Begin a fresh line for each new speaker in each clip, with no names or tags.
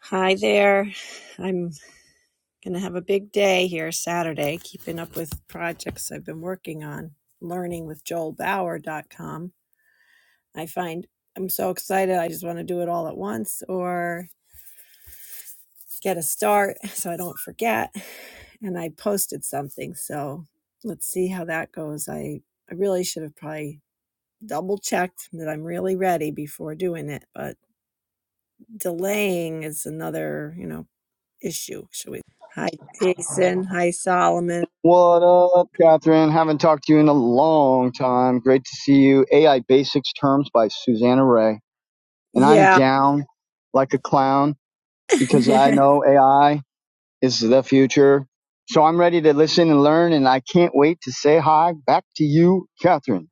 Hi there. I'm going to have a big day here Saturday, keeping up with projects I've been working on, learning with Joel Bauer dot com. I find I'm so excited. I just want to do it all at once or get a start so I don't forget. And I posted something. So let's see how that goes. I, I really should have probably double checked that I'm really ready before doing it, but delaying is another, you know, issue, should we? Hi, Jason. Hi, Solomon.
What up, Catherine? Haven't talked to you in a long time. Great to see you. AI Basics Terms by Susanna Ray. And I'm
Yeah.
down like a clown because I know AI is the future. So I'm ready to listen and learn, and I can't wait to say hi back to you, Catherine.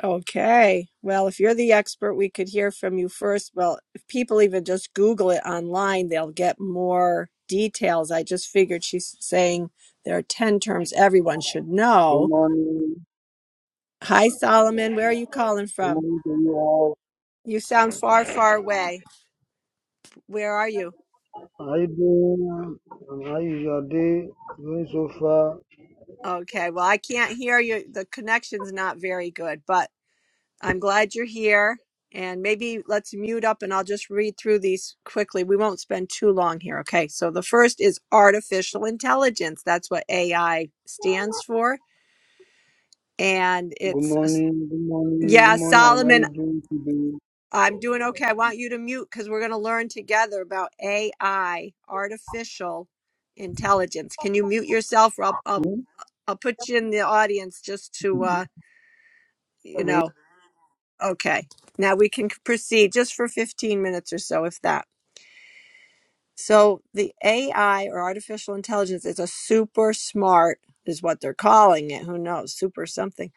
Okay. Well, if you're the expert, we could hear from you first. Well, if people even just Google it online, they'll get more details. I just figured she's saying there are 10 terms everyone should
Good
know.
morning.
Hi, Solomon. Where are you calling
Good
from?
morning to you all.
You sound far, far away. Where are you?
How you doing? And how is your day going so far?
Okay. Well, I can't hear you. The connection's not very good, but I'm glad you're here. And maybe let's mute up and I'll just read through these quickly. We won't spend too long here. Okay. So the first is artificial intelligence. That's what AI stands for. And
Good
it's,
morning. Good morning.
yeah,
Good morning. And how
Solomon,
you doing today?
I'm doing okay. I want you to mute because we're going to learn together about AI, artificial intelligence. Can you mute yourself? Or I'll, I'll,
Hmm?
I'll put you in the audience just to, uh, you
The
know, okay. Now we can proceed just for 15 minutes or so, if that. So the AI or artificial intelligence is a super smart, is what they're calling it. Who knows? Super something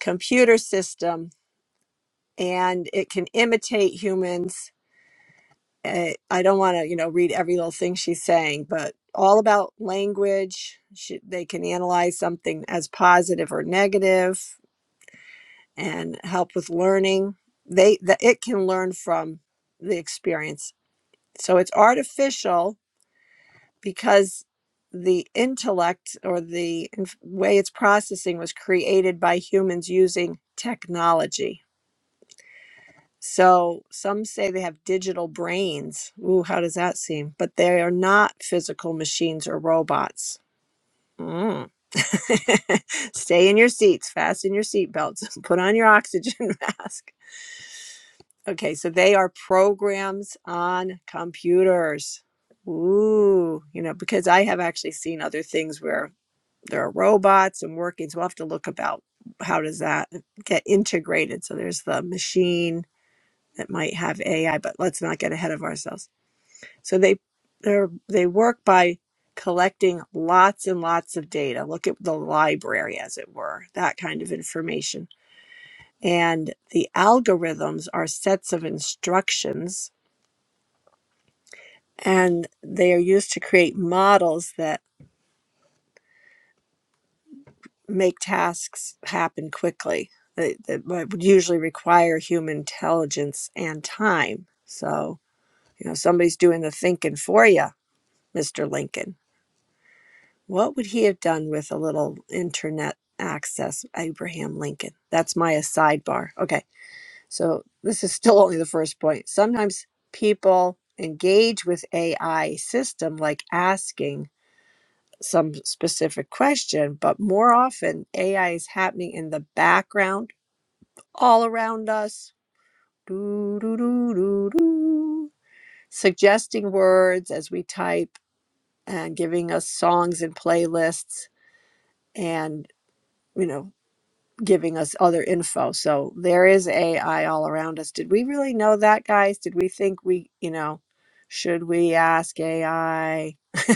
computer system, and it can imitate humans. Eh, I don't want to, you know, read every little thing she's saying, but all about language. She, they can analyze something as positive or negative, and help with learning. They that it can learn from the experience. So it's artificial, because the intellect or the inf- way it's processing was created by humans using technology. So some say they have digital brains. Ooh, how does that seem? But they are not physical machines or robots. Mm. Stay in your seats, fasten your seatbelts, put on your oxygen mask. Okay, so they are programs on computers. Ooh, you know, because I have actually seen other things where there are robots and workings. We'll have to look about how does that get integrated. So there's the machine that might have AI, but let's not get ahead of ourselves. So they they they work by collecting lots and lots of data. Look at the library, as it were, that kind of information. And the algorithms are sets of instructions, and they are used to create models that make tasks happen quickly that, that would usually require human intelligence and time. So, you know, somebody's doing the thinking for you, Mr. Lincoln. What would he have done with a little internet access, Abraham Lincoln? That's my sidebar. Okay, so this is still only the first point. Sometimes people engage with AI system like asking some specific question, but more often AI is happening in the background all around us, doo, doo, doo, doo, doo, suggesting words as we type and giving us songs and playlists and, you know, giving us other info. So there is AI all around us. Did we really know that, guys? Did we think we, you know, should we ask AI?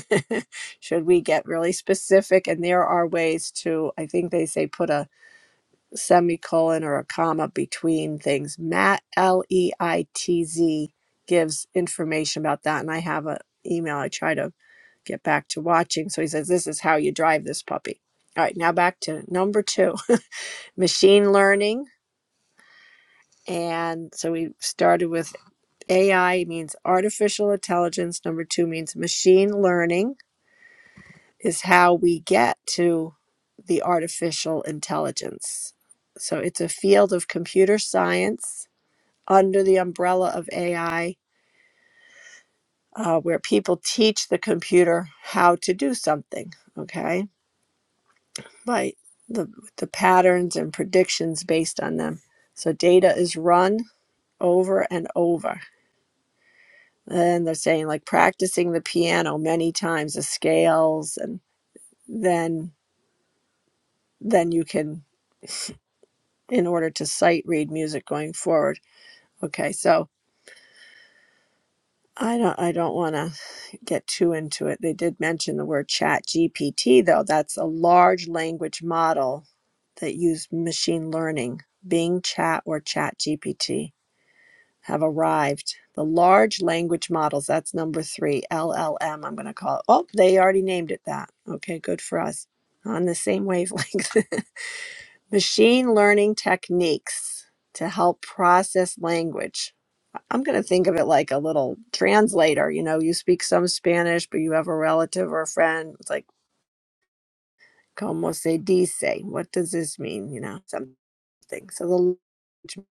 should we get really specific? And there are ways to, I think they say, put a semicolon or a comma between things. Matt L E I T Z gives information about that, and I have an email I try to get back to watching. So he says this is how you drive this puppy. All right, now back to number two, machine learning. And so we started with AI means artificial intelligence. Number two means machine learning is how we get to the artificial intelligence. So it's a field of computer science under the umbrella of AI, uh, where people teach the computer how to do something, okay, by the, the patterns and predictions based on them. So data is run over and over. And they're saying like practicing the piano many times, the scales, and then then you can in order to sight read music going forward. Okay, so I don't I don't wanna get too into it. They did mention the word chat GPT, though. That's a large language model that used machine learning. Bing Chat or Chat GPT have arrived. The large language models, that's number three, LLM, I'm going to call it. Oh, they already named it that. Okay, good for us. On the same wavelength. machine learning techniques to help process language I'm going to think of it like a little translator. You know, you speak some Spanish, but you have a relative or a friend. It's like, como se dice? What does this mean? You know, something. So the language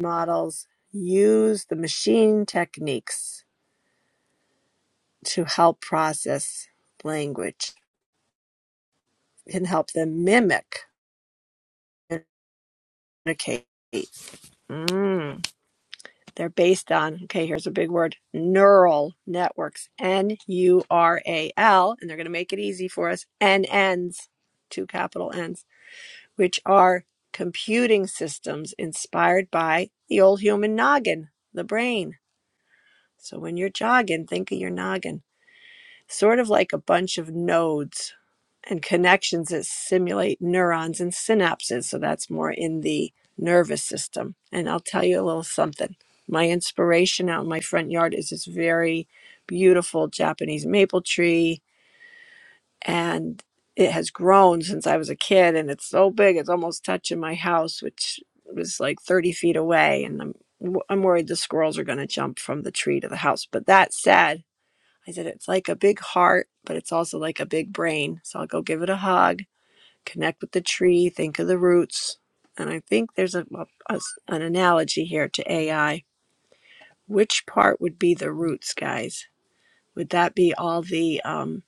models use the machine techniques to help process language and help them mimic, communicate. Mm. They're based on, okay, here's a big word, neural networks, N U R A L, and they're going to make it easy for us, N N's, two capital N's, which are computing systems inspired by the old human noggin, the brain. So when you're jogging, think of your noggin sort of like a bunch of nodes and connections that simulate neurons and synapses. So that's more in the nervous system. And I'll tell you a little something. My inspiration out in my front yard is this very beautiful Japanese maple tree, and it has grown since I was a kid, and it's so big it's almost touching my house, which was like 30 feet away. And I'm I'm worried the squirrels are going to jump from the tree to the house. But that said, I said, it's like a big heart, but it's also like a big brain. So I'll go give it a hug, connect with the tree, think of the roots. And I think there's a, well, a- an analogy here to AI. Which part would be the roots, guys? Would that be all the um,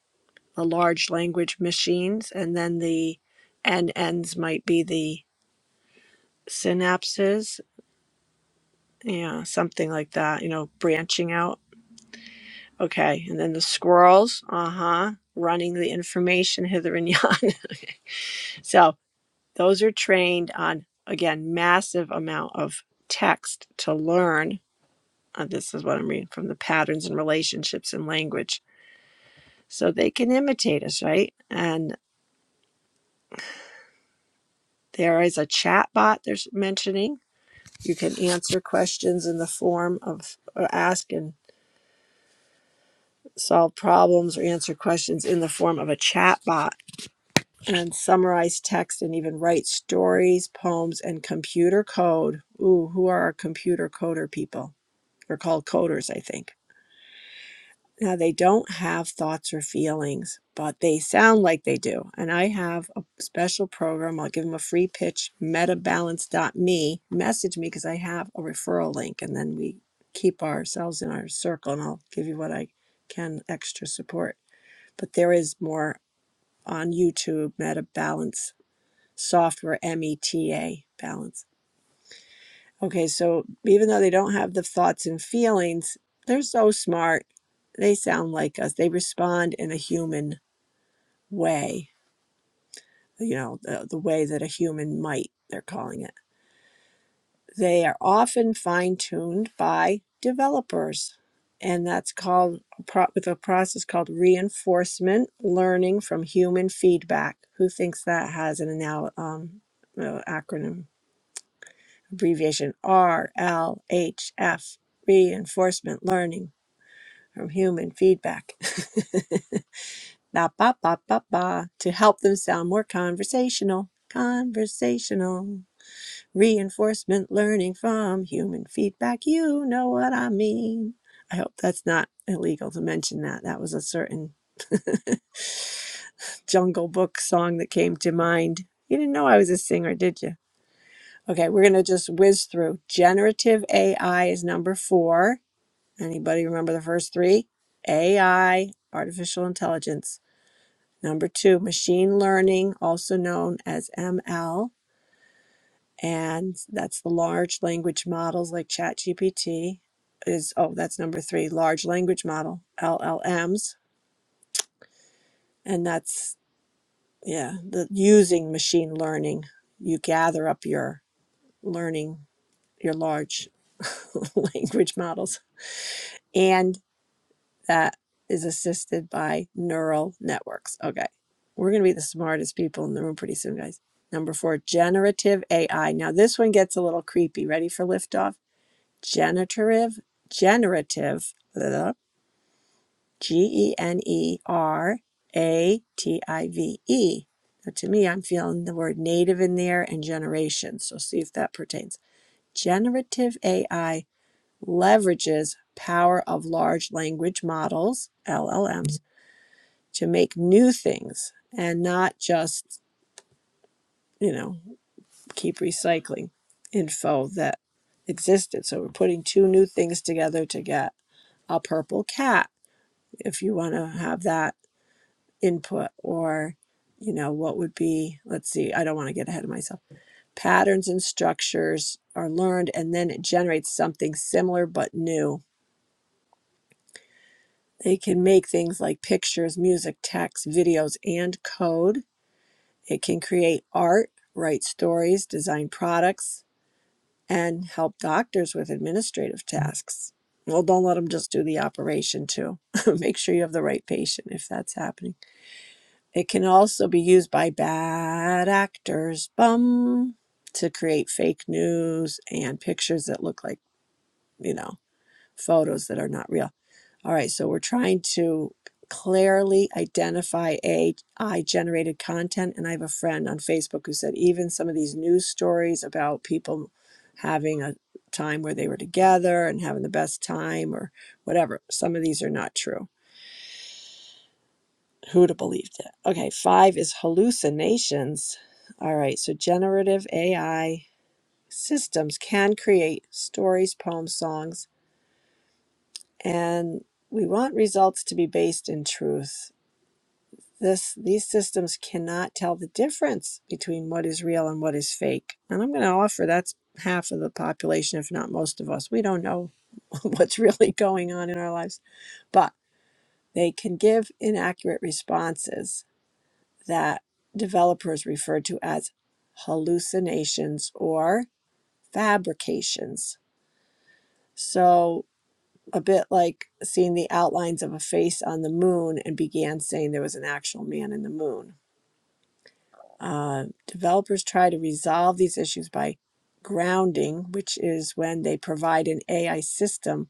the large language machines, and then the NNs might be the synapses, yeah, something like that. You know, branching out. Okay, and then the squirrels, uh huh, running the information hither and yon. So Those are trained on again massive amount of text to learn. uh, this is what I'm reading from the patterns and relationships in language, so they can imitate us, right? And there is a chat bot. They're mentioning you can answer questions in the form of or ask and solve problems or answer questions in the form of a chat bot and summarize text and even write stories, poems, and computer code. Ooh, who are our computer coder people? They're called coders, I think. Now, they don't have thoughts or feelings, but they sound like they do. And I have a special program. I'll give them a free pitch metabalance.me. Message me because I have a referral link, and then we keep ourselves in our circle, and I'll give you what I can extra support. But there is more on YouTube, Meta Balance Software, M E T A Balance Okay, so even though they don't have the thoughts and feelings, they're so smart. They sound like us. They respond in a human way, you know, the, the way that a human might, they're calling it. They are often fine tuned by developers. And that's called a pro- with a process called reinforcement learning from human feedback. Who thinks that has an anal- um, uh, acronym abbreviation RLHF? Reinforcement learning from human feedback. ba, ba, ba, ba, ba, to help them sound more conversational. Conversational. Reinforcement learning from human feedback. You know what I mean. I hope that's not illegal to mention that. That was a certain Jungle Book song that came to mind. You didn't know I was a singer, did you? Okay, we're going to just whiz through. Generative AI is number four. Anybody remember the first three? AI, artificial intelligence. Number two, machine learning, also known as ML, and that's the large language models like ChatGPT is oh, that's number three, large language model, LLMs, and that's yeah, the using machine learning, you gather up your learning, your large language models. and. that is assisted by neural networks. Okay. We're going to be the smartest people in the room pretty soon, guys. Number four, generative AI. Now, this one gets a little creepy. Ready for liftoff? Generative, generative, G E N E R A T I V E. Now, to me, I'm feeling the word native in there and generation. So, see if that pertains. Generative AI leverages power of large language models, LLMs, to make new things and not just, you know, keep recycling info that existed. So we're putting two new things together to get a purple cat if you want to have that input or you know what would be let's see i don't want to get ahead of myself patterns and structures are learned and then it generates something similar but new they can make things like pictures music text videos and code It can create art, write stories, design products, and help doctors with administrative tasks. Well, don't let them just do the operation too. Make sure you have the right patient if that's happening. It can also be used by bad actors, bum, to create fake news and pictures that look like, you know, photos that are not real. All right, so we're trying to clearly identify AI generated content. And I have a friend on Facebook who said even some of these news stories about people having a time where they were together and having the best time or whatever, some of these are not true. Who'd have believed it? Okay, five is hallucinations. All right, so generative AI systems can create stories, poems, songs, and we want results to be based in truth This these systems cannot tell the difference between what is real and what is fake. And I'm going to offer that's half of the population, if not most of us. We don't know what's really going on in our lives, but they can give inaccurate responses that developers refer to as hallucinations or fabrications. So a bit like seeing the outlines of a face on the moon and began saying there was an actual man in the moon Uh, developers try to resolve these issues by grounding, which is when they provide an AI system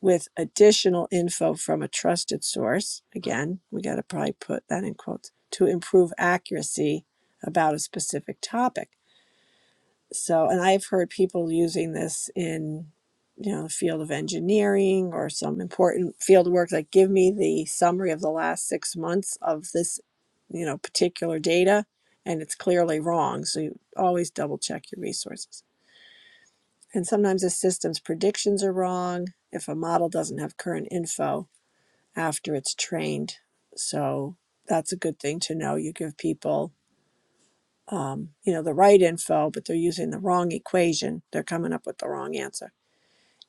with additional info from a trusted source. Again, we got to probably put that in quotes to improve accuracy about a specific topic. So, and I've heard people using this in, you know, the field of engineering or some important field of work, like give me the summary of the last six months of this, you know, particular data, and it's clearly wrong. So you always double check your resources. And sometimes the system's predictions are wrong if a model doesn't have current info after it's trained. So that's a good thing to know. You give people um, you know, the right info, but they're using the wrong equation. They're coming up with the wrong answer.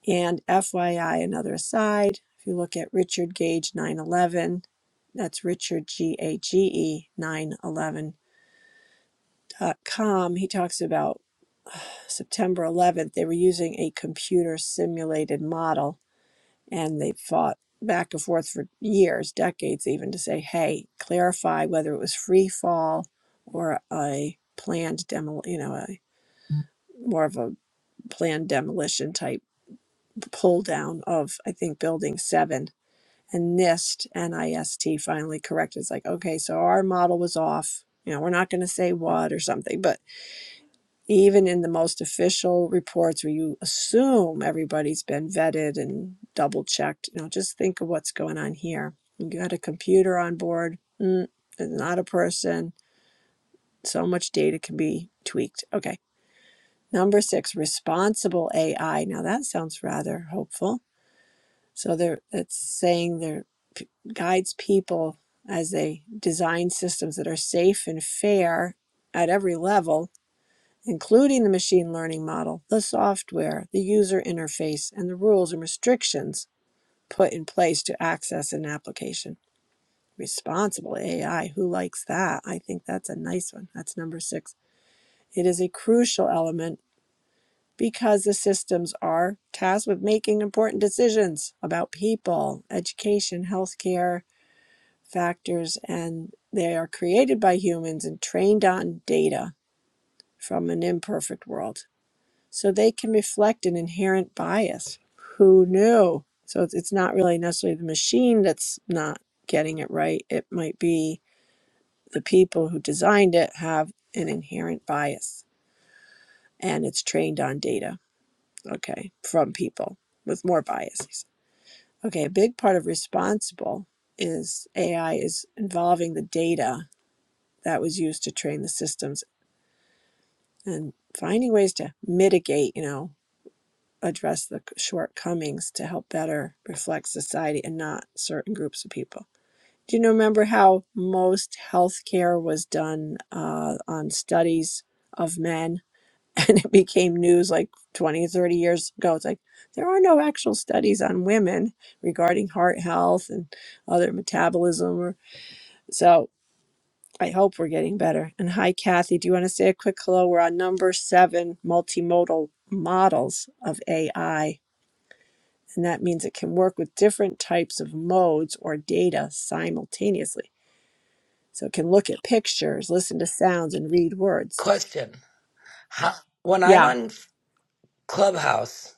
And FYI, another aside, if you look at Richard Gage 911, that's Richard G A G E e nine eleven dot com. He talks about September 11th. They were using a computer simulated model and they fought back and forth for years, decades even, to say, hey, clarify whether it was free fall or a planned demo, you know, a more of a planned demolition type pull down of I think building seven and NIST NIST finally corrected. It's like, okay, so our model was off. You know, we're not going to say what or something, but even in the most official reports where you assume everybody's been vetted and double checked, you know, just think of what's going on here. You got a computer on board, mm, not a person. So much data can be tweaked. Okay. Number six, responsible AI. Now that sounds rather hopeful So they're it's saying there p- guides people as they design systems that are safe and fair at every level, including the machine learning model, the software, the user interface, and the rules and restrictions put in place to access an application. Responsible AI, who likes that? I think that's a nice one. That's number six. It is a crucial element because the systems are tasked with making important decisions about people, education, healthcare, factors and they are created by humans and trained on data from an imperfect world. So they can reflect an inherent bias. Who knew? So it's it's not really necessarily the machine that's not getting it right. It might be the people who designed it have an inherent bias and it's trained on data, okay, from people with more biases. Okay, a big part of responsible is AI is involving the data that was used to train the systems and finding ways to mitigate, you know, address the shortcomings to help better reflect society and not certain groups of people. Do you remember how most healthcare was done uh, on studies of men? It became news like 20, 30 years ago. It's like there are no actual studies on women regarding heart health and other metabolism. Or, so I hope we're getting better. And hi, Kathy. Do you want to say a quick hello? We're on number seven multimodal models of AI. And that means it can work with different types of modes or data simultaneously. So it can look at pictures, listen to sounds, and read words.
Question. How, when I'm
Yeah.
on Clubhouse,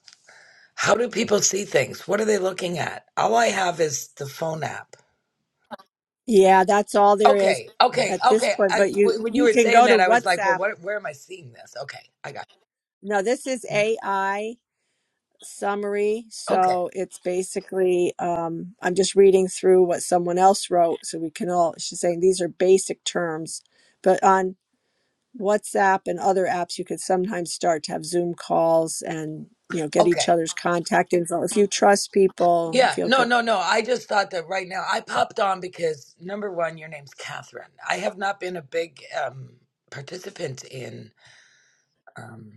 how do people see things? What are they looking at? All I have is the phone app.
Yeah, that's all there is
Okay, okay,
at this
okay.
point.
I,
But you
w- when you
you
were
can
saying
go to
that, I was like, well,
WhatsApp.
what, where am I seeing this? Okay, I got
No, this is AI summary.
it. Okay,
So it's basically, um, I'm just reading through what someone else wrote so we can all, she's saying these are basic terms, but on WhatsApp and other apps, you could sometimes start to have Zoom calls and, you know, get each
okay.
other's contact info. If you trust people, you
Yeah,
feel
no,
good.
no, no. I just thought that right now I popped on because number one, your name's Catherine. I have not been a big um, participant in um,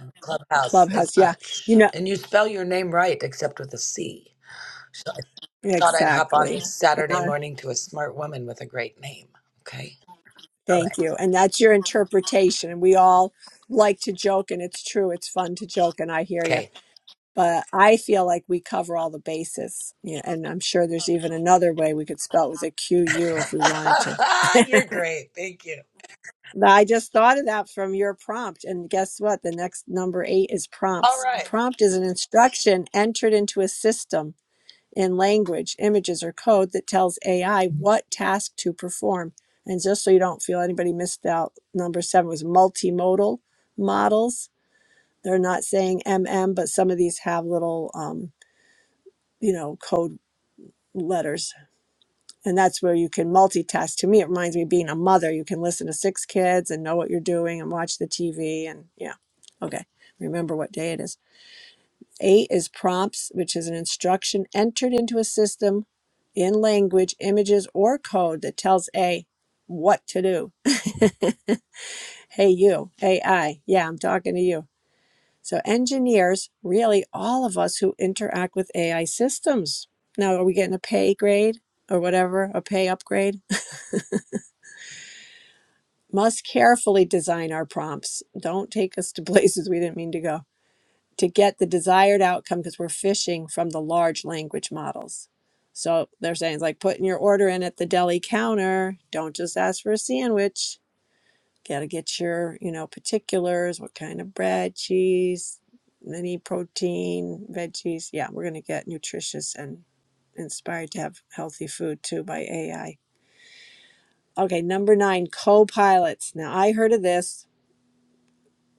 uh, Clubhouse as
Clubhouse, yeah, you
much.
know,
And you spell your name right, except with a C. So I Thought I'd hop on
exactly.
this
And
Saturday
I-
morning to a smart woman with a great name. Okay. All
thank
right.
you. And that's your interpretation. And we all like to joke, and it's true. It's fun to joke, and I hear you
Okay.
but I feel like we cover all the bases. Yeah, and I'm sure there's even another way we could spell it with a Q U if we wanted to.
You're great. Thank you.
But I just thought of that from your prompt. And guess what? The next number eight is
All
prompts. A
right.
prompt is an instruction entered into a system in language, images, or code that tells AI what task to perform. And just so you don't feel anybody missed out, number seven was multimodal models. They're not saying M M, but some of these have little um, you know code letters and that's where you can multitask to me it reminds me of being a mother you can listen to six kids and know what you're doing and watch the tv and yeah okay remember what day it is eight is prompts which is an instruction entered into a system in language images or code that tells a what to do hey you ai yeah i'm talking to you so engineers really all of us who interact with ai systems now are we getting a pay grade or whatever a pay upgrade must carefully design our prompts. Don't take us to places we didn't mean to go to get the desired outcome because we're fishing from the large language models. So they're saying it's like putting your order in at the deli counter. Don't just ask for a sandwich. Got to get your, you know, particulars, what kind of bread, cheese, any protein, veggies. Yeah, we're going to get nutritious and inspired to have healthy food too by AI. Okay, number nine, co pilots. Now, I heard of this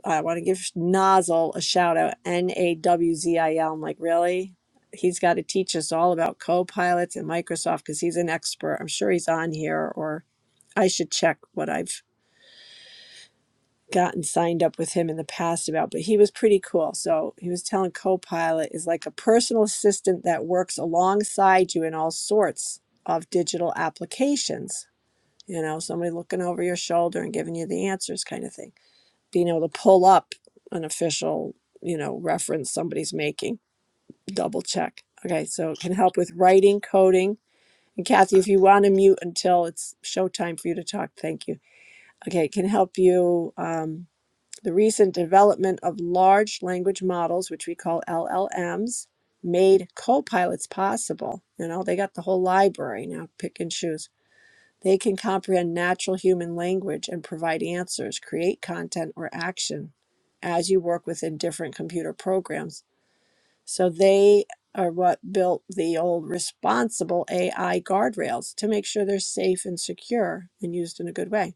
I want to give Nozzle a shout out. N A W Z I L. I'm like, really? He's got to teach us all about co-pilots and Microsoft because he's an expert. I'm sure he's on here, or I should check what I've gotten signed up with him in the past about. But he was pretty cool. So he was telling Copilot is like a personal assistant that works alongside you in all sorts of digital applications. You know, somebody looking over your shoulder and giving you the answers, kind of thing being able to pull up an official, you know, reference somebody's making, double check. Okay, so it can help with writing, coding. And Kathy, if you want to mute until it's showtime for you to talk, thank you. Okay, it can help you. Um, the recent development of large language models, which we call LLMs, made co pilots possible. You know, they got the whole library now, pick and choose they can comprehend natural human language and provide answers, create content or action as you work within different computer programs. So they are what built the old responsible AI guardrails to make sure they're safe and secure and used in a good way.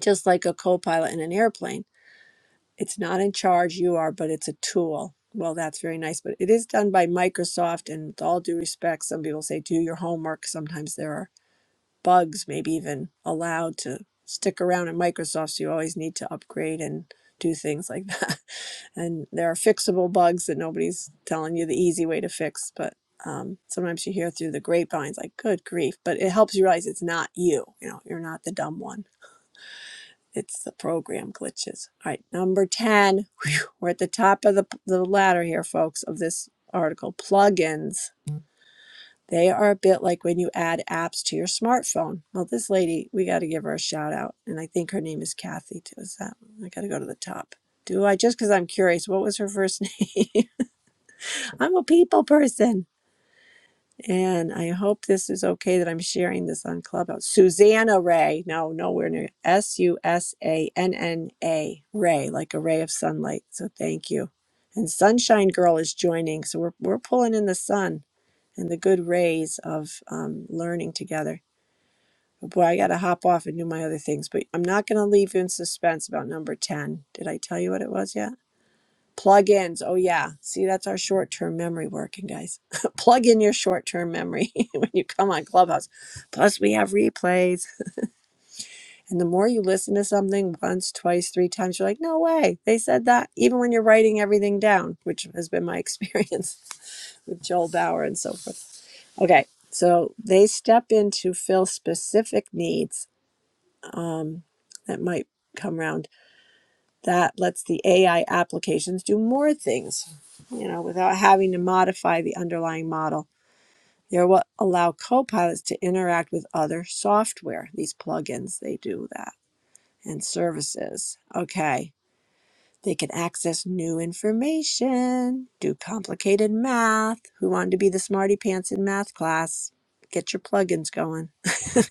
Just like a co pilot in an airplane, it's not in charge, you are, but it's a tool. Well, that's very nice, but it is done by Microsoft. And with all due respect, some people say do your homework. Sometimes there are bugs maybe even allowed to stick around in Microsoft. So you always need to upgrade and do things like that. And there are fixable bugs that nobody's telling you the easy way to fix, but um, sometimes you hear through the grapevines like, good grief, but it helps you realize it's not you. You know, you're not the dumb one. It's the program glitches. All right, number 10. Whew, we're at the top of the, the ladder here, folks, of this article plugins. They are a bit like when you add apps to your smartphone. Well, this lady, we got to give her a shout out. And I think her name is Kathy. Too. Is that? I got to go to the top. Do I? Just because I'm curious, what was her first name? I'm a people person. And I hope this is okay that I'm sharing this on Clubhouse. Susanna Ray. No, nowhere near. S U S A N N A. Ray, like a ray of sunlight. So thank you. And Sunshine Girl is joining. So we're, we're pulling in the sun and the good rays of um, learning together. Oh, boy, I got to hop off and do my other things, but I'm not going to leave you in suspense about number 10. Did I tell you what it was yet? Plugins. Oh, yeah. See, that's our short term memory working, guys. Plug in your short term memory when you come on Clubhouse. Plus, we have replays. And the more you listen to something once, twice, three times, you're like, no way, they said that. Even when you're writing everything down, which has been my experience with Joel Bauer and so forth. Okay, so they step in to fill specific needs that might come around. That lets the AI applications do more things, you know, without having to modify the underlying model. they will allow copilots to interact with other software. These plugins, they do that, and services. Okay. They can access new information, do complicated math. Who wanted to be the smarty pants in math class? Get your plugins going.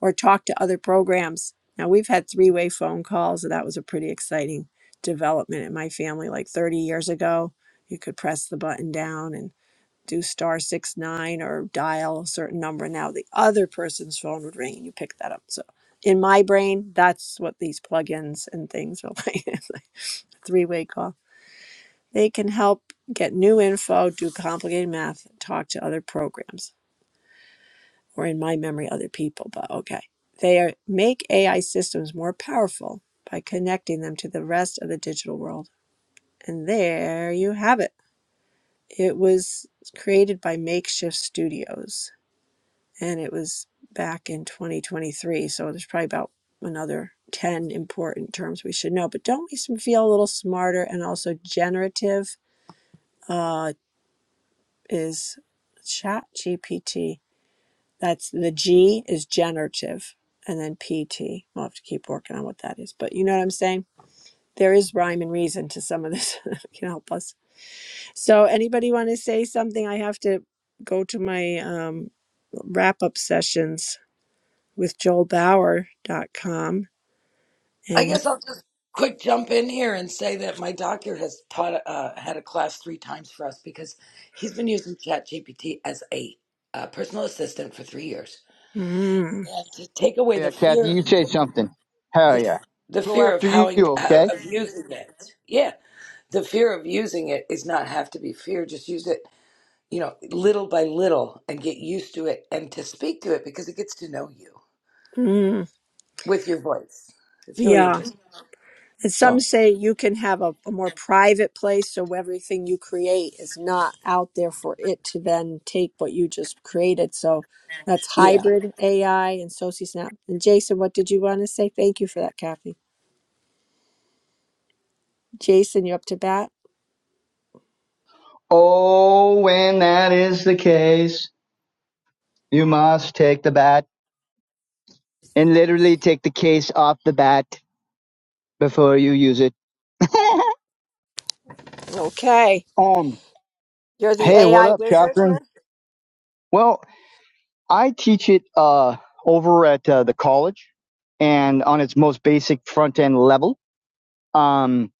or talk to other programs. Now, we've had three way phone calls, and that was a pretty exciting development in my family like 30 years ago. You could press the button down and do star six nine or dial a certain number. Now, the other person's phone would ring and you pick that up. So, in my brain, that's what these plugins and things are like three way call. They can help get new info, do complicated math, talk to other programs or in my memory, other people, but okay. They are, make AI systems more powerful by connecting them to the rest of the digital world. And there you have it. It was created by Makeshift Studios and it was back in 2023. So there's probably about another 10 important terms we should know. But don't we feel a little smarter and also generative uh, is Chat GPT? That's the G is generative, and then PT. We'll have to keep working on what that is, but you know what I'm saying. There is rhyme and reason to some of this. can help us. So, anybody want to say something? I have to go to my um, wrap up sessions with Joel Bauer. dot com,
I
and he,
guess I'll just quick jump in here and say that my doctor has taught uh, had a class three times for us because he's been using ChatGPT as a uh, personal assistant for three years.
mm,
And to take away
Yeah,
the
Kathy,
fear,
you say something. Hell
the,
yeah.
the
Go
fear of
after
how,
you,
how
okay?
of using it. Yeah, the fear of using it is not have to be fear. Just use it you know, little by little and get used to it and to speak to it because it gets to know you
mm,
with your voice. It's really
yeah.
interesting.
And some
So,
say you can have a, a more private place so everything you create is not out there for it to then take what you just created. So that's
yeah.
hybrid AI and SociSnap. And Jason, what did you want to say? Thank you for that, Kathy. Jason, you up to bat?
Oh, when that is the case, you must take the bat and literally take the case off the bat. before you use it.
Okay.
um,
You're the
hey, what
AI
up,
wizard
Catherine?
here?
Well, I teach it uh, over at uh, the college and on its most basic front end level, um,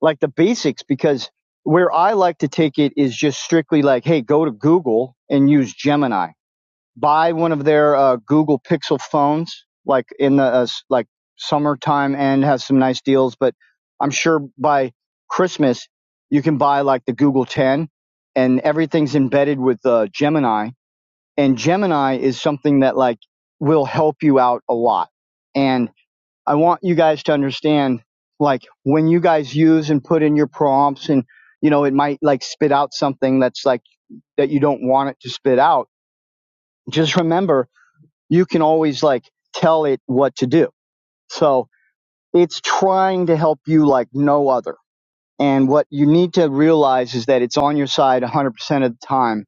like the basics, because where I like to take it is just strictly like, hey, go to Google and use Gemini. buy one of their uh, Google Pixel phones, like in the uh, like summertime, and has some nice deals. But I'm sure by Christmas you can buy like the Google 10, and everything's embedded with uh, Gemini. And Gemini is something that like will help you out a lot. And I want you guys to understand, like when you guys use and put in your prompts, and you know it might like spit out something that's like that you don't want it to spit out. Just remember you can always like tell it what to do. So it's trying to help you like no other. And what you need to realize is that it's on your side 100% of the time,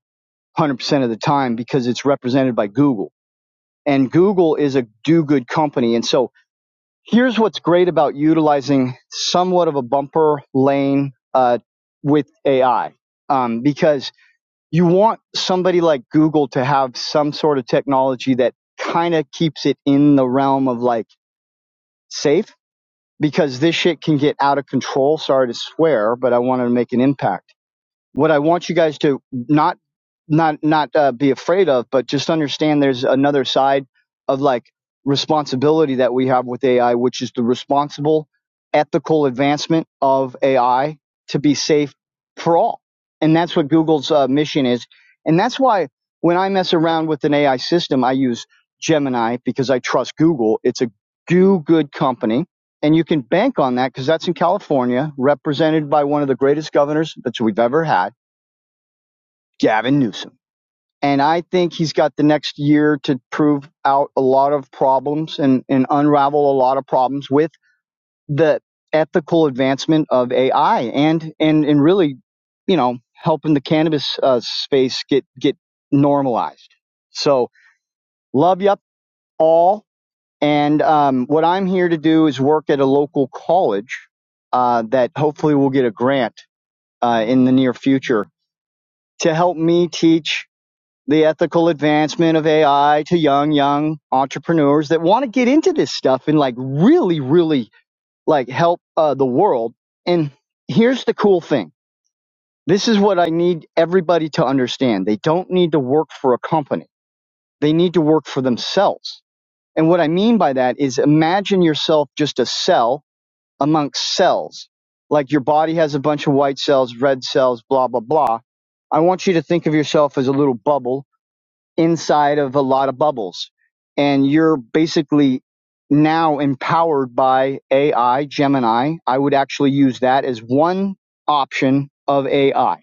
100% of the time because it's represented by Google. And Google is a do good company. And so here's what's great about utilizing somewhat of a bumper lane uh, with AI um, because you want somebody like Google to have some sort of technology that kind of keeps it in the realm of like, safe because this shit can get out of control. Sorry to swear, but I wanted to make an impact. What I want you guys to not not not uh, be afraid of, but just understand there's another side of like responsibility that we have with AI, which is the responsible, ethical advancement of AI to be safe for all, and that's what Google's uh, mission is, and that's why when I mess around with an AI system, I use Gemini because I trust Google. It's a do good company and you can bank on that because that's in California, represented by one of the greatest governors that we've ever had, Gavin Newsom. And I think he's got the next year to prove out a lot of problems and, and unravel a lot of problems with the ethical advancement of AI and and and really, you know, helping the cannabis uh, space get get normalized. So love you all And um, what I'm here to do is work at a local college uh, that hopefully will get a grant uh, in the near future to help me teach the ethical advancement of AI to young, young entrepreneurs that want to get into this stuff and like really, really like help uh, the world. And here's the cool thing. This is what I need everybody to understand. They don't need to work for a company. They need to work for themselves. And what I mean by that is imagine yourself just a cell amongst cells. Like your body has a bunch of white cells, red cells, blah, blah, blah. I want you to think of yourself as a little bubble inside of a lot of bubbles. And you're basically now empowered by AI, Gemini. I would actually use that as one option of AI.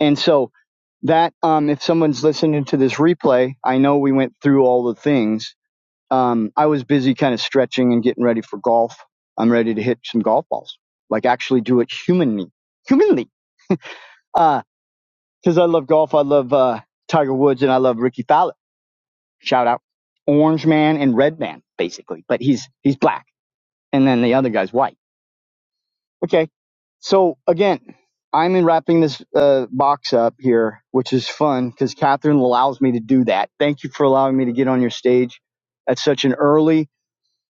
And so that, um, if someone's listening to this replay, I know we went through all the things um, I was busy kind of stretching and getting ready for golf. I'm ready to hit some golf balls, like actually do it humanly, humanly. Uh, cause I love golf. I love, uh, Tiger Woods and I love Ricky Fowler. Shout out Orange Man and Red Man, basically, but he's, he's black. And then the other guy's white. Okay. So again, I'm in wrapping this uh, box up here, which is fun because Catherine allows me to do that. Thank you for allowing me to get on your stage at such an early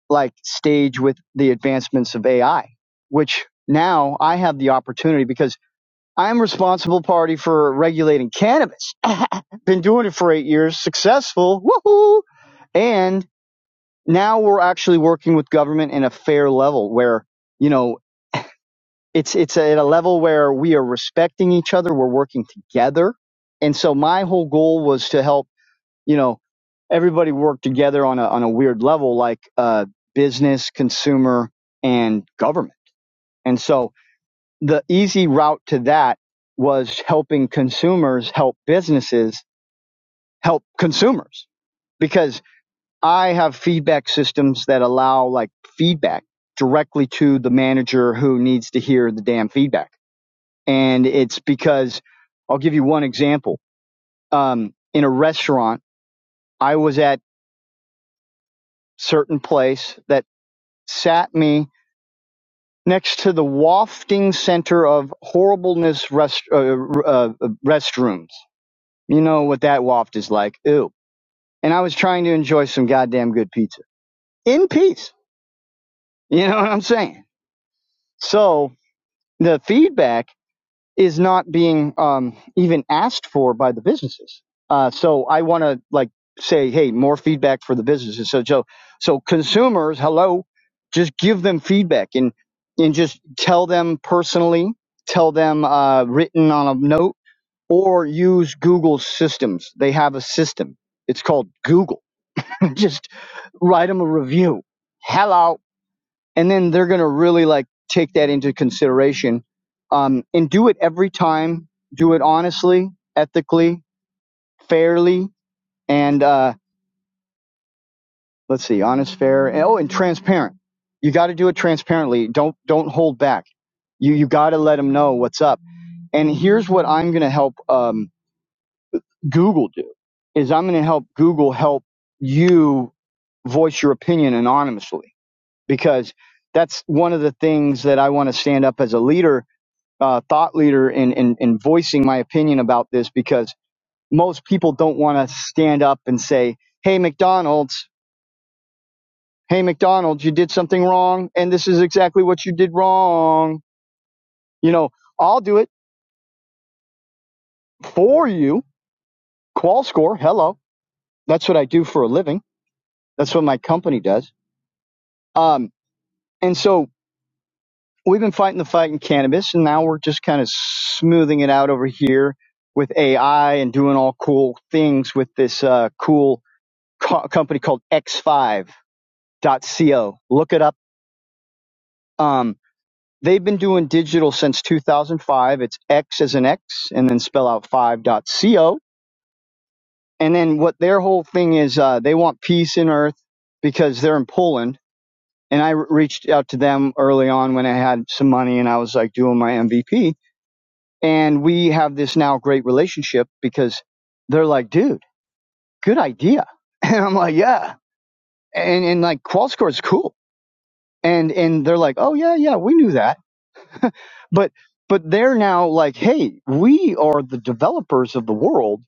like stage with the advancements of AI, which now I have the opportunity because I'm responsible party for regulating cannabis. Been doing it for eight years, successful. Woohoo! And now we're actually working with government in a fair level where, you know, it's it's at a level where we are respecting each other, we're working together. And so my whole goal was to help you know, everybody worked together on a on a weird level, like uh, business, consumer, and government. And so the easy route to that was helping consumers help businesses help consumers because I have feedback systems that allow like feedback directly to the manager who needs to hear the damn feedback. And it's because I'll give you one example. Um, in a restaurant, I was at certain place that Sat me next to the wafting center of horribleness rest, uh, uh, uh, restrooms. You know what that waft is like. Ew. And I was trying to enjoy some goddamn good pizza in peace. You know what I'm saying? So the feedback is not being um, even asked for by the businesses. Uh, so I want to like say, hey, more feedback for the businesses. So so so consumers, hello, just give them feedback and and just tell them personally, tell them uh, written on a note, or use Google systems. They have a system. It's called Google. just write them a review. Hello and then they're going to really like take that into consideration um, and do it every time do it honestly ethically fairly and uh, let's see honest fair and, oh and transparent you got to do it transparently don't don't hold back you you got to let them know what's up and here's what i'm going to help um, google do is i'm going to help google help you voice your opinion anonymously because that's one of the things that i want to stand up as a leader uh, thought leader in, in, in voicing my opinion about this because most people don't want to stand up and say, Hey, McDonald's, hey, McDonald's, you did something wrong, and this is exactly what you did wrong. You know, I'll do it for you. Qual score, hello. That's what I do for a living. That's what my company does. Um, and so we've been fighting the fight in cannabis, and now we're just kind of smoothing it out over here with AI and doing all cool things with this uh, cool co- a company called X5.co. Look it up. Um, they've been doing digital since 2005. It's X as an X, and then spell out 5.co. And then what their whole thing is, uh, they want peace in Earth because they're in Poland. And I re- reached out to them early on when I had some money and I was like doing my MVP. And we have this now great relationship because they're like, dude, good idea. And I'm like, yeah. And, and like, Qualscore is cool and and they're like oh yeah yeah we knew that but but they're now like hey we are the developers of the world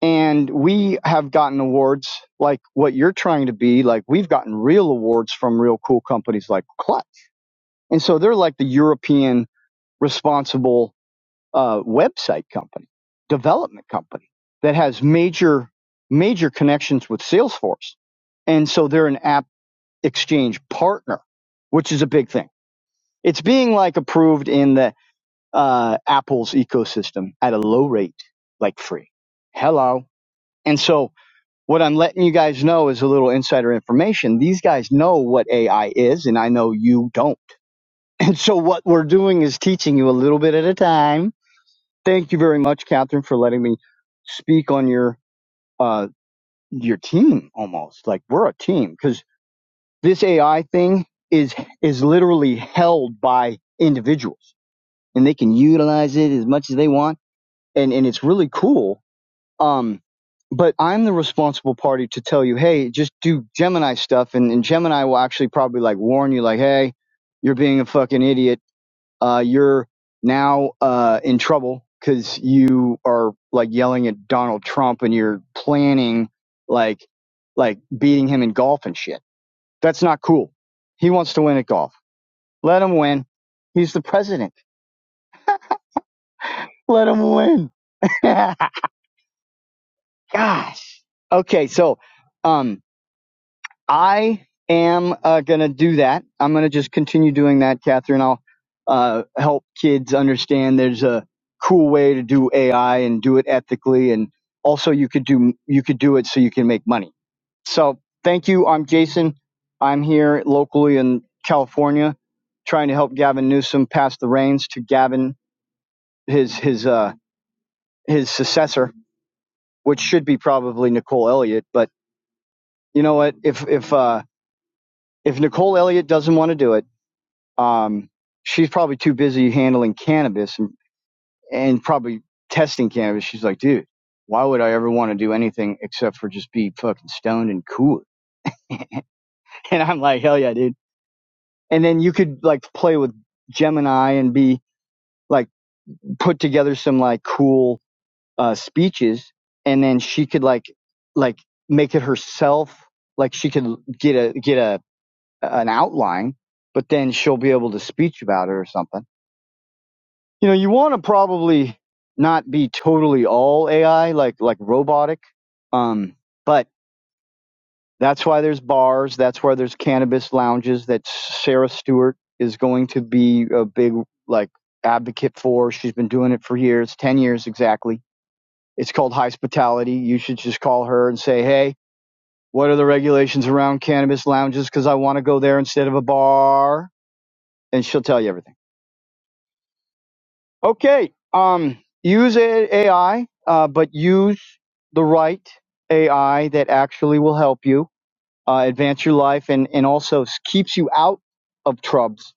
and we have gotten awards like what you're trying to be like we've gotten real awards from real cool companies like clutch and so they're like the european responsible uh, website company development company that has major major connections with salesforce and so they're an app exchange partner which is a big thing It's being like approved in the uh, Apple's ecosystem at a low rate, like free. Hello. And so what I'm letting you guys know is a little insider information. These guys know what AI is, and I know you don't. And so what we're doing is teaching you a little bit at a time. Thank you very much, Catherine, for letting me speak on your uh, your team almost. Like we're a team because this AI thing is is literally held by individuals and they can utilize it as much as they want and and it's really cool um but i'm the responsible party to tell you hey just do gemini stuff and, and gemini will actually probably like warn you like hey you're being a fucking idiot uh you're now uh in trouble because you are like yelling at donald trump and you're planning like like beating him in golf and shit that's not cool he wants to win at golf let him win he's the president let him win gosh. Okay, so um, I am uh, gonna do that. I'm gonna just continue doing that, Catherine. I'll uh, help kids understand there's a cool way to do AI and do it ethically, and also you could do you could do it so you can make money. So thank you. I'm Jason. I'm here locally in California, trying to help Gavin Newsom pass the reins to Gavin, his his uh, his successor, which should be probably Nicole Elliott, but you know what? If if uh, if Nicole Elliott doesn't want to do it, um, she's probably too busy handling cannabis and, and probably testing cannabis. She's like, dude, why would I ever want to do anything except for just be fucking stoned and cool? And I'm like, hell yeah, dude. And then you could like play with Gemini and be like put together some like cool uh, speeches, and then she could like like make it herself. Like she could get a get a an outline, but then she'll be able to speech about it or something. You know, you want to probably not be totally all AI, like like robotic. Um, but that's why there's bars. That's why there's cannabis lounges that Sarah Stewart is going to be a big like advocate for. She's been doing it for years, ten years exactly. It's called hospitality. You should just call her and say, hey. What are the regulations around cannabis lounges? Because I want to go there instead of a bar. And she'll tell you everything. Okay. Um, use a- AI, uh, but use the right AI that actually will help you uh, advance your life and, and also s- keeps you out of trubs.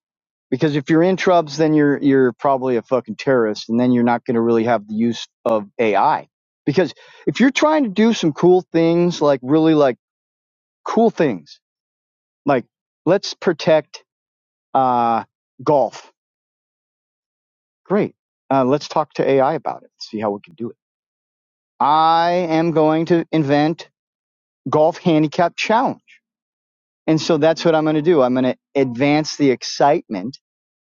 Because if you're in trubs, then you're you're probably a fucking terrorist, and then you're not going to really have the use of AI. Because if you're trying to do some cool things, like really like cool things, like let's protect uh, golf. Great. Uh, let's talk to AI about it. See how we can do it I am going to invent golf handicap challenge. And so that's what I'm going to do. I'm going to advance the excitement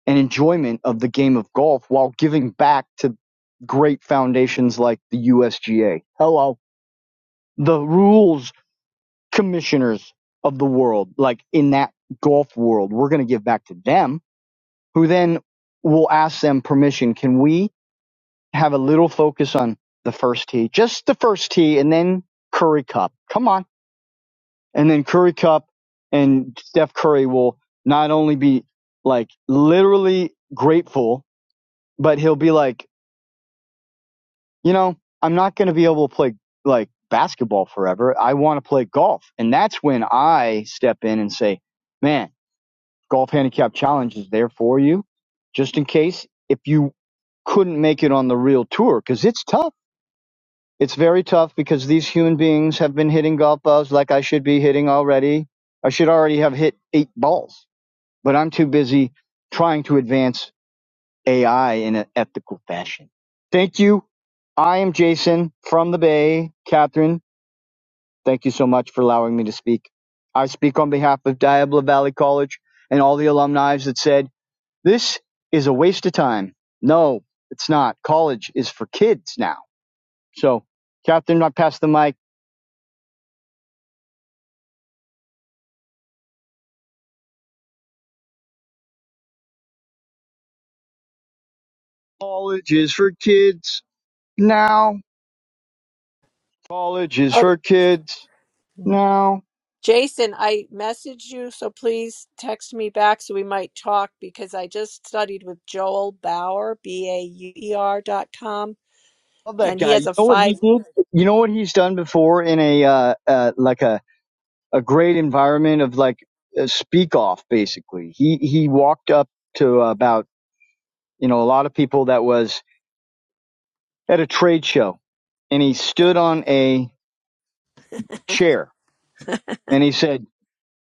and enjoyment of the game of golf while giving back to great foundations like the USGA. Hello. The rules commissioners of the world, like in that golf world, we're going to give back to them who then will ask them permission. Can we have a little focus on the first tee, just the first tee and then Curry Cup? Come on And then Curry Cup and Steph Curry will not only be like literally grateful, but he'll be like, you know, I'm not going to be able to play like basketball forever. I want to play golf. And that's when I step in and say, man, golf handicap challenge is there for you just in case if you couldn't make it on the real tour because it's tough. It's very tough because these human beings have been hitting golf balls like I should be hitting already. I should already have hit eight balls but I'm too busy trying to advance AI in an ethical fashion. Thank you. I am Jason from the Bay. Catherine, thank you so much for allowing me to speak. I speak on behalf of Diablo Valley College and all the alumni that said, this is a waste of time. No, it's not. College is for kids now. So, Catherine, I pass the mic. College is for kids now. College is for kids
Okay.
now.
Jason, I messaged you, so please text me back so we might talk because I just studied with Joel Bauer, B A U E R dot com,
Love that
and he
guy.
has
You
a
know what he
five.
did? You know what he's done before in a uh, uh, like a, a great environment of like a speak off. Basically, he he walked up to about you know a lot of people that was at a trade show, and he stood on a chair and he said,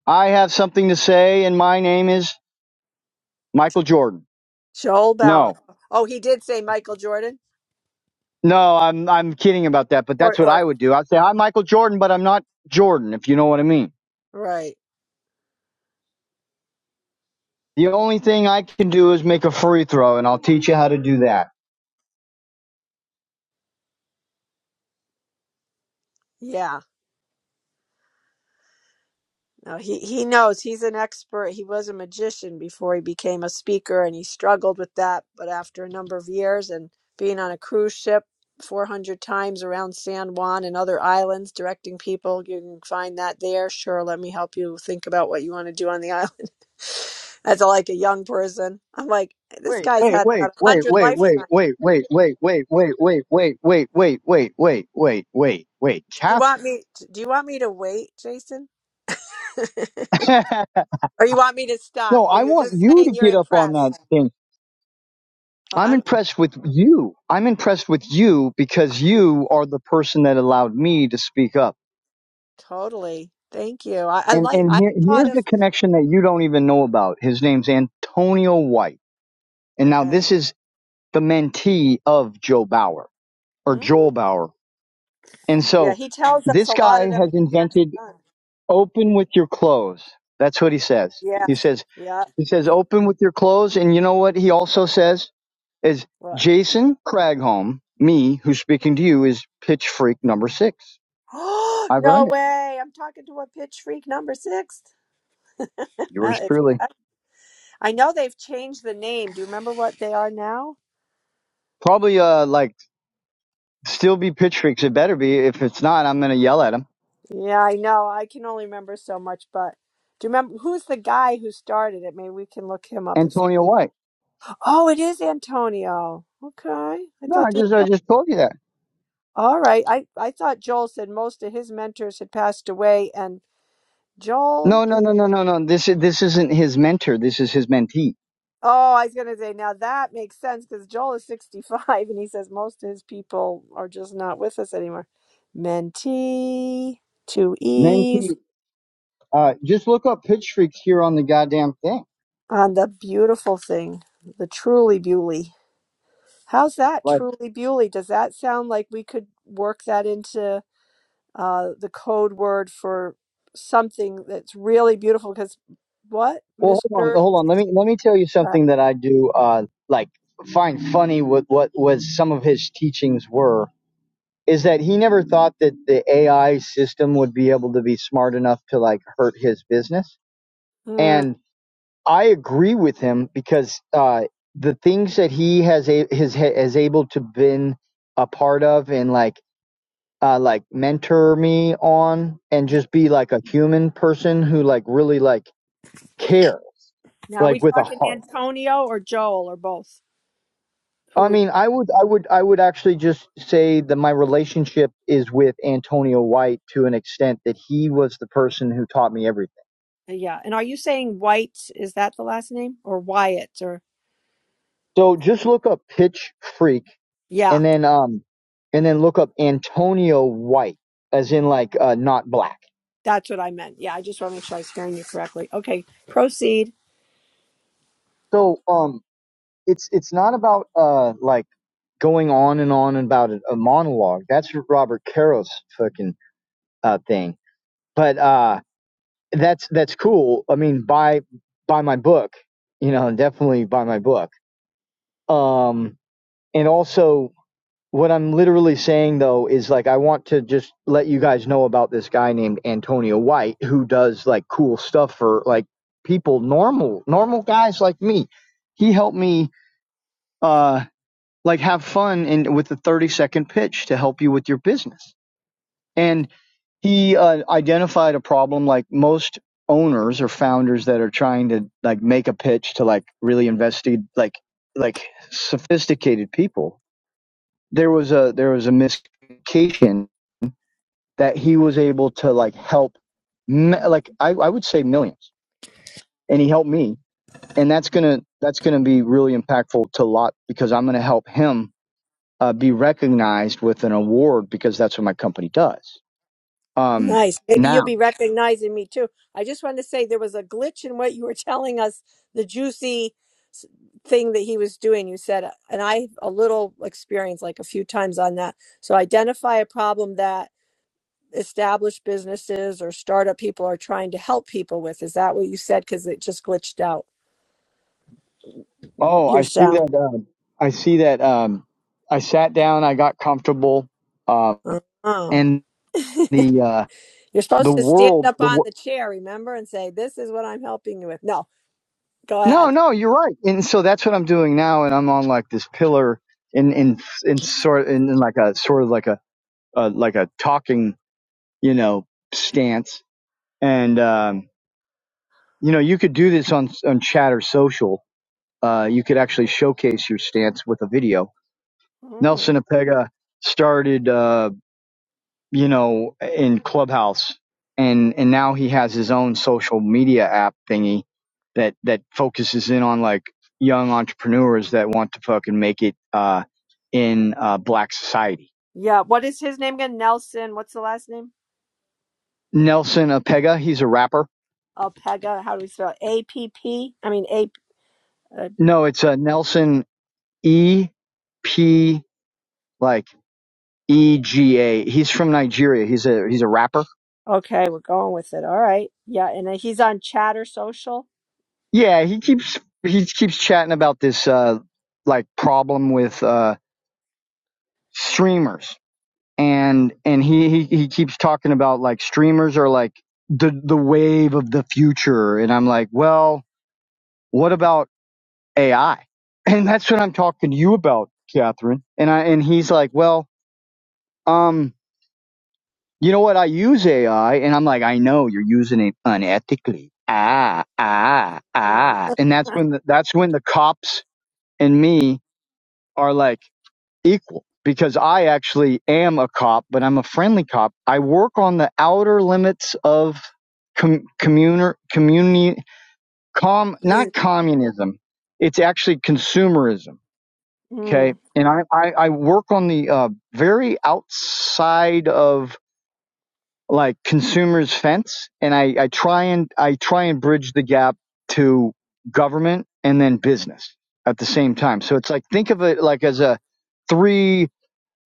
"I have something to say, and my name is Michael Jordan."
Joel Bauer.
No,
Oh, he did say Michael Jordan.
no, I'm I'm kidding about that, but
Or
that's what I
or
would do. I'd say, "Hi, Michael Jordan," but I'm not Jordan, if you know what I mean.
right.
The only thing I can do is make a free throw, and I'll teach you how to do that.
Yeah. No, he he knows. He's an expert. He was a magician before he became a speaker and he struggled with that, but after a number of years and being on a cruise ship 400 times around San Juan and other islands directing people, you can find that there. Sure, let me help you think about what you want to do on the island. As a, like a young person, I'm like, this
Wait,
guy's
wait,
had
wait,
about a
wait,
hundred
wait, wait,
lifetimes.
wait, wait, wait, wait, wait, wait, wait, wait, wait, wait, wait, wait, wait, wait,
Do you want
Catherine.
me? Do you want me to wait, Jason? or you want me to
No,
stop? Or
I
you're
want
just
you to
saying you're
get up on that
impressed?
thing.
Oh,
I'm
I'm, I'm
impressed with you. I'm impressed with you because you are the person that allowed me to speak up.
totally. Thank you. I, I
And
like.
and
I
here,
thought
here's
of.
the connection that you don't even know about. His name's Antonio White, and now
Okay.
this is the mentee of Joe Bauer or
Mm.
Joel Bauer And
Yeah,
so
he tells us a
this
lot
guy
of them.
has invented
have done.
open with your clothes. That's what he says. He
Yes.
says
Yeah.
he says open with your clothes and you know what he also says is
What?
Jason Cragholm, me who's speaking to you is pitch freak number 6.
Oh
I've
no
earned it.
way! I'm talking to a pitch freak number six.
Yours
That is,
truly.
I know they've changed the name. Do you remember what they are now?
Probably uh like still be pitch freaks it better be if it's not I'm going to yell at him.
Yeah, I know. I can only remember so much, but do you remember who's the guy who started it? Maybe we can look him up if.
Antonio White.
Oh, it is Antonio. Okay. I
No,
thought
I
there
just I
was some-
just told you that.
All right. I, I thought Joel said most of his mentors had passed away and Joel
No, no, no, no, no, no. This is this isn't his mentor. This is his mentee.
Oh, I was going to say now that makes sense cuz Joel is 65 and he says most of his people are just not with us anymore. Mentee, two E's
Mentee Uh, just look up pitch freaks here on the goddamn thing.
on the beautiful thing, the truly beauty. How's that
Like,
truly beauty? Does that sound like we could work that into uh, the code word for something that's really beautiful. Because what,
well, hold on,
Mister?
hold on. Let me let me tell you
Uh,
something that I do. Uh, like find funny with what was some of his teachings were is that he never thought that the AI system would be able to be smart enough to like hurt his business.
Mm.
And I agree with him because uh, the things that he has a, his has able to been a part of and like uh like mentor me on and just be like a human person who like really like cares
Now, are we
like with a
talking
heart
Antonio or Joel or both? Who
i
we?
mean i would i would i would actually just say that my relationship is with antonio white to an extent that he was the person who taught me everything
Yeah. And are you saying White? Is that the last name or Wyatt or?
so just look up pitch freak
Yeah,
and then um and then look up antonio white as in like uh not black
that's what I meant. Yeah, I just want to make sure I was hearing you correctly. Okay, proceed.
so um it's it's not about uh like going on and on about a, a monologue. That's Robert Carroll's fucking uh, thing. But uh, that's that's cool. I mean, buy buy my book. You know, definitely buy my book. Um, and also, what I'm literally saying though is like I want to just let you guys know about this guy named Antonio White who does like cool stuff for like people normal normal guys like me. He helped me uh like have fun and with the 30 second pitch to help you with your business And he uh, identified a problem like most owners or founders that are trying to like make a pitch to like really invested like like sophisticated people there was a there was a miscommunication that he was able to like help like I, I would say millions and he helped me and that's gonna that's gonna be really impactful to a lot because i'm gonna help him uh, be recognized with an award because that's what my company does um
Nice. Maybe
now
you'll be recognizing me too. I just wanted to say there was a glitch in what you were telling us, the juicy s- thing that he was doing. You said, and I have a little experience, like a few times on that. So identify a problem that established businesses or startup people are trying to help people with. Is that what you said? Because it just glitched out
Oh,
your
I see
sound.
that. Um, I see that. Um, I sat down. I got comfortable. Uh,
Oh,
and the uh,
you're
the
supposed to stand
world.
up
The
on
wor-
the chair, remember, and say, "This is what I'm helping you with." No, go
no,
ahead.
no, you're right. And so that's what I'm doing now. And I'm on like this pillar in in in sort in, in like a sort of like a uh, like a talking you know stance. And um, you know you could do this on on Chatter Social. Uh, you could actually showcase your stance with a video. Nelson Apega started. Uh, you know, in Clubhouse, and and now he has his own social media app thingy that that focuses in on like young entrepreneurs that want to fucking make it uh, in uh, black society.
Yeah, what is his name again? Nelson. What's the last name?
Nelson Apega, he's a rapper.
Alpega. How do we spell it? A P P? I mean A. Uh,
No, it's uh, Nelson E P like E G A. He's from Nigeria. He's a he's a rapper.
okay, we're going with it. All right. Yeah, and uh, he's on Chatter Social.
Yeah, he keeps he keeps chatting about this uh, like problem with uh, streamers and and he, he he keeps talking about like streamers are like the the wave of the future and i'm like well what about ai and that's what i'm talking to you about catherine and i and he's like well um you know what i use ai and i'm like i know you're using it unethically ah ah
Oh, that's
ah and that's when the, that's when the cops and me are like equal because I actually am a cop, but I'm a friendly cop. I work on the outer limits of com- communer, community, com, not
cute.
communism. It's actually consumerism. Okay.
Mm.
And I, I, I work on the uh, very outside of like consumers fence and I, I try and I try and bridge the gap to government and then business at the same time. So it's like think of it like as a three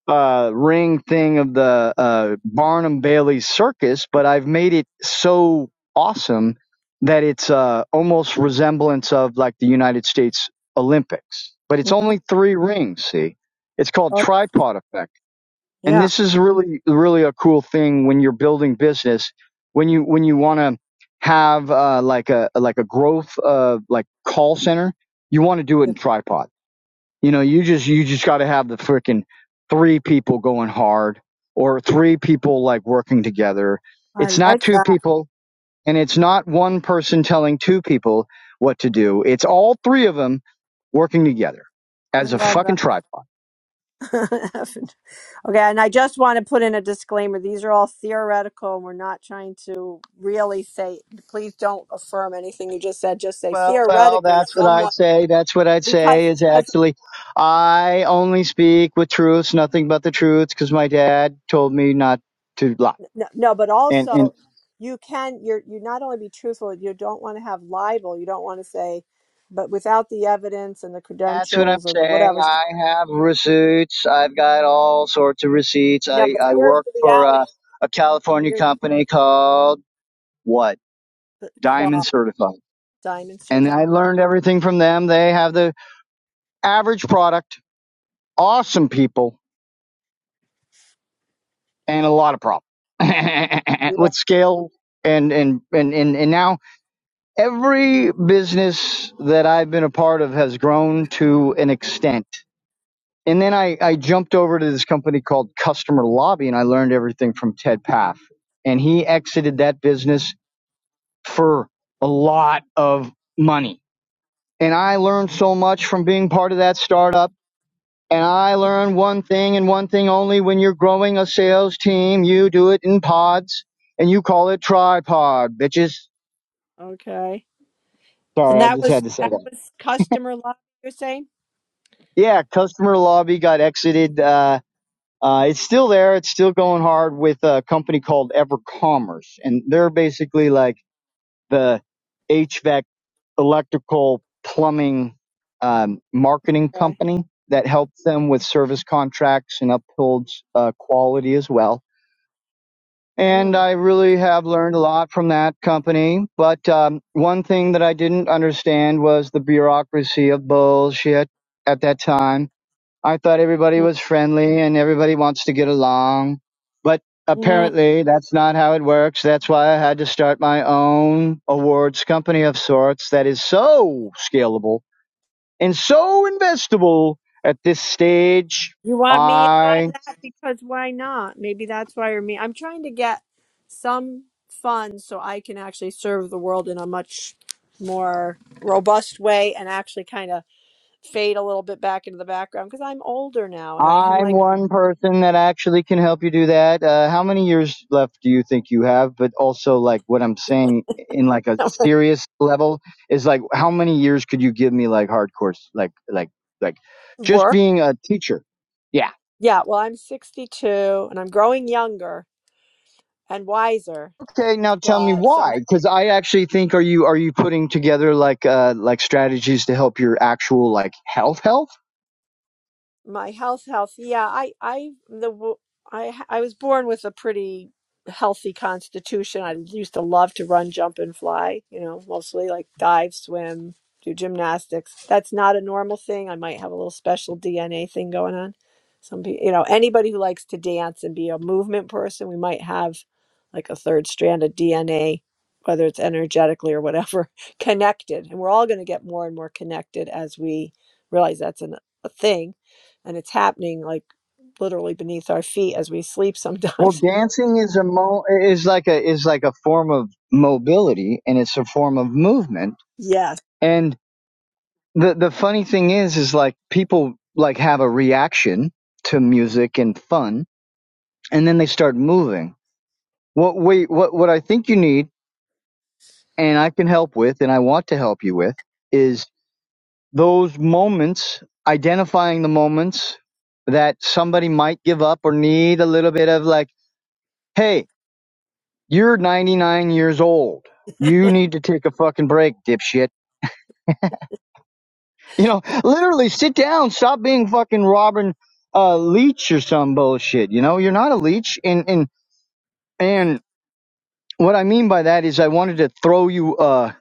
uh, ring thing of the uh, Barnum Bailey circus, but I've made it so awesome that it's uh, almost resemblance of like the United States Olympics. But
Hmm.
it's only three rings. See, it's called
Oh,
tripod effect, and
yeah,
this is really really a cool thing when you're building business. When you when you want to have uh, like a like a growth uh, like call center, you want to do it in tripod you know, you just you just got to have the freaking three people going hard or three people like working together.
I
It's not
like
two
that.
people and it's not one person telling two people what to do. It's all three of them working together
I
as a
love
fucking
that.
tripod.
okay, and I just want to put in a disclaimer. These are all theoretical, and we're not trying to really say, please don't affirm anything you just said. Just say
Well, well,
theoretically,
that's what
someone.
I'd say. That's what I'd
because
say is
because
actually, I only speak with truths, nothing but the truths, because my dad told me not to lie.
no, no but
And, and
also you can you're you not only be truthful you don't want to have libel you don't want to say but without the evidence and the
That's what I'm
credentials and the
saying.
whatever
I have receipts. I've got all sorts of receipts.
no
I,
but
I
here's
work
the
for
reality
a, a California
here's
company called what?
the
Diamond
qual
Certified.
diamond
And
certified
I learned everything from them. They have the average product, awesome people, and a lot of problems
yeah
with scale. And, and, and, and, and now every business that I've been a part of has grown to an extent. and then I, I jumped over to this company called Customer Lobby and I learned everything from Ted Paff. And he exited that business for a lot of money. And I learned so much from being part of that startup. And I learned one thing and one thing only when you're growing a sales team, you do it in pods and you call it tripod, bitches.
okay
Sorry,
and
I
that
just
was
had to say
that
that.
was customer love you're saying
Yeah, Customer Lobby got exited. Uh, Uh, it's still there. It's still going hard with a company called EverCommerce, and they're basically like the HVAC, electrical, plumbing, um, marketing
okay.
company that helps them with service contracts and upholds uh, quality as well. And
mm,
I really have learned a lot from that company. But um, one thing that I didn't understand was the bureaucracy of bullshit at that time I thought everybody
mm,
was friendly and everybody wants to get along. But
mm.
apparently, that's not how it works. That's why I had to start my own awards company of sorts that is so scalable and so investable at this stage.
You want me in on
I.
that? Because why not? Maybe that's why you're me. I'm trying to get some funds so I can actually serve the world in a much more robust way and actually kind of fade a little bit back into the background because I'm older now and I am
I'm
like
one person that actually can help you do that. Uh, how many years left do you think you have? But also, like what I'm saying in like a serious level is like, how many years could you give me like hardcore, s- like like like just
work.
being a teacher? Yeah.
Yeah, well, I'm 62 and I'm growing younger and wiser,
Okay. Now tell me
but sometimes.
why, because I actually think are you are you putting together like uh like strategies to help your actual like health health?
my health health yeah i i the w- i i was born with a pretty healthy constitution i used to love to run jump and fly you know mostly like dive swim do gymnastics that's not a normal thing i might have a little special dna thing going on some people you know anybody who likes to dance and be a movement person we might have like a third strand of dna whether it's energetically or whatever connected and we're all going to get more and more connected as we realize that's an, a thing and it's happening like literally beneath our feet as we sleep
Well,
sometimes.
dancing is a mo is like a is like a form of mobility and it's a form of movement.
yes.
and. the the funny thing is is like people like have a reaction to music and fun and then they start moving what we what what i think you need and i can help with and i want to help you with is those moments identifying the moments that somebody might give up or need a little bit of like hey you're 99 years old you need to take a fucking break dipshit You know, literally sit down, stop being fucking Robin uh leech or some bullshit. You know, you're not a leech and and and what I mean by that is I wanted to throw you uh,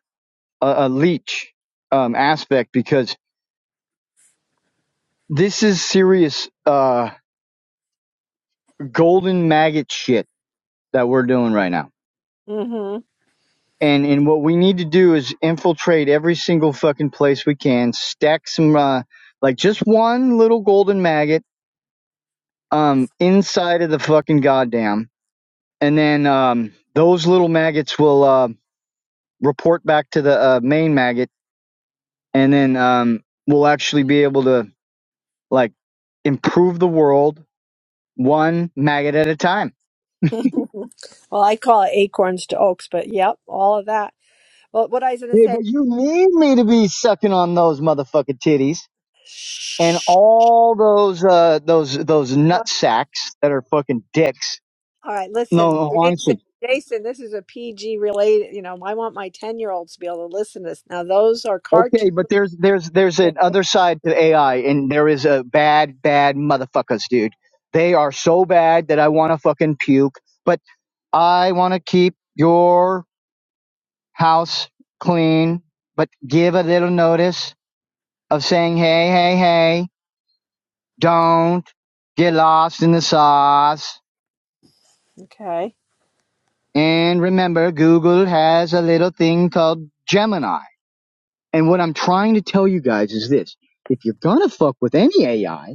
a a leech um aspect because this is serious uh golden maggot shit that we're doing right now.
hmm
And and what we need to do is infiltrate every single fucking place we can, stack some uh like just one little golden maggot um inside of the fucking goddamn and then um, those little maggots will uh, report back to the uh, main maggot, and then um, we'll actually be able to like improve the world one maggot at a time.
well, I call it acorns to oaks, but yep, all of that. Well, what I was going to
Yeah,
say.
but you need me to be sucking on those motherfucking titties and
Shh.
all those uh, those those nut
What?
sacks that are fucking dicks.
All right,
No,
listen,
no, honestly,
Jason. Jason, this is a PG related. You know, I want my ten year olds to be able to listen to this. Now, those are
Okay,
cartoon.
but there's there's there's an other side to AI, and there is a bad bad motherfuckers, dude. They are so bad that I want to fucking puke. But I want to keep your house clean, but give a little notice of saying, hey, hey, hey,
Okay.
don't get lost in the sauce.
Okay.
And remember, Google has a little thing called Gemini. And what I'm trying to tell you guys is this: if you're gonna fuck with any AI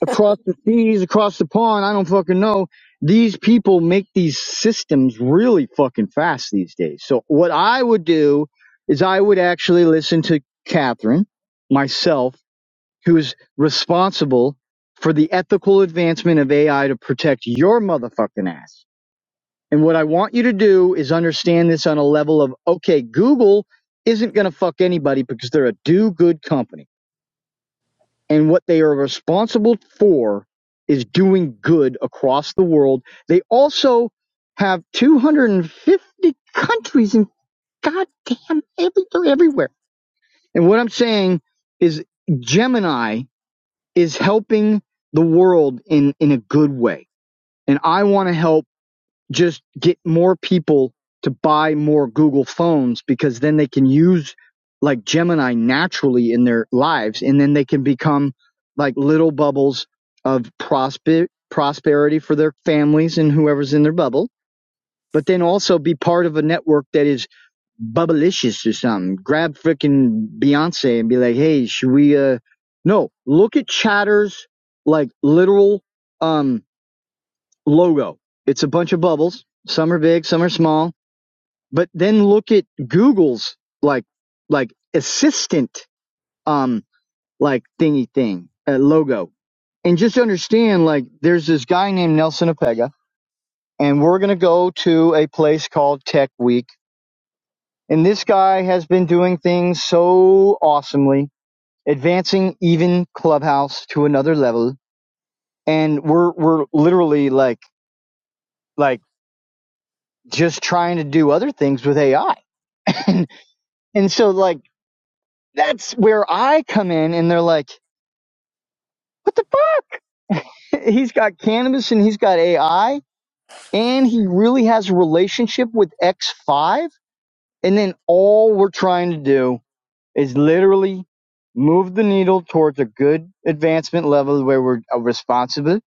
across the seas, across the pond. I don't fucking know. These people make these systems really fucking fast these days. So what I would do is I would actually listen to Catherine, myself, who is responsible for the ethical advancement of AI to protect your motherfucking ass. And what I want you to do is understand this on a level of, okay, Google isn't going to fuck anybody because they're a do good company and what they are responsible for is doing good across the world. They also have 250 countries in goddamn every, they're everywhere. And what I'm saying is Gemini is helping the world in, in a good way. And I want to help just get more people to buy more Google phones because then they can use like Gemini naturally in their lives and then they can become like little bubbles of prosper- prosperity for their families and whoever's in their bubble, but then also be part of a network that is bubblicious or something. Grab freaking Beyonce and be like, hey, should we, uh, no, look at Chatter's like literal, um, logo. It's a bunch of bubbles. Some are big, some are small. But then look at Google's like like assistant um like thingy thing uh, logo, and just understand like there's this guy named Nelson Apega, and we're gonna go to a place called Tech Week, and this guy has been doing things so awesomely, advancing even Clubhouse to another level, and we're we're literally like like just trying to do other things with AI. And so like that's where I come in and they're like, what the fuck? he's got cannabis and he's got AI and he really has a relationship with X5. And then all we're trying to do is literally move the needle towards a good advancement level where we're uh, responsible.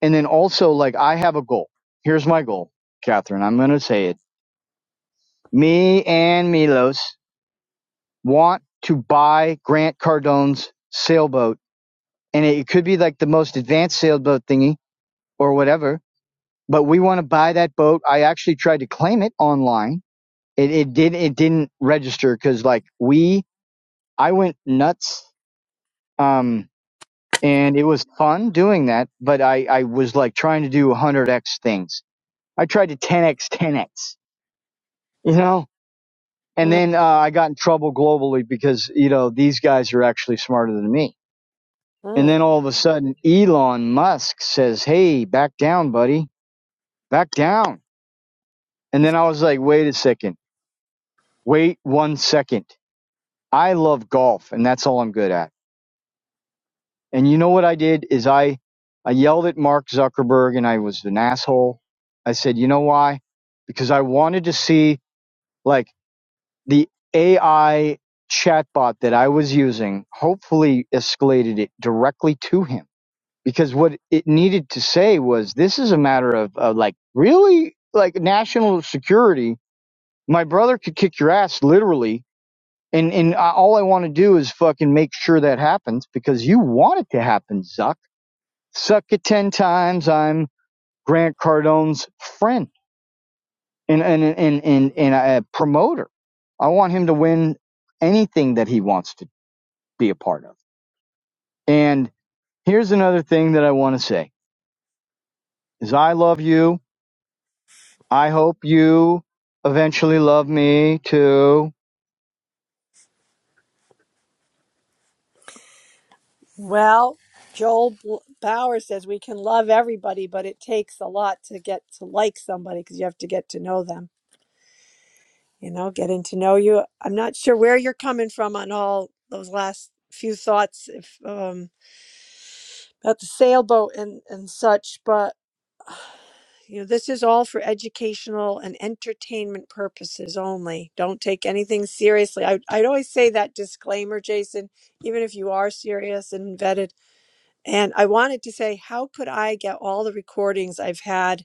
And then also like I have a goal. Here's my goal, Catherine. I'm going to say it. Me and Milos want to buy Grant Cardone's sailboat and it could be like the most advanced sailboat thingy or whatever. But we want to buy that boat. I actually tried to claim it online. It it did it didn't register because like we I went nuts. Um, and it was fun doing that, but I I was like trying to do 100x things. I tried to 10x 10x, you know. And then uh, I got in trouble globally because you know these guys are actually smarter than me. And
Mhm.
then all of a sudden, Elon Musk says, "Hey, back down, buddy back down. And then I was like, wait a second, wait one second. I love golf and that's all I'm good at. And you know what I did is I, I yelled at Mark Zuckerberg and I was an asshole. I said, you know why? Because I wanted to see like the AI chatbot that I was using hopefully escalated it directly to him because what it needed to say was this is a matter of, of like really like national security my brother could kick your ass literally and and I, all i want to do is fucking make sure that happens because you want it to happen zuck suck it 10 times i'm grant cardone's friend and and and and, and a promoter i want him to win anything that he wants to be a part of and here's another thing that i want to say is i love you i hope you eventually love me too
Well, Joel B- Bauer says we can love everybody, but it takes a lot to get to like somebody because you have to get to know them, you know, getting to know you. I'm not sure where you're coming from on all those last few thoughts if, um, about the sailboat and, and such, but you know, this is all for educational and entertainment purposes only. Don't take anything seriously. I, I'd always say that disclaimer, Jason, even if you are serious and vetted And I wanted to say, how could I get all the recordings I've had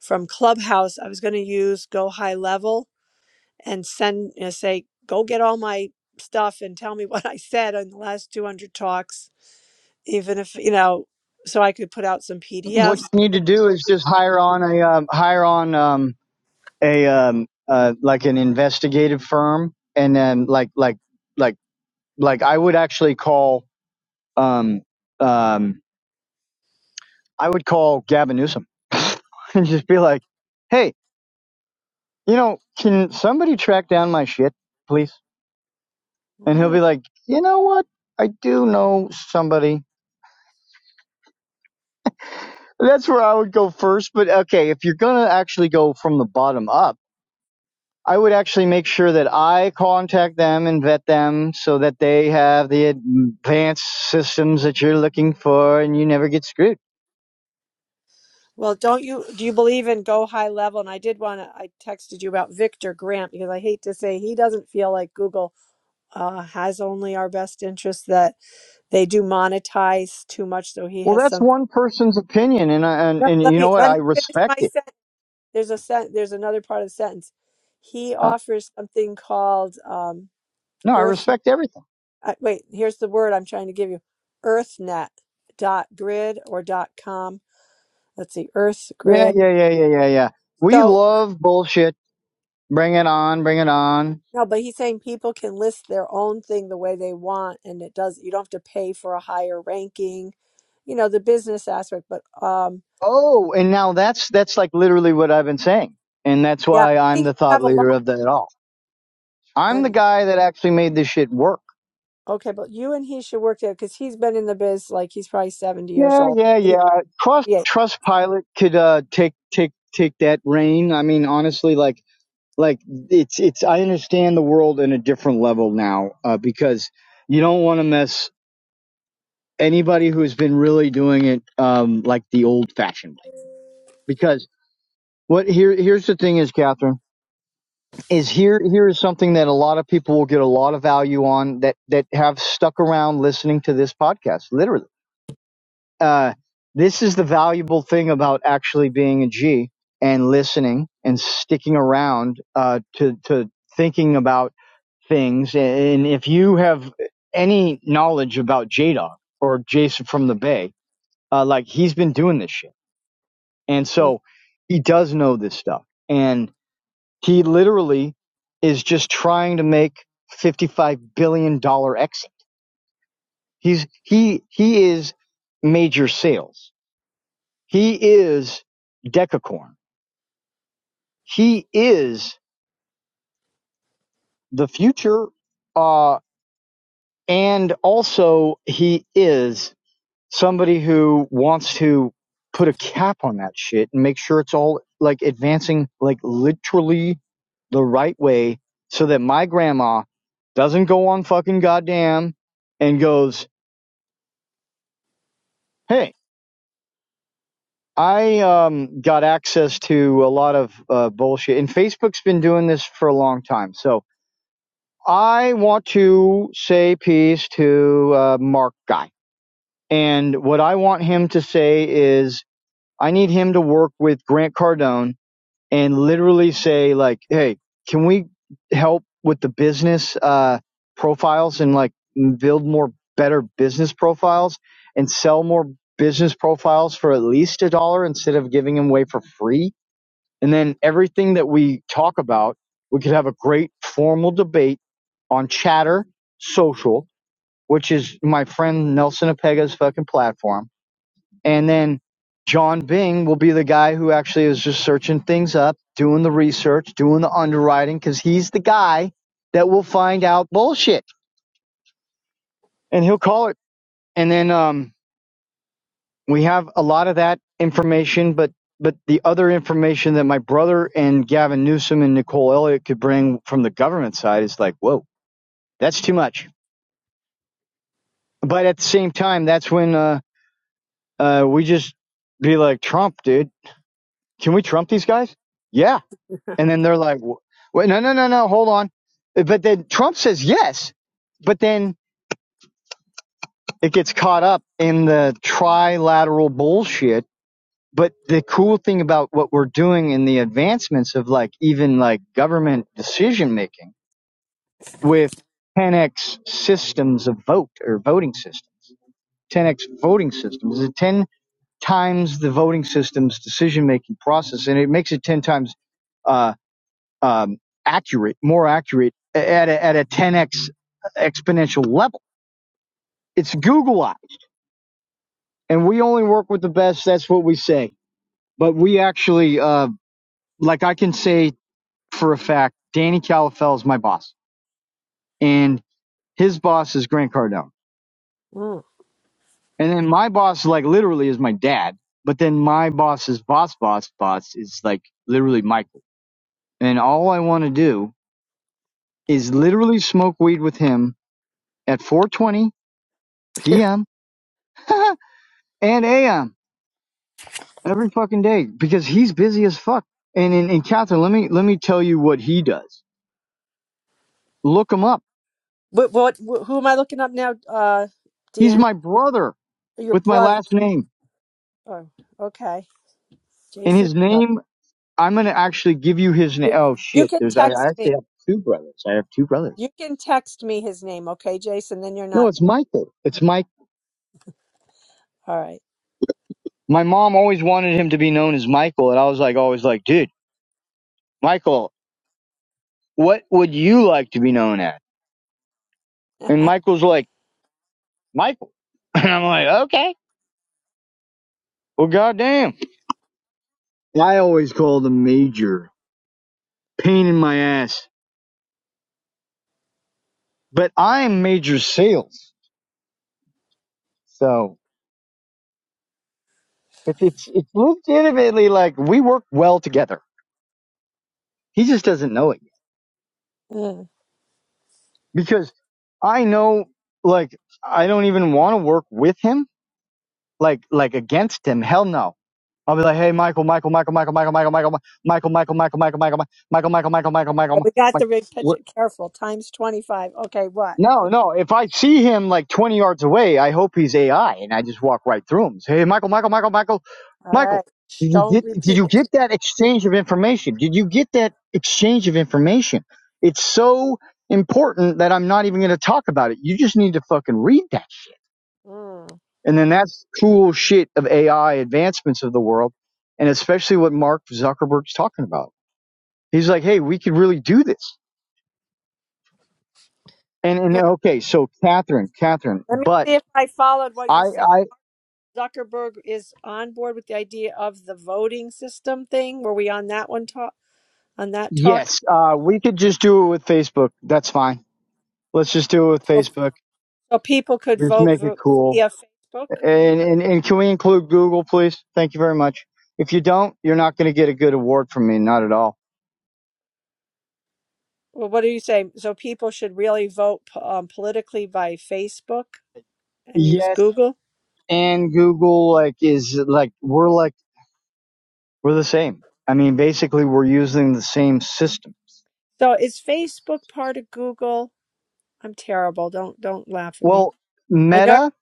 from Clubhouse? I was going to use Go High Level and send, you know, say, go get all my stuff and tell me what I said on the last 200 talks, even if, you know, so I could put out some
what
PDFs.
you need to do is just hire on a um, hire on um, a um uh like an investigative firm and then like like like like I would actually call um um I would call Gavin Newsom and just be like, "Hey, you know, can somebody track down my shit, please?" And he'll
Mm.
be like, "You know what? I do know somebody." That's where I would go first, but okay, if you're going to actually go from the bottom up, I would actually make sure that I contact them and vet them so that they have the advanced systems that you're looking for and you never get screwed.
Well, don't you, do you believe in Go High Level? And I did want to, I texted you about Victor Grant because I hate to say he doesn't feel like Google uh, has only our best interest that they do monetize too much. So he
Well,
has
that's
something.
one person's opinion and uh, and
No,
and
let
you know
me
what?
let
I
me finish
respect
my
it.
sentence. There's a sent. There's another part of the sentence. He
Oh,
offers something called um,
no, I
Earth.
respect everything.
Uh, wait, here's the word I'm trying to give you: EarthNet dot grid or dot com. Let's see, Earth
Yeah,
grid.
yeah, yeah, yeah, yeah, yeah. We
So
love bullshit. Bring it on, bring it on.
no, but he's saying people can list their own thing the way they want, and it does. You don't have to pay for a higher ranking. You know the business aspect, but um,
Oh, and now that's that's like literally what I've been saying. And that's
yeah, I
why I'm
think
the
you
thought
have a
leader
lot.
of that all. I'm the guy that actually made this shit work.
Okay, but you and he should work together because he's been in the biz like he's probably 70 years
Yeah,
old.
yeah,
Maybe,
yeah. Trust
yeah.
Trust Pilot could uh take take take that reign. I mean, honestly, like like it's it's I understand the world in a different level now uh, because you don't want to miss anybody who's been really doing it um like the old fashioned way. Because what here here's the thing is, Catherine, is here here is something that a lot of people will get a lot of value on that that have stuck around listening to this podcast, literally uh, this is the valuable thing about actually being a G and listening and sticking around uh, to to thinking about things. And if you have any knowledge about J Dog or Jason from the Bay, uh, like he's been doing this shit, and so he does know this stuff, and he literally is just trying to make fifty five billion dollar exit. He's he he is major sales He is Decacorn. He is the future, uh, and also he is somebody who wants to put a cap on that shit and make sure it's all like advancing like literally the right way so that my grandma doesn't go on fucking goddamn and goes, hey, I um, got access to a lot of uh, bullshit. And Facebook's been doing this for a long time. So I want to say peace to uh, Mark Guy. And what I want him to say is, I need him to work with Grant Cardone and literally say, like, hey, can we help with the business uh, profiles and like build more better business profiles and sell more business profiles for at least a dollar instead of giving them away for free? And then everything that we talk about, we could have a great formal debate on Chatter Social, which is my friend Nelson Apega's fucking platform. And then John Bing will be the guy who actually is just searching things up, doing the research, doing the underwriting, because he's the guy that will find out bullshit and he'll call it. And then, um, we have a lot of that information, but but the other information that my brother and Gavin Newsom and Nicole Elliott could bring from the government side is like, whoa, that's too much. But at the same time, that's when uh, uh, we just be like, Trump, dude, can we Trump these guys? Yeah. And then they're like, wait, no, no, no, no, hold on. But then Trump says yes, but then it gets caught up in the trilateral bullshit but the cool thing about what we're doing in the advancements of like even like government decision making with 10x systems of vote or voting systems 10x voting systems is 10 times the voting system's decision making process and it makes it 10 times uh, um, accurate more accurate at a, at a 10x exponential level it's google eyes and we only work with the best that's what we say but we actually uh, like i can say for a fact Danny Calafell is my boss, and his boss is Grant Cardone,
Mm.
and then my boss, like literally, is my dad. But then my boss's boss, boss, boss is like literally Michael, and all I want to do is literally smoke weed with him at 4:20 p.m. and a.m. every fucking day because he's busy as fuck. And and, and Catherine, let me let me tell you what he does. Look him up.
What, what, wh- who am I looking up now? Uh,
He's
Dan,
my brother
your
with my
brother.
last name,
Oh, okay.
and
Jason's
his
brother.
name I'm gonna actually give you his name.
You
Oh
you
shit!
can
There's I, I
text me.
actually have two brothers. I have two brothers.
You can text me his name, okay, Jason? Then you're
No,
not
it's
done.
Michael. It's Mike.
All right.
My mom always wanted him to be known as Michael, and I was like, always like, dude, Michael, what would you like to be known as? And Michael's like, Michael, and I'm like, okay, well, goddamn. I always called him Major. Pain in my ass, but I'm Major Sales, so it's it's it's legitimately like we work well together. He just doesn't know it.
Mm.
because I know like I don't even want to work with him, like like against him. Hell no. I'll be like, hey Michael, Michael, Michael, Michael, Michael, Michael, Michael, Michael, Michael, Michael, Michael, Michael, Michael, Michael, Michael, Michael, Michael, Michael,
Okay,
Michael.
We got the big
Michael,
picture. Careful. Times 25. Okay, what?
no, no. If I see him like 20 yards away, I hope he's AI, and I just walk right through him. Say, hey, Michael, Michael, Michael, Michael,
All
Michael.
right. Shh,
Did you
Don't
get? Did
repeat
you get
it.
that exchange of information? Did you get that exchange of information? It's so important that I'm not even going to talk about it. You just need to fucking read that shit.
Mm.
And then that's cool shit of AI advancements of the world, and especially what Mark Zuckerberg's talking about. He's like, hey, we could really do this. And and
Let
okay, so Catherine, Catherine,
let me
but.
see if I followed what
I,
you said.
I
Zuckerberg is on board with the idea of the voting system thing. Were we on that one talk? On that talk,
Yes, uh, we could just do it with Facebook. That's fine. Let's just do it with
so,
Facebook.
so people could
Just
vote
make it
vo-
cool.
via Facebook.
And and, and can we include Google, please? Thank you very much. If you don't, you're not going to get a good award from me. Not at all.
Well, what are you saying? So people should really vote um, politically by Facebook and use
Yes,
Google.
and Google like is like we're like we're the same. I mean, basically, we're using the same system.
So is Facebook part of Google? I'm terrible. Don't don't laugh at me.
Well,
I know.
Meta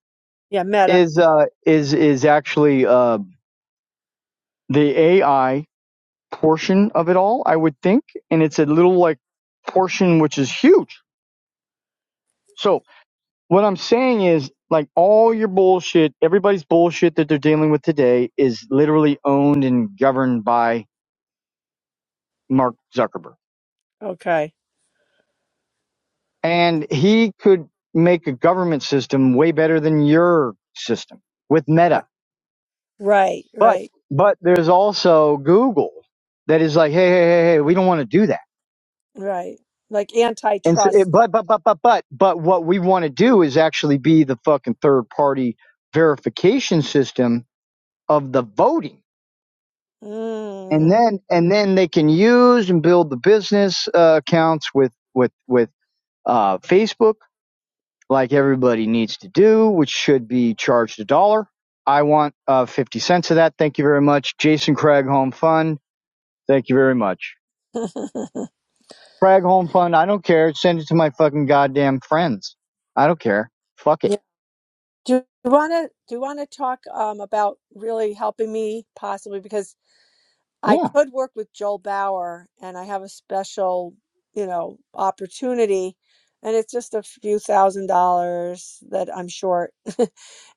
Yeah, Meta.
is uh is is actually uh the AI portion of it all, I would think. And it's a little like portion which is huge. So what I'm saying is like all your bullshit, everybody's bullshit that they're dealing with today is literally owned and governed by Mark Zuckerberg.
Okay.
And he could make a government system way better than your system with
Uh,
Meta.
Right,
But
right,
but there's also Google that is like, hey, hey, hey, hey, we don't want to do that
right. Like
And so it,
antitrust.
but but but but but but what we want to do is actually be the fucking third party verification system of the voting, and
Mm.
then and then they can use and build the business uh, accounts with with with uh, Facebook like everybody needs to do, which should be charged a dollar. I want uh, fifty cents of that. Thank you very much, Jason Craig Home Fund. Thank you very much, Craig Home Fund. I don't care. Send it to my fucking goddamn friends. I don't care. Fuck it.
Do you want to do you want to talk um, about really helping me possibly because I
Yeah.
could work with Joel Bauer and I have a special, you know, opportunity and it's just a few thousand dollars that I'm short.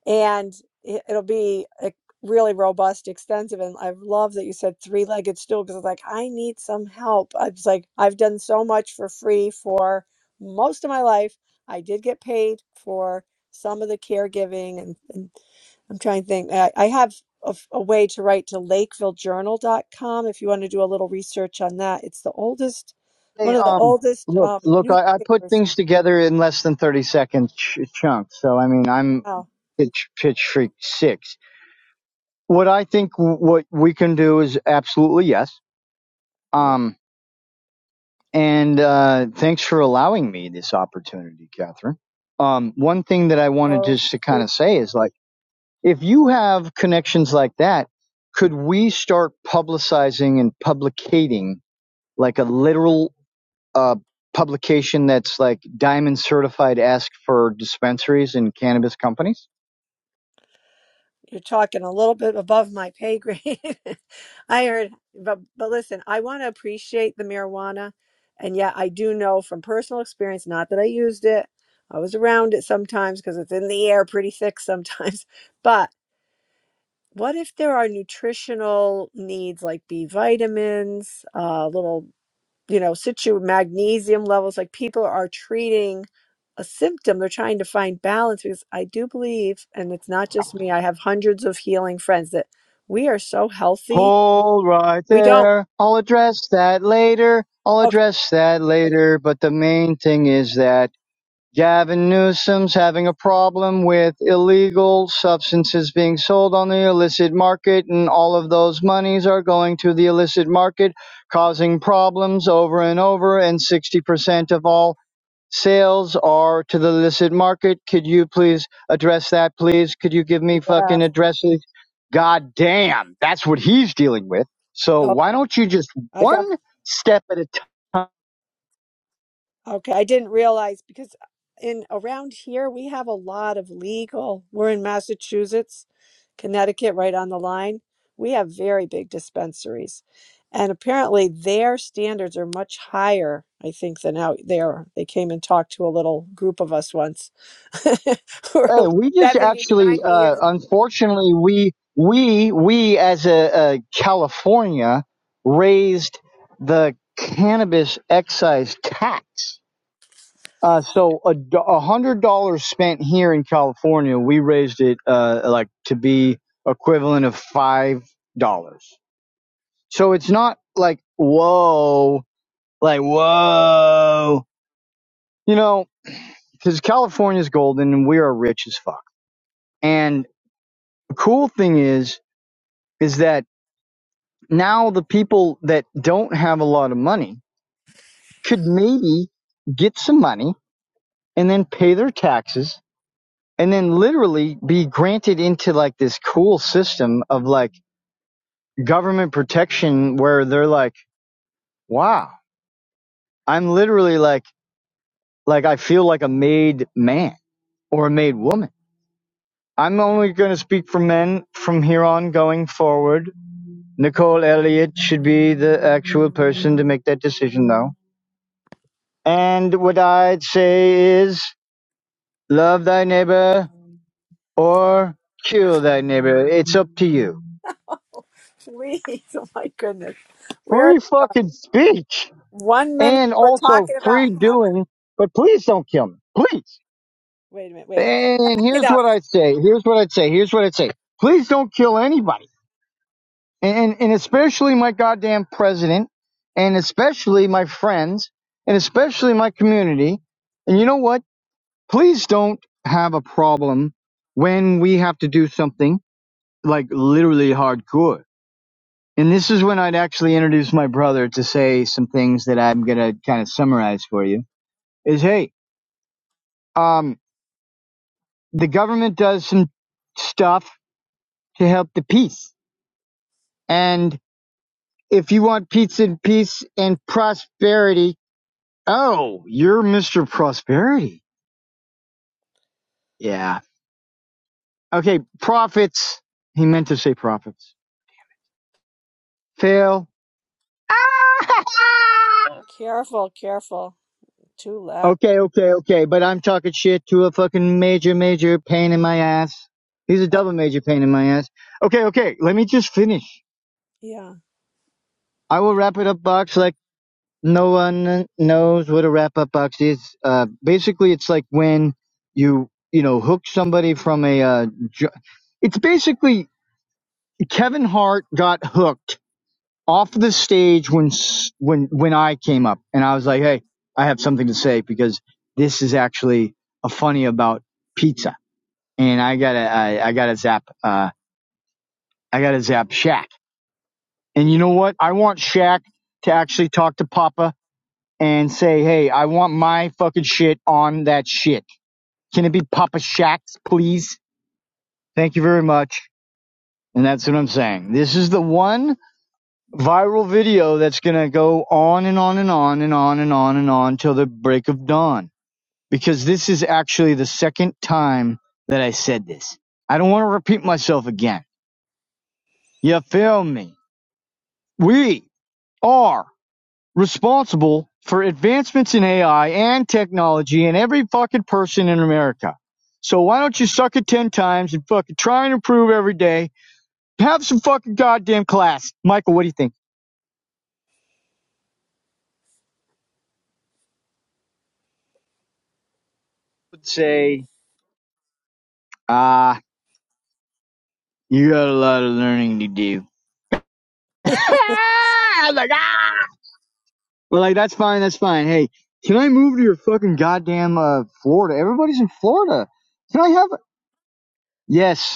and it- it'll be like really robust, extensive. And I love that you said three-legged stool because I like, I need some help. I was like, I've done so much for free for most of my life. I did get paid for some of the caregiving, and, and I'm trying to think. I, I have a, f- a way to write to LakevilleJournal.com if you want to do a little research on that. It's the oldest, one
Hey,
of the
um,
oldest
look,
um,
look, I, I put
newspapers.
things together in less than 30 second ch- chunks. So, I mean, I'm
now.
pitch, pitch freak six. What I think w- what we can do is absolutely yes. Um, and, uh, thanks for allowing me this opportunity, Catherine. Um, one thing that I wanted
so
just to kind of say is like, if you have connections like that, could we start publicizing and publicating like a literal a publication that's like diamond certified ask for dispensaries and cannabis companies?
you're talking a little bit above my pay grade. I heard, but but listen, I want to appreciate the marijuana, and yet I do know from personal experience, not that I used it, I was around it sometimes because it's in the air pretty thick sometimes. But what if there are nutritional needs like B vitamins, uh, little you know, situ magnesium levels. Like people are treating a symptom, they're trying to find balance because I do believe, and it's not just me, I have hundreds of healing friends that we are so healthy.
Hold right
We don't,
there. I'll address that later. I'll
okay,
address that later. But the main thing is that Gavin Newsom's having a problem with illegal substances being sold on the illicit market, and all of those monies are going to the illicit market, causing problems over and over. And 60% of all sales are to the illicit market. Could you please address that, please? Could you give me
yeah,
fucking addresses? God damn, that's what he's dealing with. So
Oh,
why don't you just
I got.
one step at a time?
Okay, I didn't realize because uh, in around here we have a lot of legal. We're in Massachusetts, Connecticut, right on the line. We have very big dispensaries. And apparently their standards are much higher, I think, than out there. They came and talked to a little group of us once. Who We're
Hey,
like
we just
70 to
actually,
90 years
uh, unfortunately, we we we as a, a California raised the cannabis excise tax Uh, so a, do- a hundred dollars spent here in California, we raised it uh, like to be equivalent of five dollars. So it's not like whoa, like whoa, you know, because California's golden and we are rich as fuck. And the cool thing is, is that now the people that don't have a lot of money could maybe get some money and then pay their taxes and then literally be granted into like this cool system of like government protection where they're like, wow, I'm literally like, like I feel like a made man or a made woman. I'm only going to speak for men from here on going forward. Nicole Elliott should be the actual person to make that decision though. And what I'd say is love thy neighbor or kill thy neighbor. It's up to you.
old. Please, oh my goodness. We're
Free fucking speech.
one minute
and
we're
also
talking about
free
happy.
doing, but please don't kill me. Please.
Wait a minute, wait.
And
Back it
here's
up.
what I'd say. Here's what I'd say. Here's what I'd say. Please don't kill anybody. And, and especially my goddamn president and especially my friends and especially my community. And you know what? Please don't have a problem when we have to do something like literally hardcore. And this is when I'd actually introduce my brother to say some things that I'm going to kind of summarize for you is, Hey, um, the government does some stuff to help the peace. And if you want peace and peace and prosperity, oh, you're Mr. Prosperity. Yeah. Okay, profits. He meant to say profits. Fail.
Careful, careful. Too loud.
okay, okay, okay. But I'm talking shit to a fucking major, major pain in my ass. He's a
Or,
double major pain in my ass. Okay, okay. Let me just finish.
yeah.
I will wrap it up, Box, like No one knows what a wrap up box is. Uh, basically, it's like when you you know hook somebody from a. Uh, ju- it's basically Kevin Hart got hooked off the stage when s- when when I came up and I was like, hey, I have something to say because this is actually a funny about pizza and I gotta I, I gotta zap uh I gotta zap Shaq and you know what I want Shaq to actually talk to Papa and say, hey, I want my fucking shit on that shit. Can it be Papa Shacks, please? Thank you very much. And that's what I'm saying. This is the one viral video that's going to go on and on and on and on and on and on till the break of dawn. Because this is actually the second time that I said this. I don't want to repeat myself again. You feel me? We are responsible for advancements in AI and technology and every fucking person in America. So why don't you suck it 10 times and fucking try and improve every day? Have some fucking goddamn class. Michael, what do you think? I would say, ah, uh, you got a lot of learning to do. I'm like, ah! Well, like, that's fine, that's fine. Hey, can I move to your fucking goddamn uh, Florida? Everybody's in Florida. Can I have. a... Yes,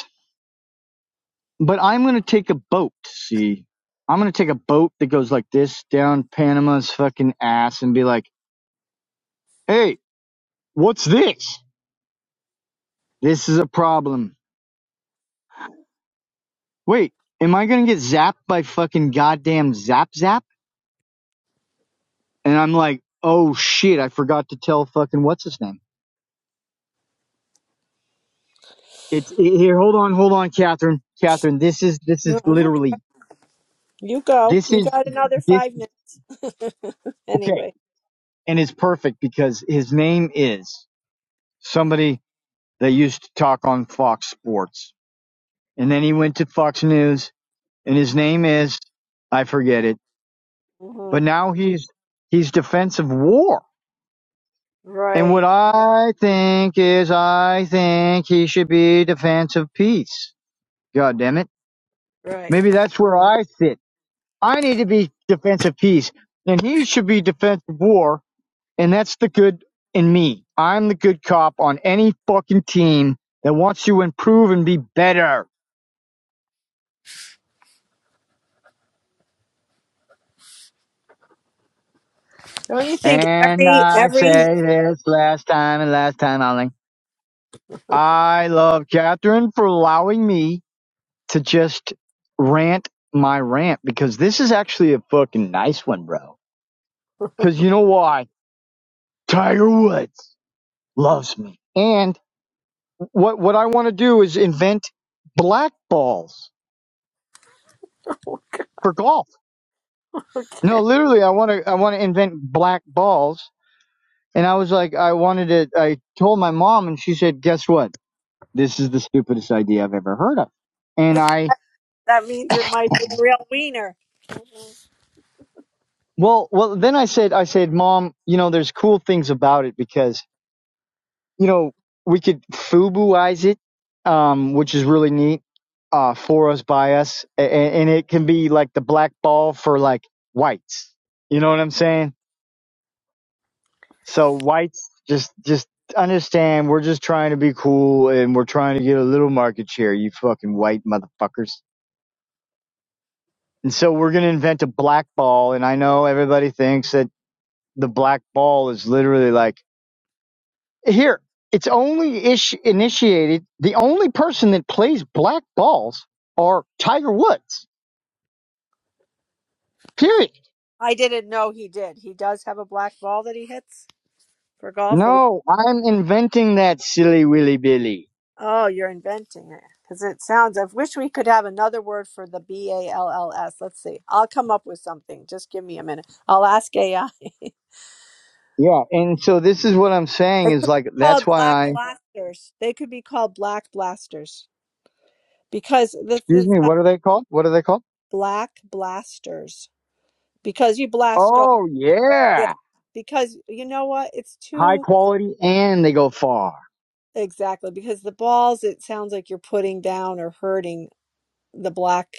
but I'm gonna take a boat. See, I'm gonna take a boat that goes like this down Panama's fucking ass and be like, "Hey, what's this? This is a problem. Wait, am I gonna get zapped by fucking goddamn zap zap?" And I'm like, "Oh shit, I forgot to tell fucking what's his name." It's it, here. Hold on, hold on, Catherine. Catherine, this is this is
No, I'm okay.
literally
You go.
this
You
is
got another
this.
five minutes
Okay,
anyway.
and it's perfect because his name is somebody that used to talk on Fox Sports and then he went to Fox News, and his name is I forget it.
hmm
But now he's he's defense of war. And what
Right,
I think is I think he should be defense of peace. God damn it.
right.
Maybe that's where I sit. I need to be defense of peace. And he should be defense of war. And that's the good in me. I'm the good cop on any fucking team that wants to improve and be better.
Don't you think
And
every
I
every
said this last time and last time only. I love Catherine for allowing me to just rant my rant because this is actually a fucking nice one, bro. Because you know why? Tiger Woods loves me. And what what I want to do is invent black balls for golf. No, literally, I want to I want to invent black balls. And I was like, I wanted it. I told my mom, and she said, "Guess what? This is the stupidest idea I've ever heard of." And I
that means it might be a real wiener?
Well, well, then I said, I said, Mom, you know, there's cool things about it because, you know, we could Fubuize it, um, which is really neat, uh, for us, by us, and, and it can be like the black ball for like whites. You know what I'm saying? So whites just, just understand we're just trying to be cool and we're trying to get a little market share, you fucking white motherfuckers. And so we're going to invent a black ball. And I know everybody thinks that the black ball is literally like, Here, it's only ish- initiated. The only person that plays black balls are Tiger Woods. Period.
I didn't know he did. He does have a black ball that he hits for golf. Or we,
No, I'm inventing that silly willy billy.
oh, you're inventing it because it sounds. I wish we could have another word for the B A L L S. Let's see. I'll come up with something. Just give me a minute. I'll ask AI.
Yeah, and so this is what I'm saying
They could
is
be
like that's
called
why
black
I.
blasters. They could be called black blasters because this
Excuse
is.
me. What are they called? What are they called?
Black Blasters because you blast off.
Oh
Yeah,
yeah,
because you know what? It's
high
too
quality and they go far.
exactly because the balls. It sounds like you're putting down or hurting the black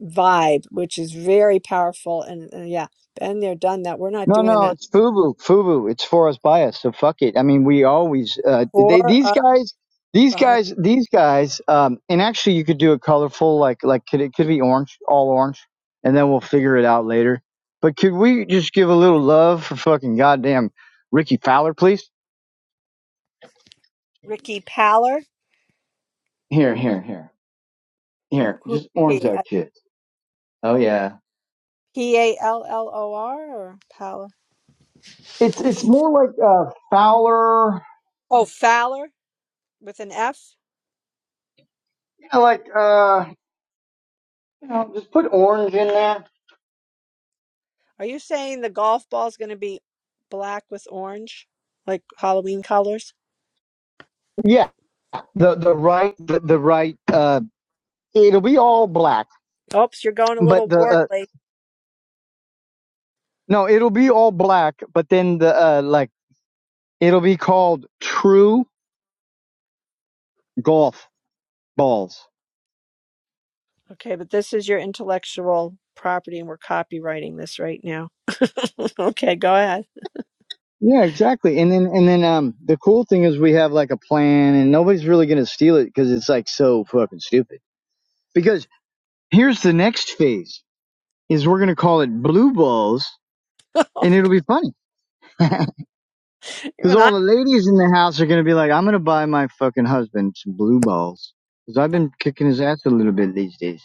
vibe, which is very powerful. And, and yeah, been there, done that. We're not
No,
doing
no,
that
it's FUBU, FUBU. It's Forest Bias, so fuck it. I mean, we always uh, they,
for
these
us
guys, these
by
guys, these guys. Um, and actually, you could do a colorful, like like could it could be orange, all orange, and then we'll figure it out later. But could we just give a little love for fucking goddamn Ricky Fowler, please?
Ricky Paller.
Here, here, here, here.
Who
Just orange
he?
that shit. Oh yeah.
P A L L O R or Paller?
It's it's more like uh Fowler,
Oh, Fowler with an F.
you know, like uh, you know, just put orange in there
Are you saying the golf ball is going to be black with orange, like Halloween colors?
yeah, the the right the, the right uh it'll be all black
Oops, you're going a
but
little
the uh
warply.
no it'll be all black but then the uh like it'll be called true golf balls
Okay, but this is your intellectual property, and we're copywriting this right now. okay, go ahead.
yeah exactly and then and then um the cool thing is we have like a plan and nobody's really gonna steal it because it's like so fucking stupid because here's the next phase is we're gonna call it blue balls and it'll be funny Because
Even
all
I.
the ladies in the house are going to be like, I'm going to buy my fucking husband some blue balls. Because I've been kicking his ass a little bit these days.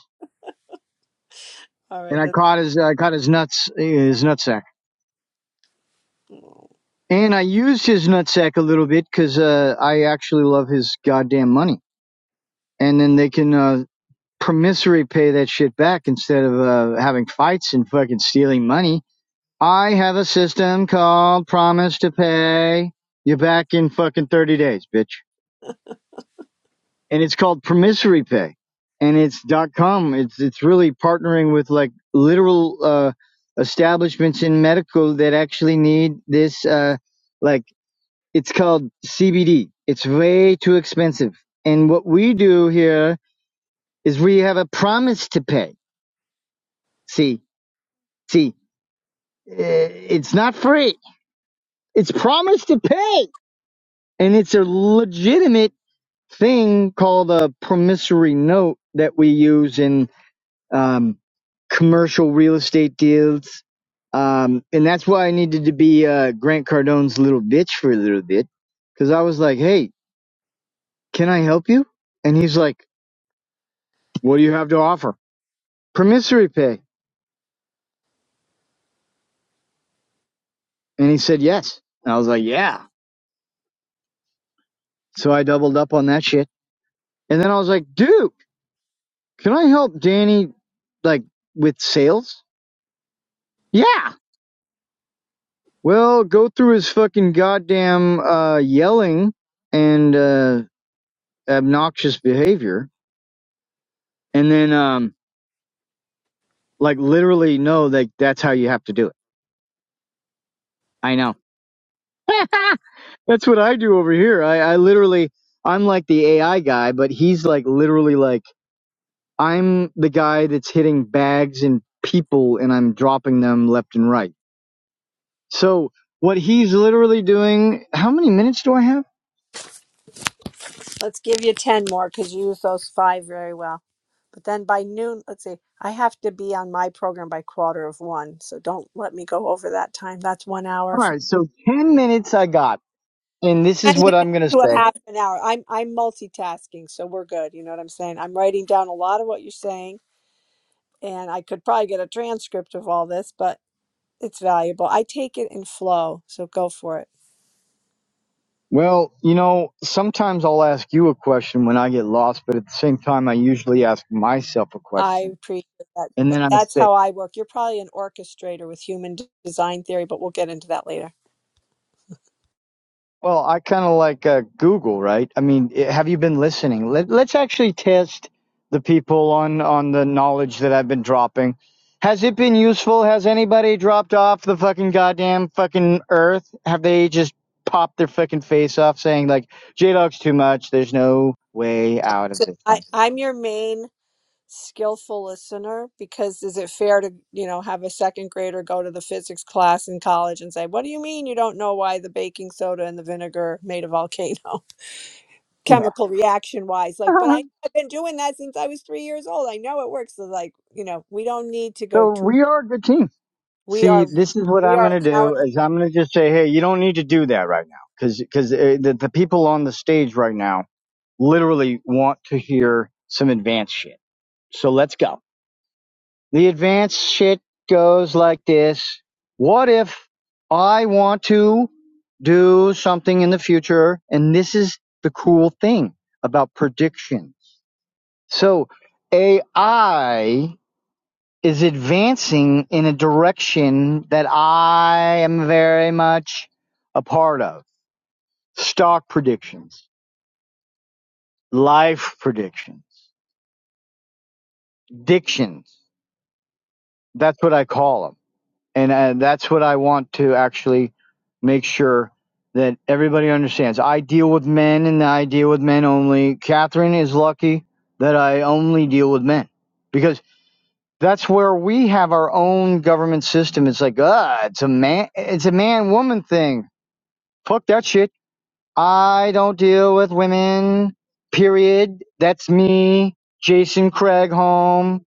All
And
right,
I
that,
caught his, I caught his nuts, his nutsack. And I used his nutsack a little bit because uh, I actually love his goddamn money. And then they can uh, promissory pay that shit back instead of uh, having fights and fucking stealing money. I have a system called promise to pay. You're back in fucking 30 days, bitch. and it's called promissory pay and it's dot com it's it's really partnering with like literal uh establishments in medical that actually need this uh like it's called cbd it's way too expensive and what we do here is we have a promise to pay see see uh, it's not free it's promise to pay and it's a legitimate thing called a promissory note that we use in um, commercial real estate deals. Um, and that's why I needed to be uh, Grant Cardone's little bitch for a little bit because I was like, hey, can I help you? And he's like, what do you have to offer? Promissory pay. And he said, yes. And I was like, yeah. So I doubled up on that shit. And then I was like, dude, can I help Danny like with sales? Yeah. Well, go through his fucking goddamn uh, yelling and uh, obnoxious behavior And then, um, like literally, no, like that's how you have to do it. I know. that's what I do over here. I, I literally, I'm like the AI guy, but he's like literally like, I'm the guy that's hitting bags and people and I'm dropping them left and right. So what he's literally doing, how many minutes do I have?
let's give you ten more because you used those five very well. But then by noon, let's see, I have to be on my program by quarter of one, so don't let me go over that time. That's one
All
hour,
right. So 10 minutes I got. And this
10
is what
minutes
I'm going to
to a
say.
half an hour. I'm I'm multitasking, so we're good. You know what I'm saying? I'm writing down a lot of what you're saying, and I could probably get a transcript of all this, but it's valuable. I take it in flow, so go for it.
Well, you know, sometimes I'll ask you a question when I get lost, but at the same time, I usually ask myself a
I
question.
appreciate that.
And
Th-
then I
That's
say,
how I work. You're probably an orchestrator with human d- design theory, but we'll get into that later.
well, I kind of like uh, Google, right? I mean, i- have you been listening? Let, let's actually test the people on, on the knowledge that I've been dropping. Has it been useful? Has anybody dropped off the fucking goddamn fucking earth? Have they just popped their fucking face off saying, like, J Dog's too much. There's no way out of
So
this
I,
one?
I'm your main skillful listener because is it fair to you know have a second grader go to the physics class in college and say what do you mean you don't know why the baking soda and the vinegar made a volcano
Yeah.
chemical reaction wise like but I, i've been doing that since i was three years old i know it works so like you know we don't need to
So
go too
we are a good team.
we
See,
are
this is what
we
I'm going
are
to do
empowered
is I'm going to just say, hey, you don't need to do that right now because because uh, the, the people on the stage right now literally want to hear some advanced shit. So let's go. The advanced shit goes like this. What if I want to do something in the future? And this is the cool thing about predictions. So AI is advancing in a direction that I am very much a part of. Stock predictions, life predictions, dictions. That's what I call them. And uh, that's what I want to actually make sure that everybody understands. I deal with men and I deal with men only. Catherine is lucky that I only deal with men because that's where we have our own government system. It's like, ah, uh, it's a man, it's a man woman thing Fuck that shit. I don't deal with women. Period. That's me, Jason Craigholm.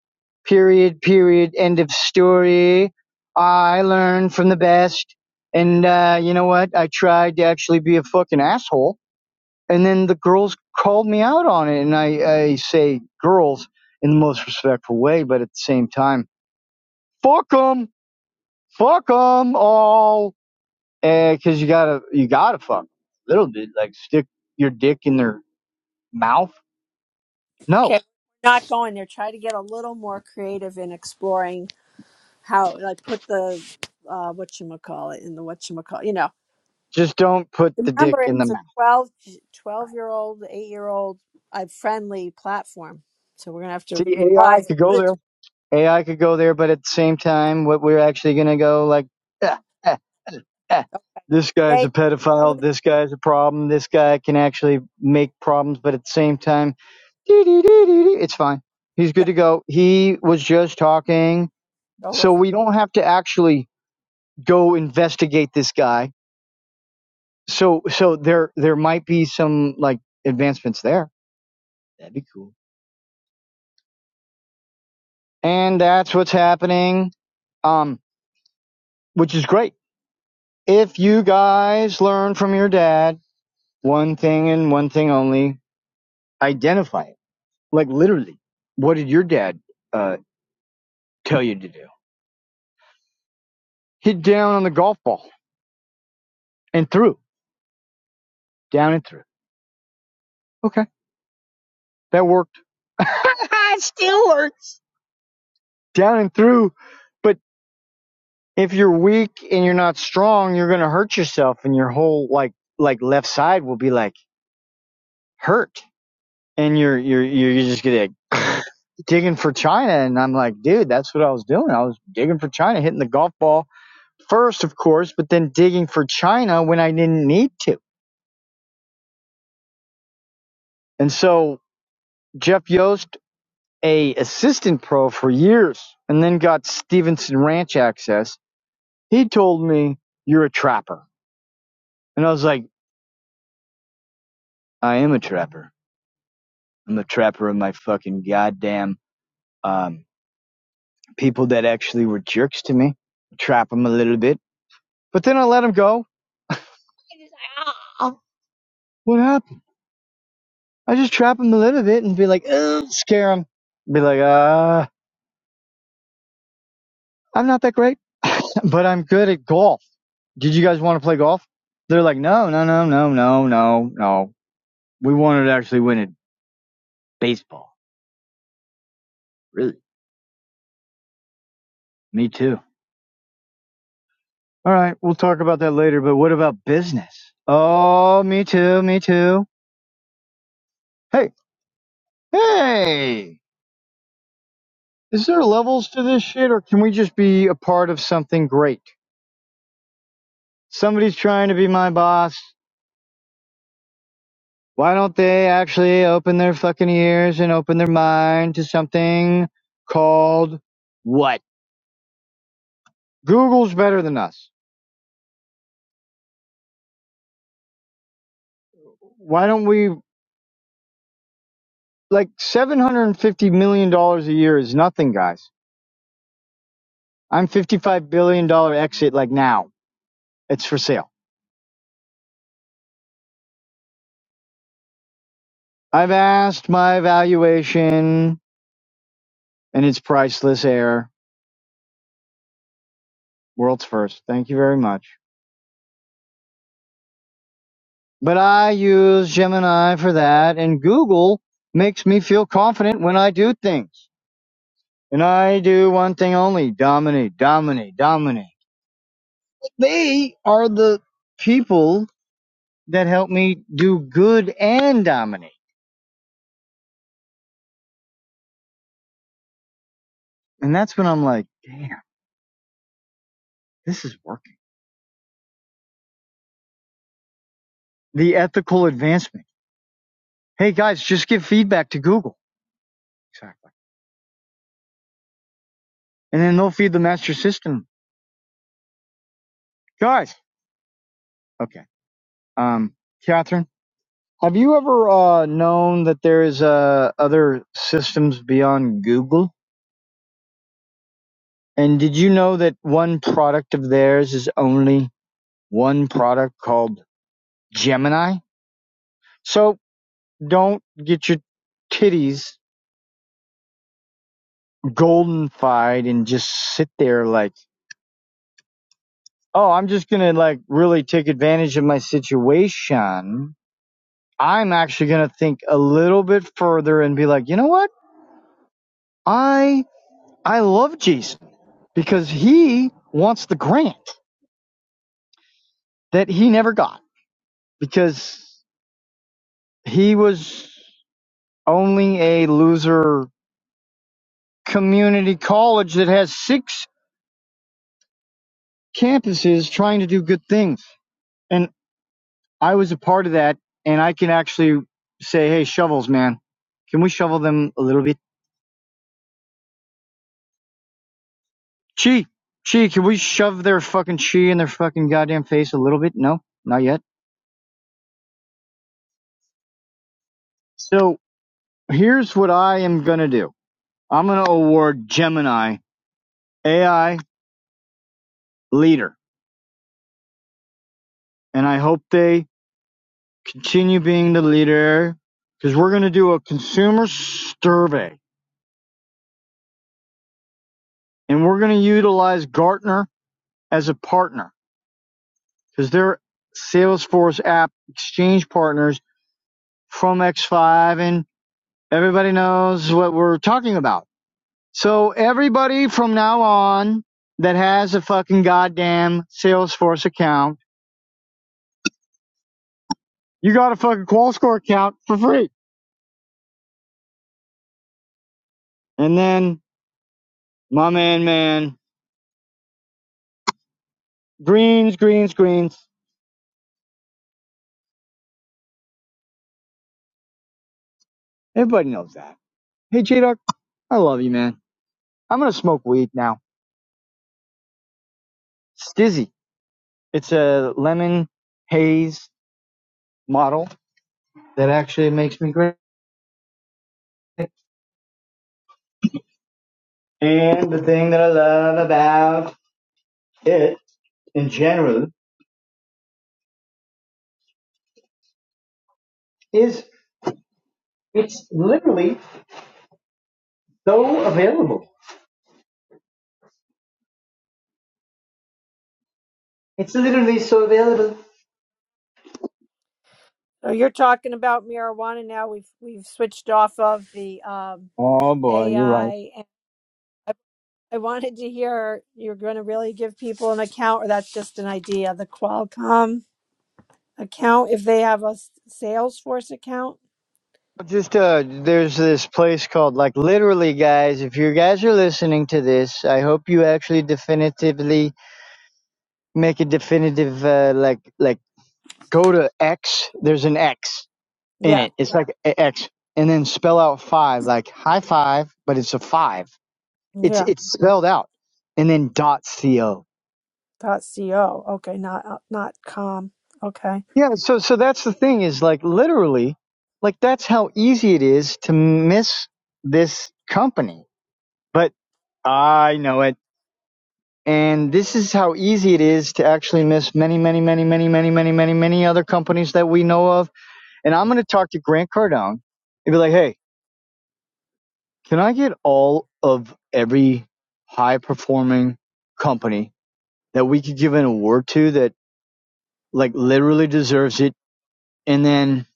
Period, period. End of story. I learned from the best. And uh, you know what? I tried to actually be a fucking asshole. And then the girls called me out on it. And I, I say girls in the most respectful way, but at the same time, fuck 'em, fuck 'em all. And Cause you gotta, you gotta fuck fuck a little bit. Like stick your dick in their mouth. No,
okay not going there try to get a little more creative in exploring how like put the uh, what you call it in the what you call you know
just don't put the dick
Remember,
in the
it's a
mouth.
1212 year old, eight year old, uh, friendly platform. So we're going to have to
See, AI
revise.
could
We'll
go
put it
there.
to-
AI could go there, but at the same time, what we're actually gonna go like, "Ah, ah, ah,
Okay.
this guy's
Stay,
a
stay with,
pedophile. This guy's a problem. This guy can actually make problems, but at the same time, dee dee dee dee dee, it's fine. He's good
yeah,
to go. He was just talking,
go
so
with it.
we don't have to actually go investigate this guy so so there there might be some like advancements there That'd be cool. and that's what's happening um which is great if you guys learn from your dad one thing and one thing only identify it like literally what did your dad uh tell you to do hit down on the golf ball and through down and through okay that worked it still works. down and through if you're weak and you're not strong, you're gonna hurt yourself, and your whole like like left side will be like hurt, and you're you're you're, just gonna like, digging for China. And I'm like, dude, that's what I was doing. I was digging for China, hitting the golf ball first, of course, but then digging for China when I didn't need to. And so Jeff Yost, a assistant pro for years, and then got Stevenson Ranch access. He told me you're a trapper, and I was like, I am a trapper I'm the trapper of my fucking goddamn um, people that actually were jerks to me. Trap them a little bit, but then I let them go. What happened? I just trap them a little bit and be like, Ugh, scare them. Be like, uh, I'm not that great, but I'm good at golf. Did you guys want to play golf? They're like, no, no, no, no, no, no, no. We wanted to actually win at baseball. Really? Me too. All right, we'll talk about that later, but what about business? Oh, me too, me too. Hey, hey! Is there levels to this shit, or can we just be a part of something great? Somebody's trying to be my boss. Why don't they actually open their fucking ears and open their mind to something called what? Google's better than us. Why don't we, like, $750 million dollars a year is nothing, guys. I'm $55 billion dollars exit, like, now. It's for sale. I've asked my valuation, and it's priceless air. World's first. Thank you very much. But I use Gemini for that, and Google makes me feel confident when I do things. And I do one thing only dominate, dominate, dominate. They are the people that help me do good and dominate. And that's when I'm like, damn, this is working. The ethical advancement. Hey guys, just give feedback to Google. Exactly. And then they'll feed the master system. Guys, okay. Um, Catherine. Have you ever uh, known that there is uh, other systems beyond Google? And did you know that one product of theirs is only one product called Gemini? So don't get your titties goldenfied and just sit there like, oh, I'm just gonna like really take advantage of my situation. I'm actually gonna think a little bit further and be like, you know what? I I love Jason because he wants the grant. that he never got because he was only a loser community college that has six campuses trying to do good things. And I was a part of that. And I can actually say, hey, shovels, man, can we shovel them a little bit? Chi, chi, can we shove their fucking chi in their fucking goddamn face a little bit? No, not yet. So here's what I am going to do I'm going to award Gemini AI leader. And I hope they continue being the leader because we're going to do a consumer survey and we're going to utilize Gartner as a partner because they're Salesforce app exchange partners from X5 and everybody knows what we're talking about. So everybody from now on that has a fucking goddamn Salesforce account, you got a fucking QualScore account for free. And then my man, man, greens, greens, greens. Everybody knows that. Hey, J I love you, man. I'm gonna smoke weed now. Stizzy. It's a lemon haze model that actually makes me great. And the thing that I love about it in general is it's literally so available. It's literally so available.
So you're talking about marijuana now. We've, we've switched off of the um,
Oh boy, you're right.
AI. And I, I wanted to hear you're going to really give people an account, or that's just an idea, the Qualcomm account, if they have a s- Salesforce account.
Just uh, there's this place called like literally, guys. If you guys are listening to this, I hope you actually definitively make a definitive uh, like like go to X, there's an X in
Yeah.
it. It's like a- X, and then spell out five, like high five, but it's a five. It's
Yeah.
it's spelled out, and then dot co.
Dot co. Okay. Not, uh, not com. Okay.
Yeah, so so that's the thing is like literally, like that's how easy it is to miss this company. But I know it, and this is how easy it is to actually miss many, many, many, many, many, many, many, many other companies that we know of. And I'm going to talk to Grant Cardone and be like, "Hey, Can I get all of every high performing company that we could give an award to that like literally deserves it and then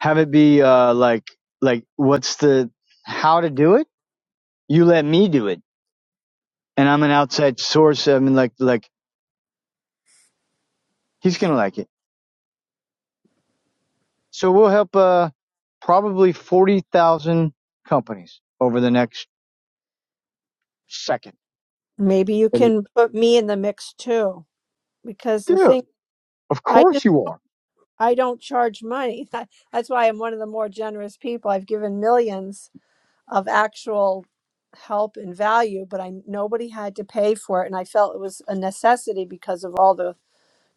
have it be uh like like what's the how to do it? You let me do it. And I'm an outside source. I mean like like he's gonna like it. So we'll help uh probably forty thousand companies over the next second.
Maybe you
And,
can put me in the mix too, because the
Dude,
thing
of
I
course
just
you are.
I don't charge money. That, That's why I'm one of the more generous people. I've given millions of actual help and value, but I nobody had to pay for it, and I felt it was a necessity because of all the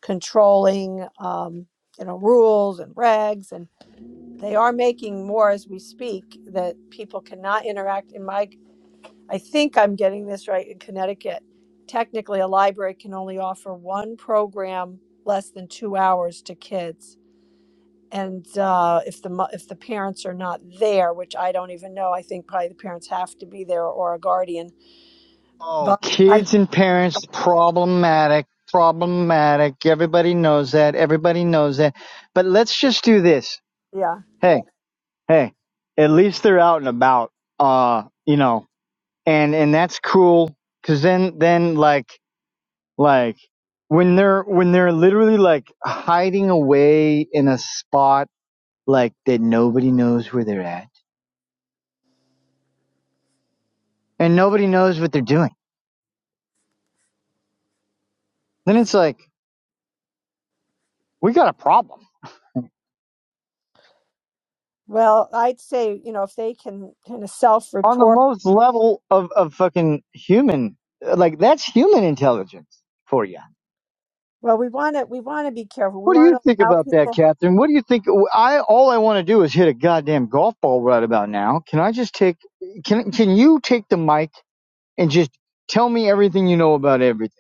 controlling, um, you know, rules and regs, and they are making more as we speak that people cannot interact. In my I think I'm getting this right in Connecticut. Technically, a library can only offer one program less than two hours to kids. And uh, if the mo- if the parents are not there, which I don't even know, I think probably the parents have to be there or a guardian.
Oh,
But I'm,
kids and parents, problematic, problematic. Everybody knows that. Everybody knows that. But let's just do this.
yeah,
Hey, hey, at least they're out and about, uh, you know, and, and that's cool. Cause then, then like, like when they're, when they're literally like hiding away in a spot, like that nobody knows where they're at and nobody knows what they're doing, then it's like, we got a problem
well, I'd say you know if they can kind of
on the
self-report.
most level of, of fucking human. Like that's human intelligence for you.
Well, we want to we want to be careful. We
What do
want
you
to
think
allow
about that,
people.
Catherine? What do you think? I all I want to do is hit a goddamn golf ball right about now. Can I just take? Can can you take the mic and just tell me everything you know about everything?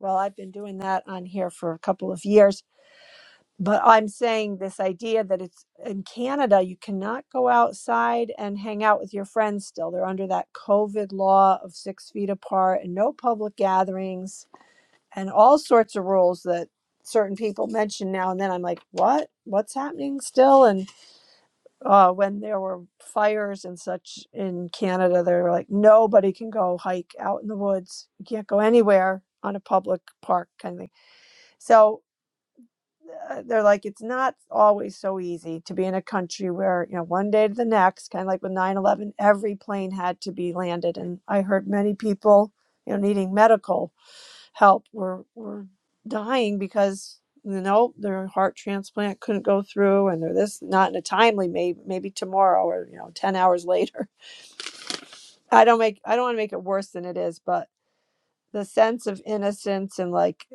Well, I've been doing that on here for a couple of years But I'm saying this idea that it's in Canada, you cannot go outside and hang out with your friends still. They're under that COVID law of six feet apart and no public gatherings and all sorts of rules that certain people mention now and then. I'm like, what? What's happening still? And uh, when there were fires and such in Canada, they were like, nobody can go hike out in the woods. You can't go anywhere on a public park kind of thing. So uh, they're like it's not always so easy to be in a country where you know one day to the next kind of like with nine eleven, every plane had to be landed and i heard many people you know needing medical help were were dying because you know their heart transplant couldn't go through and they're this not in a timely maybe maybe tomorrow or you know 10 hours later i don't make i don't want to make it worse than it is but the sense of innocence and like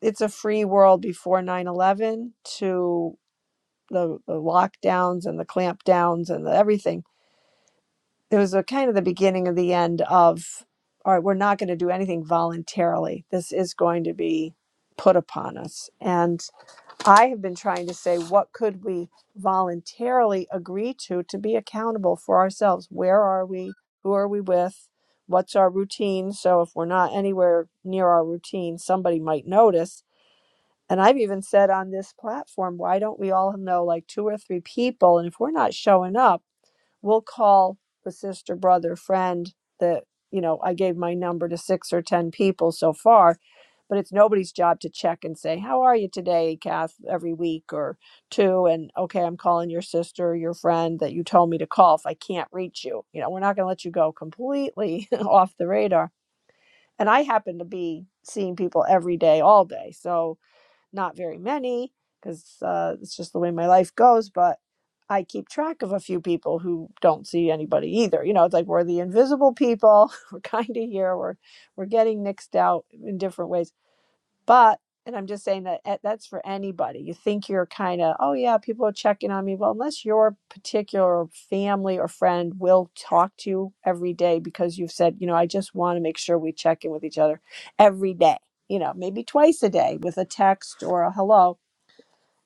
it's a free world before nine eleven to the, the lockdowns and the clampdowns and the everything. It was a kind of the beginning of the end of, all right, we're not going to do anything voluntarily. This is going to be put upon us. And I have been trying to say, what could we voluntarily agree to to be accountable for ourselves? Where are we? Who are we with? What's our routine? So if we're not anywhere near our routine, somebody might notice and I've even said on this platform, why don't we all know like two or three people? And if we're not showing up, we'll call the sister, brother, friend that, you know, I gave my number to six or 10 people so far, but it's nobody's job to check and say, How are you today, Kath, every week or two? And okay, I'm calling your sister, or your friend that you told me to call if I can't reach you. You know, we're not going to let you go completely off the radar. And I happen to be seeing people every day, all day. So, not very many because uh, it's just the way my life goes. But I keep track of a few people who don't see anybody either. You know, it's like we're the invisible people. We're kind of here. We're we're getting nixed out in different ways. But, and I'm just saying that eh, that's for anybody. You think you're kind of, oh, yeah, people are checking on me. Well, unless your particular family or friend will talk to you every day because you've said, you know, I just want to make sure we check in with each other every day, you know, maybe twice a day with a text or a hello.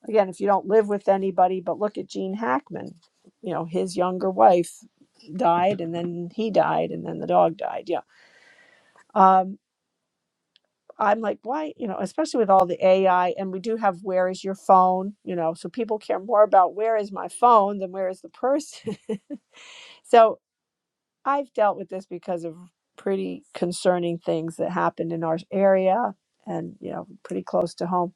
Again, if you don't live with anybody, but look at Gene Hackman, you know, his younger wife died and then he died and then the dog died. Yeah. Um, I'm like, why, you know, especially with all the AI, and we do have where is your phone, you know, so people care more about where is my phone than where is the person. so I've dealt with this because of pretty concerning things that happened in our area and, you know, pretty close to home.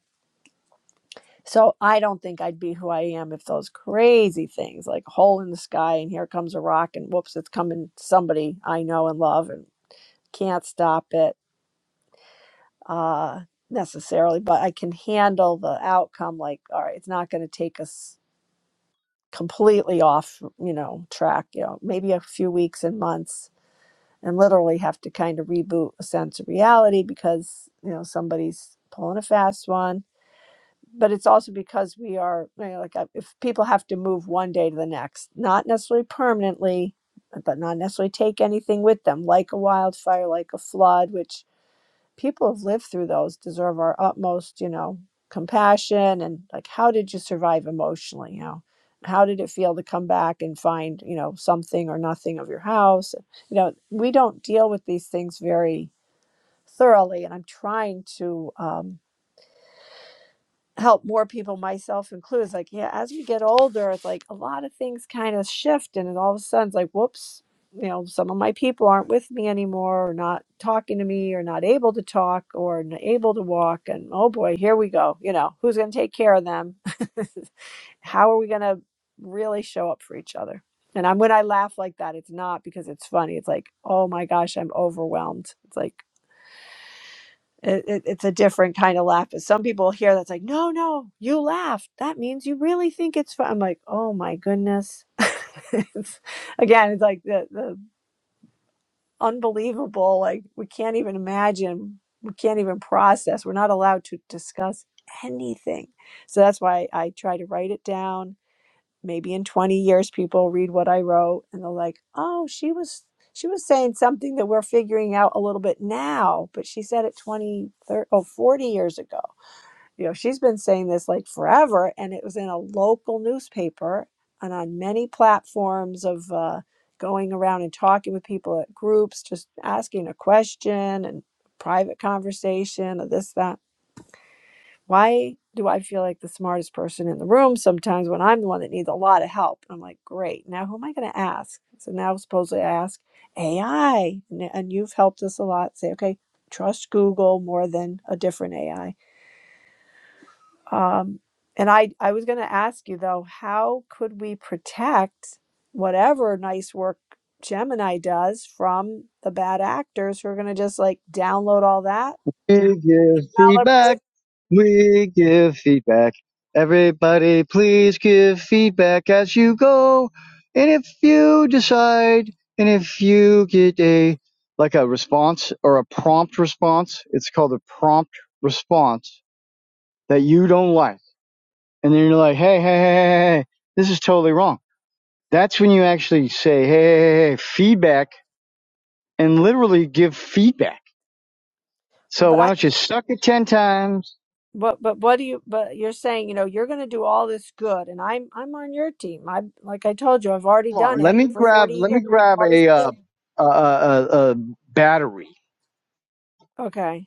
So I don't think I'd be who I am if those crazy things like hole in the sky and here comes a rock and whoops, it's coming somebody I know and love and can't stop it uh, necessarily, but I can handle the outcome. Like, all right, it's not going to take us completely off, you know, track. You know, maybe a few weeks and months, and literally have to kind of reboot a sense of reality because you know somebody's pulling a fast one. But it's also because we are you know, like I- if people have to move one day to the next, not necessarily permanently, but not necessarily take anything with them, like a wildfire, like a flood, which people who've lived through those deserve our utmost, you know, compassion and like how did you survive emotionally? You know, how did it feel to come back and find, you know, something or nothing of your house? You know, we don't deal with these things very thoroughly and I'm trying to um help more people, myself included. It's like, yeah, as we get older, it's like a lot of things kind of shift, and it all of a sudden, it's like, whoops, you know, some of my people aren't with me anymore, or not talking to me, or not able to talk, or not able to walk, and oh boy, here we go. You know, who's going to take care of them? How are we going to really show up for each other? And I'm when I laugh like that, it's not because it's funny. It's like, oh my gosh, I'm overwhelmed. It's like it, it, it's a different kind of laugh. But some people hear that's like, no, no, you laughed. That means you really think it's fun. I'm like, oh my goodness. it's, again, it's like the, the unbelievable. Like we can't even imagine. We can't even process. We're not allowed to discuss anything. So that's why I try to write it down maybe in 20 years people read what i wrote and they're like oh she was she was saying something that we're figuring out a little bit now but she said it 20 30, oh 40 years ago you know she's been saying this like forever and it was in a local newspaper and on many platforms of uh, going around and talking with people at groups just asking a question and private conversation or this that why do I feel like the smartest person in the room sometimes when I'm the one that needs a lot of help? I'm like, great. Now who am I going to ask? So now supposedly I ask AI, and you've helped us a lot. Say, okay, trust Google more than a different AI. Um, and I, I was going to ask you though, how could we protect whatever nice work Gemini does from the bad actors who are going to just like download all that,
We give feedback.
calibrate?
We give feedback. Everybody, please give feedback as you go. And if you decide, and if you get a like a response or a prompt response, it's called a prompt response that you don't like, and then you're like, hey, hey, hey, hey, hey, hey, this is totally wrong. That's when you actually say, hey, hey, hey, hey, feedback, and literally give feedback.
But,
So
but I
why don't you suck it ten times?
But but what do you but you're saying, you know, you're going to do all this good and I'm I'm on your team. I like I told you, I've already
Hold on.
done
Let
it
me
for
grab.
40
Let me
years.
grab
All this
a uh,
good.
a, a, a battery
Okay.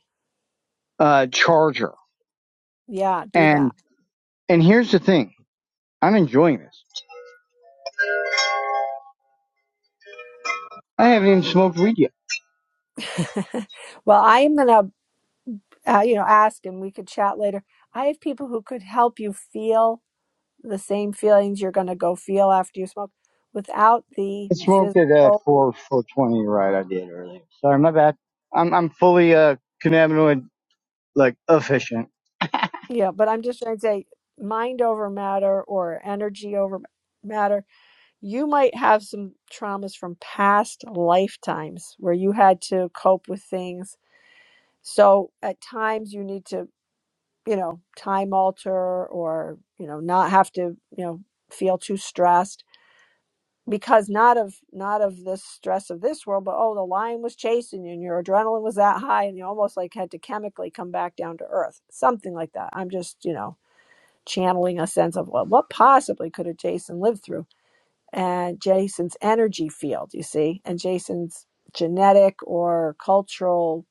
uh, charger.
Yeah, do
And
that.
and here's the thing. I'm enjoying this. I haven't even smoked weed yet.
Well, I am going to uh, you know, ask and we could chat later. I have people who could help you feel the same feelings you're going to go feel after you smoke without the
I smoked at uh,
physical.
four four twenty right. I did earlier. Sorry, my bad. I'm I'm fully uh cannabinoid like efficient.
Yeah, but I'm just trying to say mind over matter or energy over matter you might have some traumas from past lifetimes where you had to cope with things. So at times you need to, you know, time alter or, you know, not have to, you know, feel too stressed because not of not of the stress of this world, but oh, the lion was chasing you and your adrenaline was that high and you almost like had to chemically come back down to earth. Something like that. I'm just, you know, channeling a sense of well, what possibly could a Jason live through? and Jason's energy field, you see, and Jason's genetic or cultural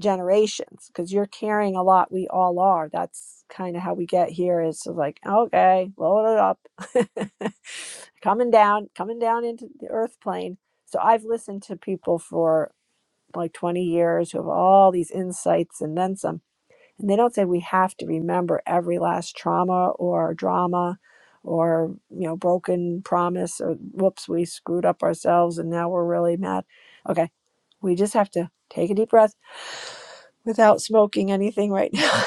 generations, because you're carrying a lot. We all are. That's kind of how we get here is to like, okay, load it up, coming down, coming down into the earth plane. So I've listened to people for like 20 years who have all these insights and then some and they don't say we have to remember every last trauma or drama or, you know, broken promise or whoops, we screwed up ourselves and now we're really mad. Okay, we just have to take a deep breath without smoking anything right now.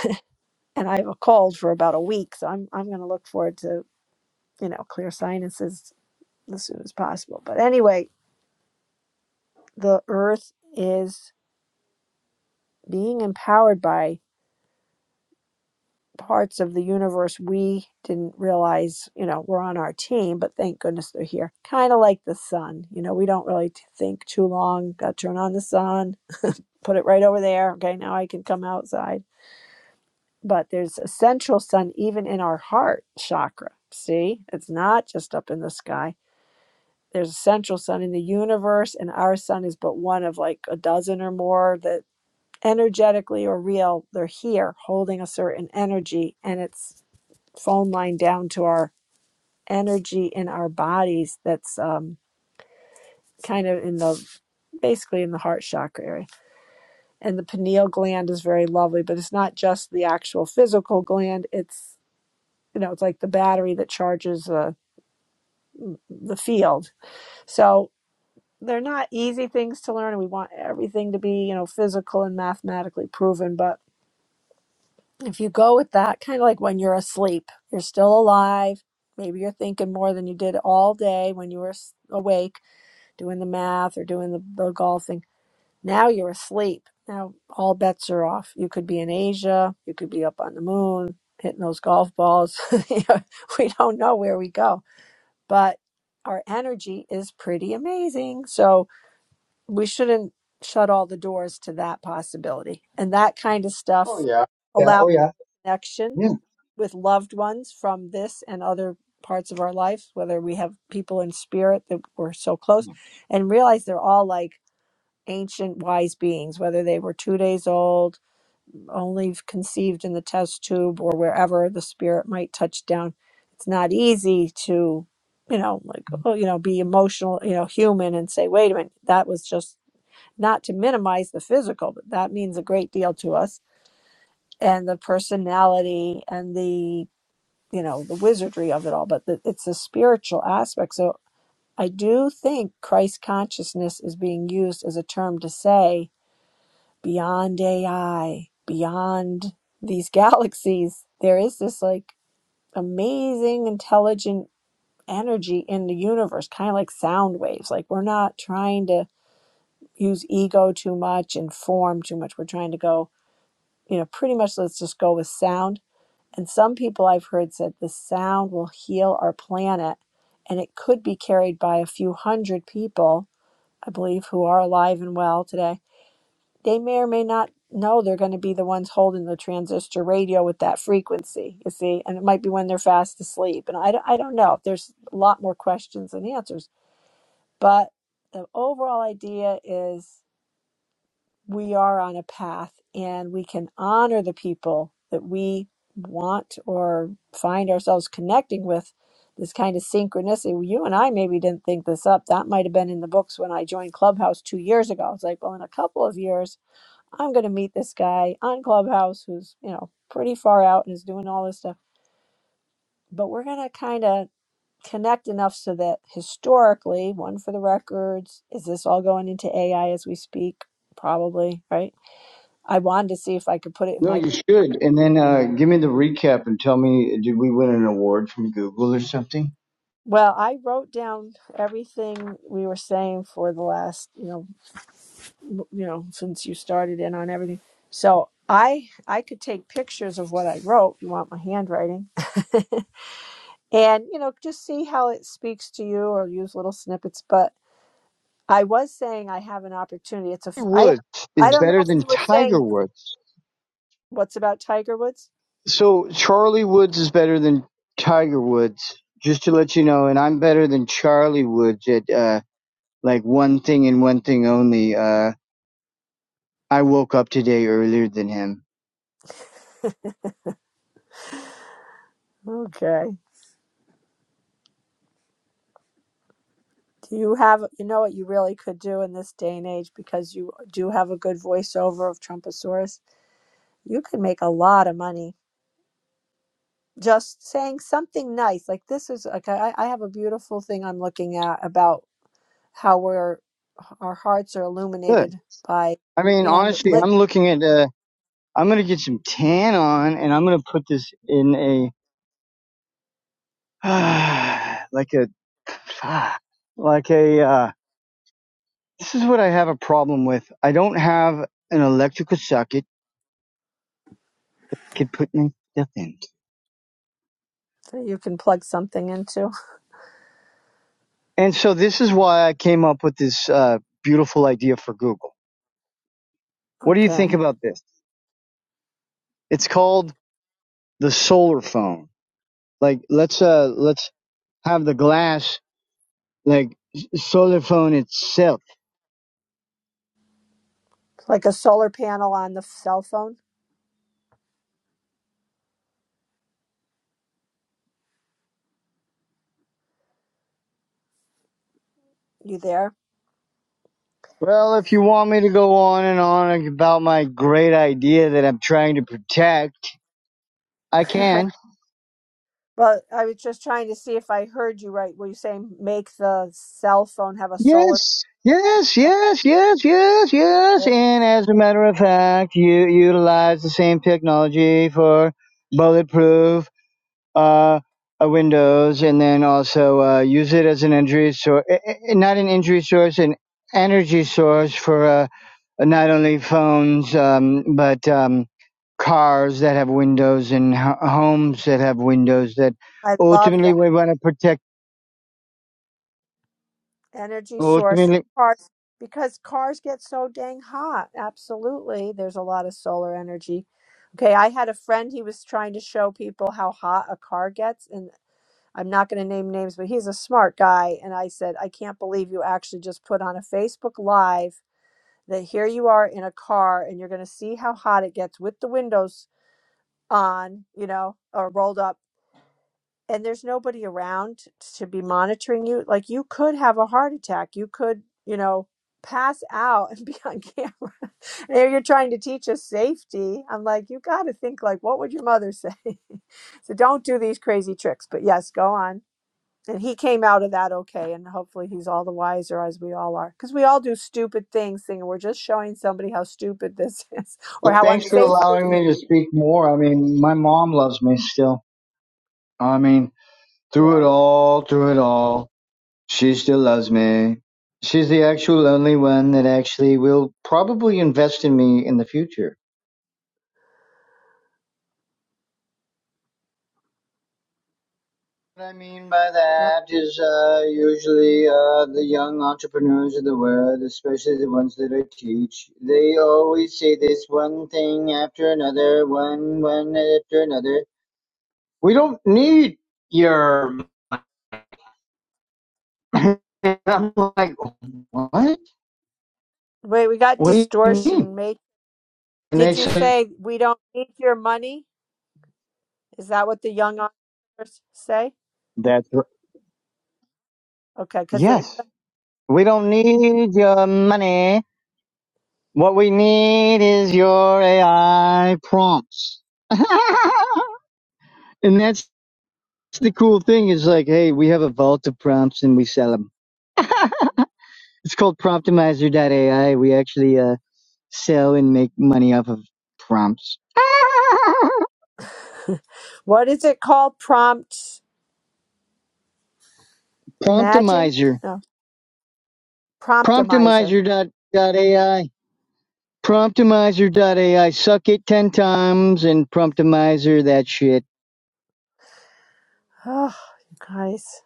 and I have a cold for about a week, so I'm I'm gonna look forward to, you know, clear sinuses as soon as possible. But anyway, the earth is being empowered by parts of the universe we didn't realize, you know, were on our team, but thank goodness they're here. Kind of like the sun, you know, we don't really t- think too long. Got to turn on the sun, put it right over there. Okay, now I can come outside. But there's a central sun even in our heart chakra. See, it's not just up in the sky. There's a central sun in the universe, and our sun is but one of like a dozen or more that energetically or real, they're here holding a certain energy and it's phone line down to our energy in our bodies that's um, kind of in the basically in the heart chakra area. And the pineal gland is very lovely, but it's not just the actual physical gland. It's you know it's like the battery that charges the the field. So they're not easy things to learn, and we want everything to be you know physical and mathematically proven. But if you go with that, kind of like when you're asleep, you're still alive. Maybe you're thinking more than you did all day when you were s- awake doing the math or doing the, the golfing. Now you're asleep. Now all bets are off. You could be in Asia. You could be up on the moon hitting those golf balls. You know, we don't know where we go, but our energy is pretty amazing. So we shouldn't shut all the doors to that possibility. And that kind of
Oh
stuff
yeah. Yeah.
allows
Oh yeah.
connection
Yeah.
with loved ones from this and other parts of our life, whether we have people in spirit that we're so close and realize they're all like, ancient wise beings, whether they were two days old, only conceived in the test tube, or wherever the spirit might touch down. It's not easy to, you know, like, oh, you know, be emotional, you know, human and say, wait a minute, that was just not to minimize the physical, but that means a great deal to us. And the personality and the, you know, the wizardry of it all, but the, it's the spiritual aspect. So I do think Christ consciousness is being used as a term to say beyond AI, beyond these galaxies, there is this like amazing intelligent energy in the universe, kind of like sound waves. Like we're not trying to use ego too much and form too much. We're trying to go, you know, pretty much let's just go with sound. And some people I've heard said the sound will heal our planet and it could be carried by a few hundred people, I believe, who are alive and well today they may or may not know they're going to be the ones holding the transistor radio with that frequency, you see, and it might be when they're fast asleep. And I, I don't know. There's a lot more questions than answers. But the overall idea is we are on a path and we can honor the people that we want or find ourselves connecting with this kind of synchronicity. Well, You and I maybe didn't think this up. That might have been in the books when I joined Clubhouse two years ago. It's like, well, in a couple of years, I'm going to meet this guy on Clubhouse who's, you know, pretty far out and is doing all this stuff. But we're going to kind of connect enough so that historically, one for the records, is this all going into AI as we speak? Probably, right? I wanted to see if I could put it in
No,
my.
you should. And then uh, give me the recap and tell me, did we win an award from Google or something?
Well, I wrote down everything we were saying for the last, you know, m- you know, since you started in on everything. So I I could take pictures of what I wrote. If You want my handwriting? and you know just see how it speaks to you or use little snippets but i was saying i have an opportunity it's a f- i don't
Woods
i
is
don't
better
know if
than
you were
Tiger
saying
Woods.
what's about tiger woods
So Charlie Woods is better than Tiger Woods, just to let you know, and I'm better than Charlie Woods at uh like one thing and one thing only. Uh I woke up today earlier than him.
okay do you have you know what you really could do in this day and age because you do have a good voiceover of trumposaurus you could make a lot of money just saying something nice like this is like i, I have a beautiful thing i'm looking at about how we're our hearts are
Good.
illuminated by
I mean,
and
honestly, I'm looking at uh I'm going to get some tan on and I'm going to put this in a like a fuck, like a uh this is what I have a problem with. I don't have an electrical socket I could put my stuff in.
that you can plug something into.
And so this is why I came up with this uh, beautiful idea for Google. What do you think
Okay.
about this? It's called the solar phone. Like let's uh let's have the glass like solar phone itself.
Like a solar panel on the cell phone. You there?
Well, if you want me to go on and on about my great idea that I'm trying to protect, I can.
well, I was just trying to see if I heard you right. Were you saying make the cell phone have a solar?
Yes. Yes, yes, yes, yes, yes.
panel?
And as a matter of fact, you utilize the same technology for bulletproof uh, uh, windows and then also uh, use it as an injury source, not an injury source, an energy source for uh, not only phones um, but um, cars that have windows and ho- homes that have windows that
I love
ultimately
that
we want to protect.
energy source for
Ultimately,
cars because cars get so dang hot. Absolutely. There's a lot of solar energy. Okay, I had a friend, he was trying to show people how hot a car gets. and I'm not going to name names, but he's a smart guy. And I said, I can't believe you actually just put on a Facebook Live that here you are in a car and you're going to see how hot it gets with the windows on, you know, or rolled up. And there's nobody around to be monitoring you. Like you could have a heart attack. You could, you know, pass out and be on camera. and you're trying to teach us safety. I'm like, you got to think like, what would your mother say? so don't do these crazy tricks. But yes, go on and he came out of that okay and hopefully he's all the wiser as we all are because we all do stupid things thinking we're just showing somebody how stupid this is or how
thanks for
unsafe this
allowing
is
me to speak more. I mean, my mom loves me still. I mean, through it
good
all, through it all. She still loves me. She's the actual only one that actually will probably invest in me in the future. What I mean by
well
that is uh, usually uh, the young entrepreneurs of the world, especially the ones that I teach, they always say this one thing after another, one one after another. We don't need your. And I'm like, what?
wait we got
What do you mean?
distortion mate
And they
did you
say
say we don't need your money is that what the young entrepreneurs say
that's r-
okay because it
yes. We don't need your money. What we need is your AI prompts. and that's the cool thing is like, hey, we have a vault of prompts and we sell them. It's called Promptimizer AI. We actually uh, sell and make money off of prompts.
what is it called prompt imagine
Promptimizer.
no promptimizer
Promptimizer. AI. Promptimizer.ai. AI. Suck it 10 times and promptimizer that shit.
oh you guys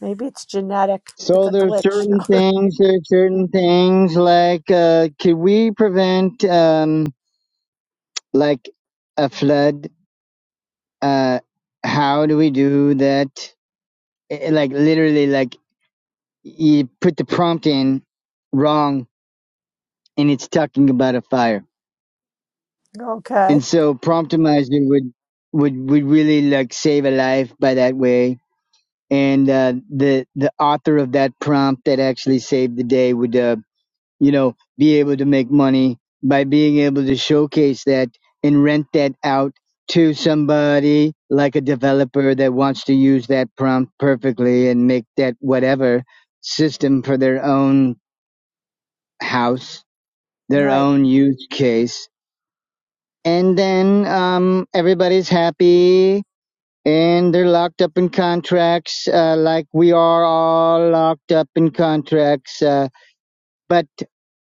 maybe it's genetic it's
So
a
there's
glitch
certain things, there's certain things like uh, could we prevent um, like a flood? Uh, how do we do that? Eh, eh, Like literally, like you put the prompt in wrong, and it's talking about a fire.
no
And
okay
so promptomizer would would would really like save a life by that way. And uh, the the author of that prompt that actually saved the day would. Uh, you know, be able to make money by being able to showcase that and rent that out to somebody like a developer that wants to use that prompt perfectly and make that whatever system for their own house, their
right
own use case. And then um, everybody's happy and they're locked up in contracts uh, like we are all locked up in contracts. Uh, But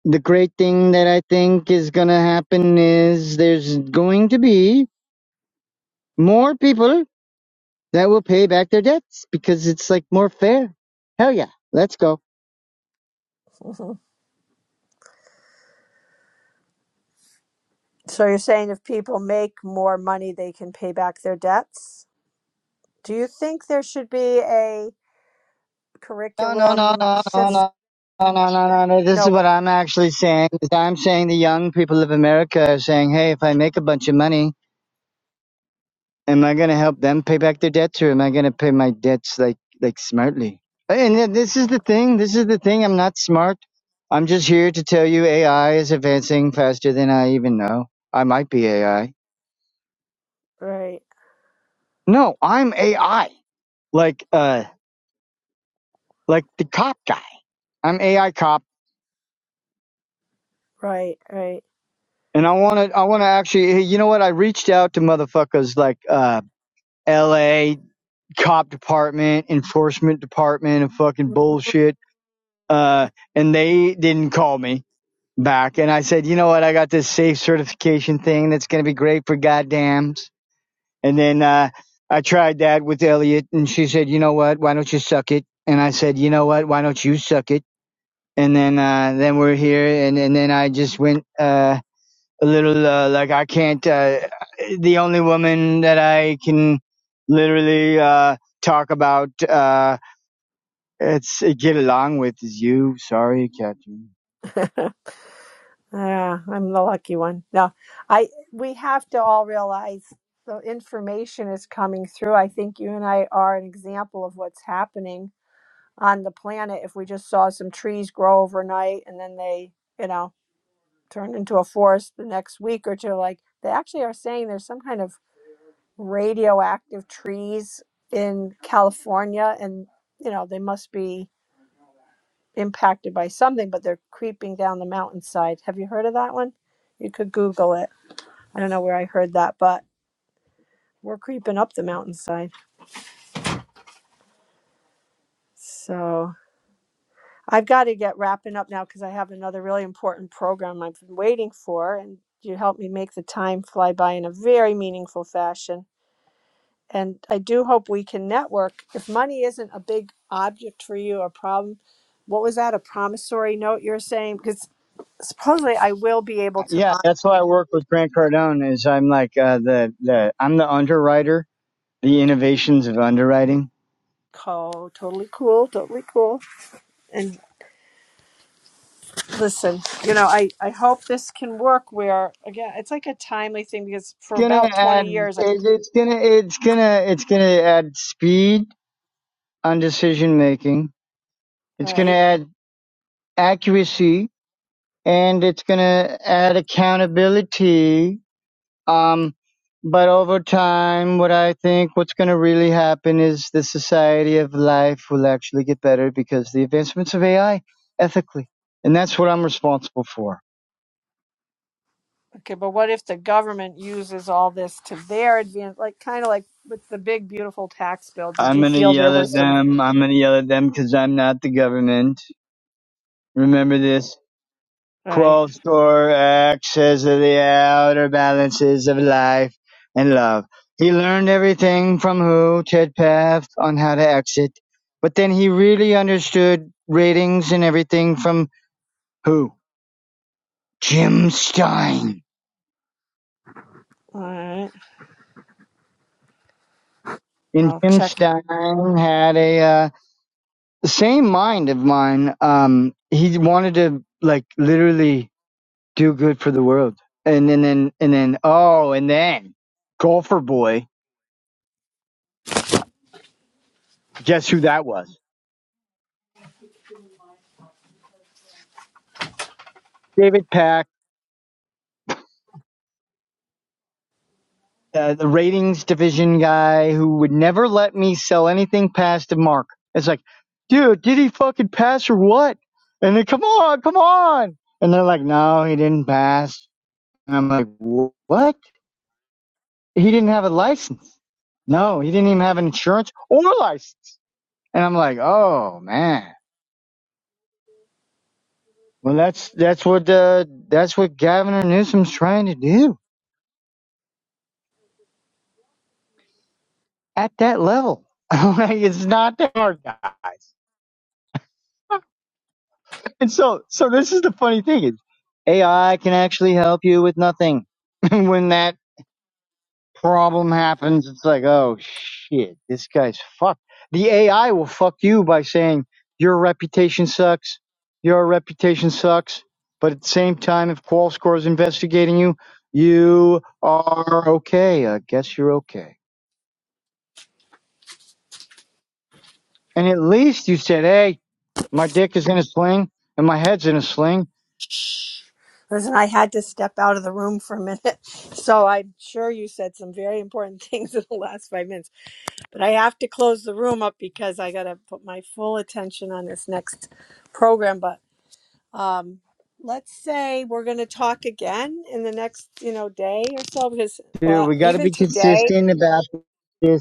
the great thing that I think is going to happen is there's going to be more people that will pay back their debts because it's like more fair. Hell yeah. Let's go.
So you're saying if people make more money, they can pay back their debts? Do you think there should be a
No, no, no,
curriculum
no, no,
shift?
no. No, no, no, no, no. This
No,
is what
what?
I'm actually saying. is I'm saying the young people of America are saying, hey, if I make a bunch of money, am I gonna help them pay back their debts or am I gonna pay my debts like like smartly? Hey, And then this is the thing. This is the thing. I'm not smart. I'm just here to tell you AI is advancing faster than I even know. I might be AI.
Right,
No, I'm AI. Like uh like the cop guy. I'm AI cop
right, right.
and I wanna I wanna actually hey, you know what? I reached out to motherfuckers like uh LA cop department, enforcement department and fucking bullshit. Uh and they didn't call me back and I said, you know what, I got this safe certification thing that's going to be great for goddams. And then uh, I tried that with Elliot and she said, you know what, why don't you suck it? And I said, you know what, why don't you suck it? And then uh, then we're here and, and then I just went uh, a little uh, like I can't, uh, the only woman that I can literally uh, talk about, uh, it's get along with is you. Sorry, Catherine.
yeah, I'm the lucky one. No, I. We have to all realize the information is coming through. I think you and I are an example of what's happening on the planet. If we just saw some trees grow overnight and then they, you know. turned into a forest the next week or two. Like they actually are saying there's some kind of radioactive trees in California, and you know they must be impacted by something, but they're creeping down the mountainside. Have you heard of that one? You could Google it. I don't know where I heard that, but we're creeping up the mountainside. So I've got to get wrapping up now because I have another really important program I've been waiting for, and you helped me make the time fly by in a very meaningful fashion. and I do hope we can network. If money isn't a big object for you or problem, what was that? A promissory note you're saying? Because supposedly I will be able to
Yeah, that's why I work with Grant Cardone. Is I'm like uh, the the I'm the underwriter. The innovations of underwriting.
Monaco. Totally cool. Totally cool. And listen, you know, I, I hope this can work where, again, it's like a timely thing because
It's
for
gonna
about
add.
20
it-
years, I,
It's gonna. It's gonna. It's gonna add speed on decision making. It's gonna
right?
add accuracy, and it's gonna add accountability Um, but over time, what I think what's going to really happen is the society of life will actually get better because the advancements of AI ethically, and that's what I'm responsible for.
Okay, but what if the government uses all this to their advantage? Like, kind of like with the big, beautiful tax bill. Did
I'm
you
going to
feel there
yell at
was some?
them. I'm going to yell at them because I'm not the government. Remember this.
All right.
Quothor acts as the outer balances of life and love. He learned everything from Hu Tedpath on how to exit, but then he really understood ratings and everything from who? Jim Stein.
All right.
And
I'll
Jim
check
Stein had a uh, the same mind of mine. Um, he wanted to like literally do good for the world, and then and then and then oh, and then golfer boy. Guess who that was? David Pack, uh, the ratings division guy who would never let me sell anything past the mark. It's like, dude, did he fucking pass or what? And they come on, come on. And they're like, no, he didn't pass. And I'm like, what? He didn't have a license. No, he didn't even have an insurance or a license. And I'm like, oh man. Well, that's that's what uh, that's what Gavin Newsom's trying to do at that level. like, it's not that hard, guys. And so, so this is the funny thing is AI can actually help you with nothing. And when that problem happens, it's like, oh shit, this guy's fucked. The AI will fuck you by saying your reputation sucks, your reputation sucks. But at the same time, if QualScore is investigating you, you are okay. I guess you're okay. And at least you said, hey, my dick is in a sling and my head's in a sling.
Listen, I had to step out of the room for a minute. So I'm sure you said some very important things in the last five minutes, but I have to close the room up because I got to put my full attention on this next program. But um, let's say we're going to talk again in the next, you know, day or so, because
Dude,
well,
we got to
even
be
today,
consistent about this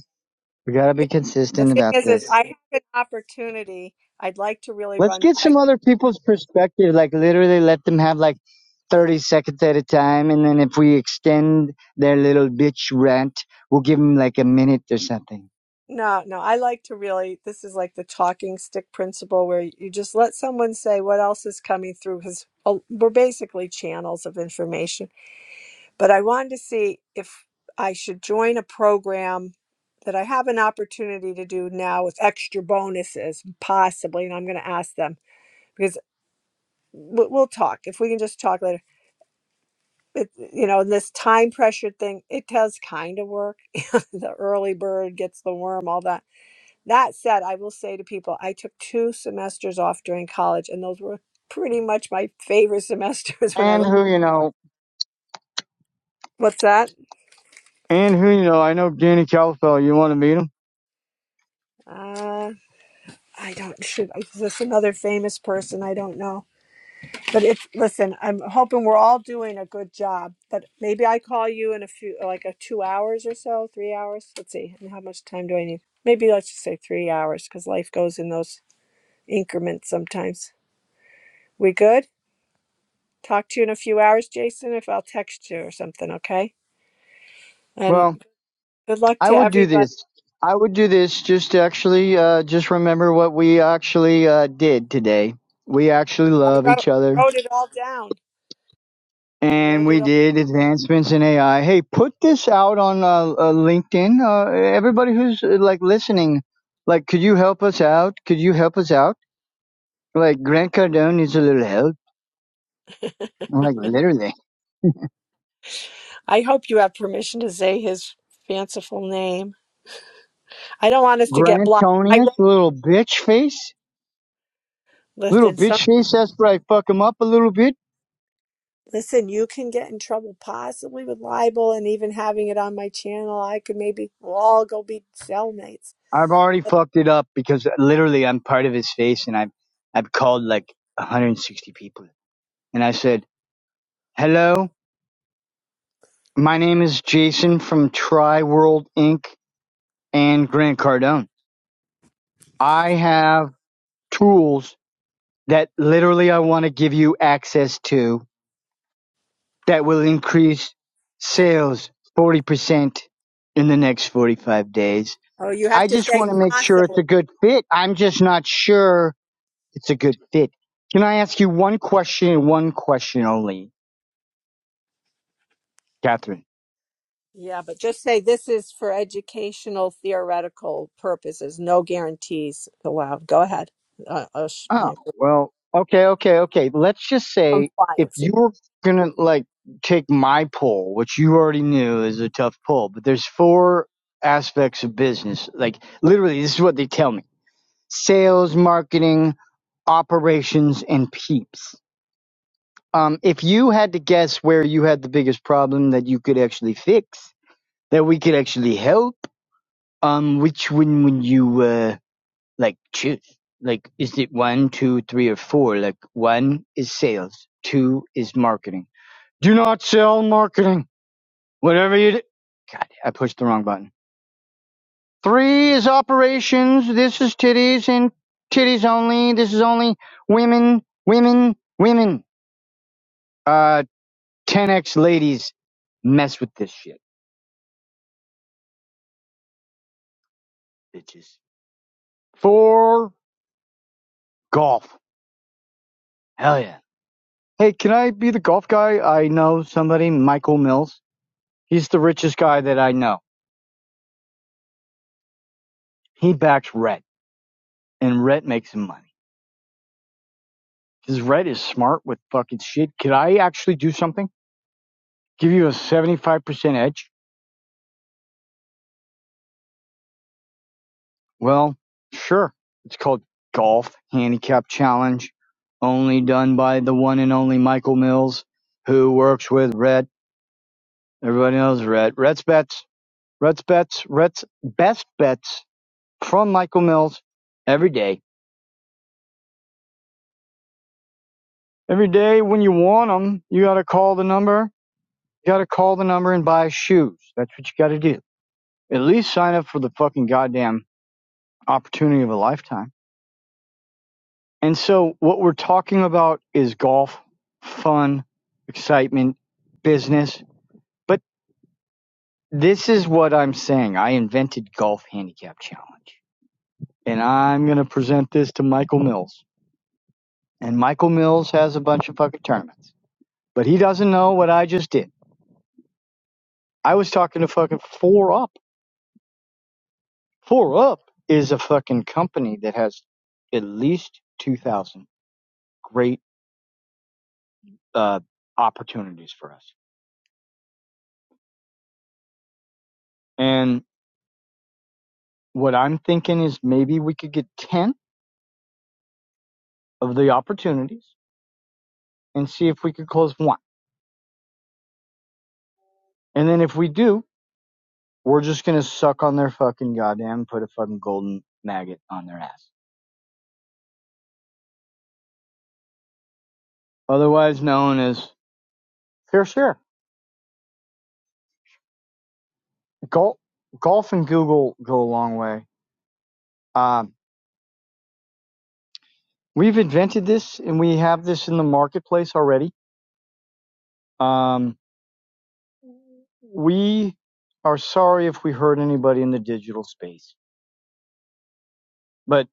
We gotta be
the
consistent
thing
about
is, is
this.
I have an opportunity. I'd like to really
Let's
run.
get
I
some other people's perspective. Like literally, let them have like thirty seconds at a time, and then if we extend their little bitch rant, we'll give them like a minute or something.
No, no, I like to really, this is like the talking stick principle where you just let someone say what else is coming through because we're basically channels of information. But I wanted to see if I should join a program that I have an opportunity to do now with extra bonuses, possibly. And I'm going to ask them because we- we'll talk if we can just talk later. It, you know, and this time pressure thing, it does kind of work. the early bird gets the worm, all that That said, I will say to people, I took two semesters off during college, and those were pretty much my favorite semesters. When I
And
look,
who you know?
what's that?
And who you know? I know Danny Calfell. You want to meet him?
Uh, I don't shoot. Is this another famous person? I don't know. But it's listen. I'm hoping we're all doing a good job. But maybe I call you in a few, like a two hours or so, three hours. Let's see. how much time do I need? Maybe let's just say three hours, because life goes in those increments sometimes. We good? Talk to you in a few hours, Jason. If I'll text you or something, okay? And
Well,
good luck
I
to
would do
everybody.
this. I would do this just to actually uh, just remember what we actually uh, did today. We actually
I
love
wrote,
each other
wrote it all down. I
and
wrote
we
it all.
did advancements in AI. Hey, put this out on uh, uh, LinkedIn. Uh, everybody who's uh, like listening, like, could you help us out? Could you help us out? Like, Grant Cardone needs a little help. Like, literally.
I hope you have permission to say his fanciful name. I don't want us to get
Grant
blocked. I
Tonius,
wrote,
little bitch face. Little
listen, some,
bitch face. That's where I fuck him up a little bit.
listen, you can get in trouble possibly with libel and even having it on my channel. I could maybe, we'll all go be cellmates.
I've already fucked it up because uh, literally I'm part of his face and I've, I've called like 160 people. And I said, hello, my name is Jason from Tri World Inc. and Grant Cardone. I have tools that literally I want to give you access to that will increase sales 40% in the next 45 days.
Oh, you have
I
to
just
say
want to make sure
possibly.
it's a good fit. I'm just not sure it's a good fit. Can I ask you one question and one question only, Catherine?
Yeah, but just say this is for educational theoretical purposes. No guarantees allowed. Go ahead. Uh, uh, sh-
Oh,
yeah,
well, okay, okay, okay. Let's just say if
compliance.
you were gonna like take my poll, which you already knew is a tough poll, but there's four aspects of business. Like literally, this is what they tell me: sales, marketing, operations, and peeps. Um, if you had to guess where you had the biggest problem that you could actually fix, that we could actually help, um, which one would you? uh? like choose like is it one two three or four like one is sales two is marketing do not sell marketing whatever you do god i pushed the wrong button three is operations this is titties and titties only this is only women women women uh 10x ladies mess with this shit bitches four golf hell yeah hey can i be the golf guy i know somebody michael mills He's the richest guy that I know. He backs Rhett, and Rhett makes him money. Because Rhett is smart with fucking shit. Could I actually do something? Give you a 75% edge? Well, sure. It's called Golf Handicap Challenge, only done by the one and only Michael Mills, who works with Rhett. Everybody knows Rhett. Rhett's bets, Rhett's bets, Rhett's best bets from Michael Mills every day. Every day when you want 'em, you gotta call the number You gotta call the number and buy shoes. That's what you gotta do. At least sign up for the fucking goddamn opportunity of a lifetime. And so what we're talking about is golf, fun, excitement, business. But this is what I'm saying. I invented Golf Handicap Challenge. And I'm gonna present this to Michael Mills. And Michael Mills has a bunch of fucking tournaments. But he doesn't know what I just did. I was talking to fucking four up. Four Up is a fucking company that has at least 2,000 great uh, opportunities for us. And what I'm thinking is maybe we could get 10 of the opportunities and see if we could close one. And then if we do, we're just going to suck on their fucking goddamn, put a fucking golden maggot on their ass. Otherwise known as fair share. Golf, golf and Google go a long way. Um, we've invented this and we have this in the marketplace already. Um, We are sorry if we hurt anybody in the digital space, but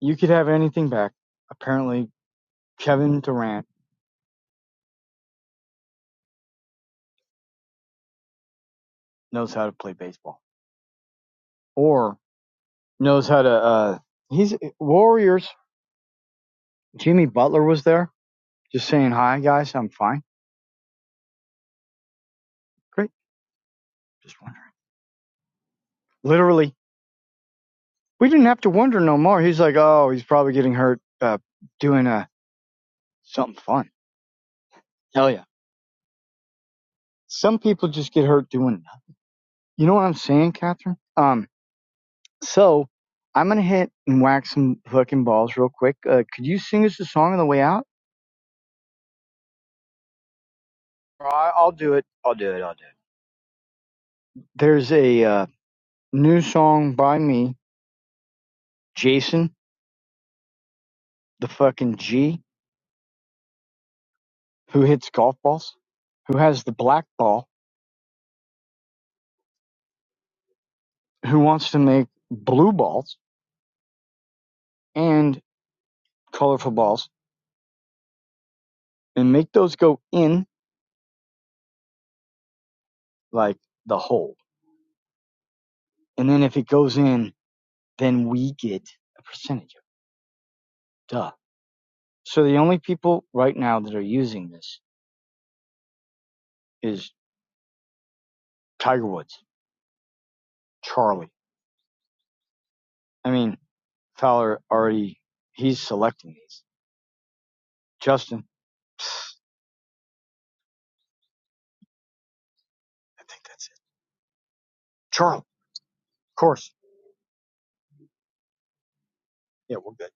you could have anything back. Apparently, Kevin Durant knows how to play baseball or knows how to. Uh, he's Warriors. Jimmy Butler was there just saying, Hi, guys, I'm fine. Great. Just wondering. Literally, we didn't have to wonder no more. He's like, Oh, he's probably getting hurt uh, doing uh, something fun. Hell yeah. Some people just get hurt doing nothing. You know what I'm saying, Catherine? Um. So I'm gonna hit and whack some fucking balls real quick. Uh, could you sing us a song on the way out? I- I'll do it. I'll do it. I'll do it. There's a uh, new song by me, Jason, the fucking G, who hits golf balls, who has the black ball, who wants to make blue balls and colorful balls, and make those go in like the hole. And then if it goes in, then we get a percentage of it. duh. So the only people right now that are using this is. Tiger Woods, Charlie. I mean, Fowler already, he's selecting these. Justin, I think that's it. Charlie, of course. Yeah, we're good.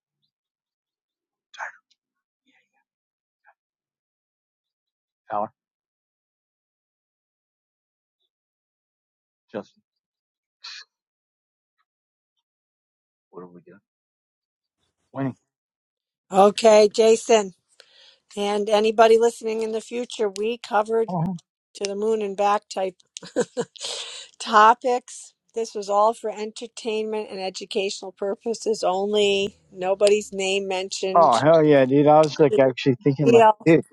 Fowler, Justin, what are we doing? Winning.
Okay, Jason, and anybody listening in the future, we covered
Oh,
to the moon and back type topics. This was all for entertainment and educational purposes only. Nobody's name
oh,
mentioned.
hell yeah, dude. I was like actually thinking, like,
Real
dude,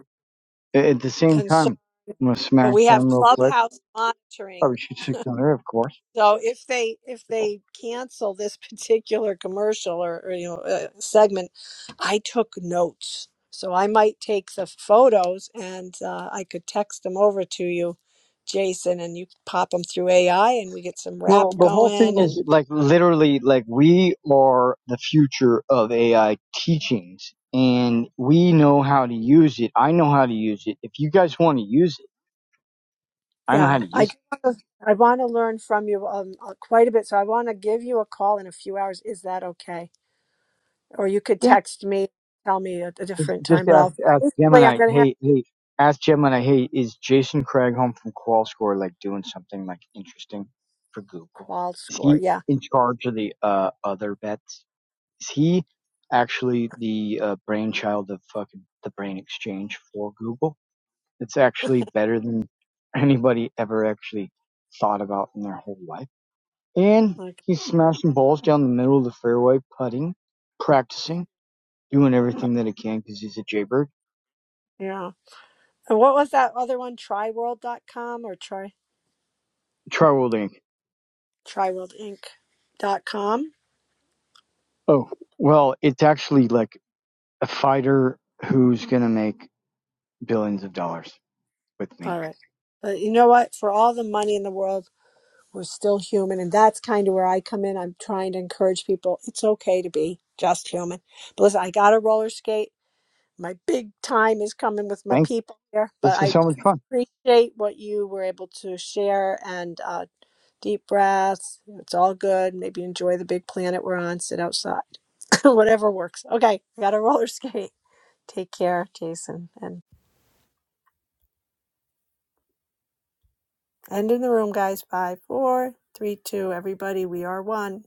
at the same
concern,
time, I'm going to
but
smack
we have
them real quick.
clubhouse monitoring
Probably shoot six under, of course.
So if they if
Pickle.
they cancel this particular commercial or, or you know uh, segment, I took notes, so I might take the photos and uh, I could text them over to you, Jason, and you pop them through AI, and we get some
Well,
rap
the whole thing
going.
is
And
like literally like we are the future of AI teachings and we know how to use it. I know how to use it. If you guys want to use it, I know
yeah,
how to
I
use
do wanna- I want to learn from you um, uh, quite a bit, so I want to give you a call in a few hours. Is that okay? Or you could
it. Yeah.
text me, tell me a, a different
Just
time, but
ask,
I'll.
ask
I'm
Gemini,
going to have
hey, hey, ask Gemini, hey, is Jason Craig home from Qual Score like doing something like interesting for Google?
qual
Is
score.
he
Yeah.
in charge of the uh, other bets? Is he actually the uh, brainchild of fucking the brain exchange for Google? It's actually better than anybody ever actually thought about in their whole life. And
like
he's smashing balls down the middle of the fairway, putting, practicing, doing
uh,
everything that he can because he's a Jaybird.
Yeah. And what was that other one? Triworld.com or try
Try World Inc.
triworldinc.com?
Oh, well, it's actually like a fighter who's going to make billions of dollars with me.
All right. But you know what? For all the money in the world, we're still human. And that's kind of where I come in. I'm trying to encourage people it's okay to be just human. But listen, I got to roller skate. My big time is coming with my
Thanks.
people here. But
This is
I
so much fun.
appreciate what you were able to share and uh, deep breaths. It's all good. Maybe enjoy the big planet we're on, sit outside, whatever works. Okay, got to roller skate. Take care, Jason. And end in the room, guys. Five, four, three, two. Everybody, we are one.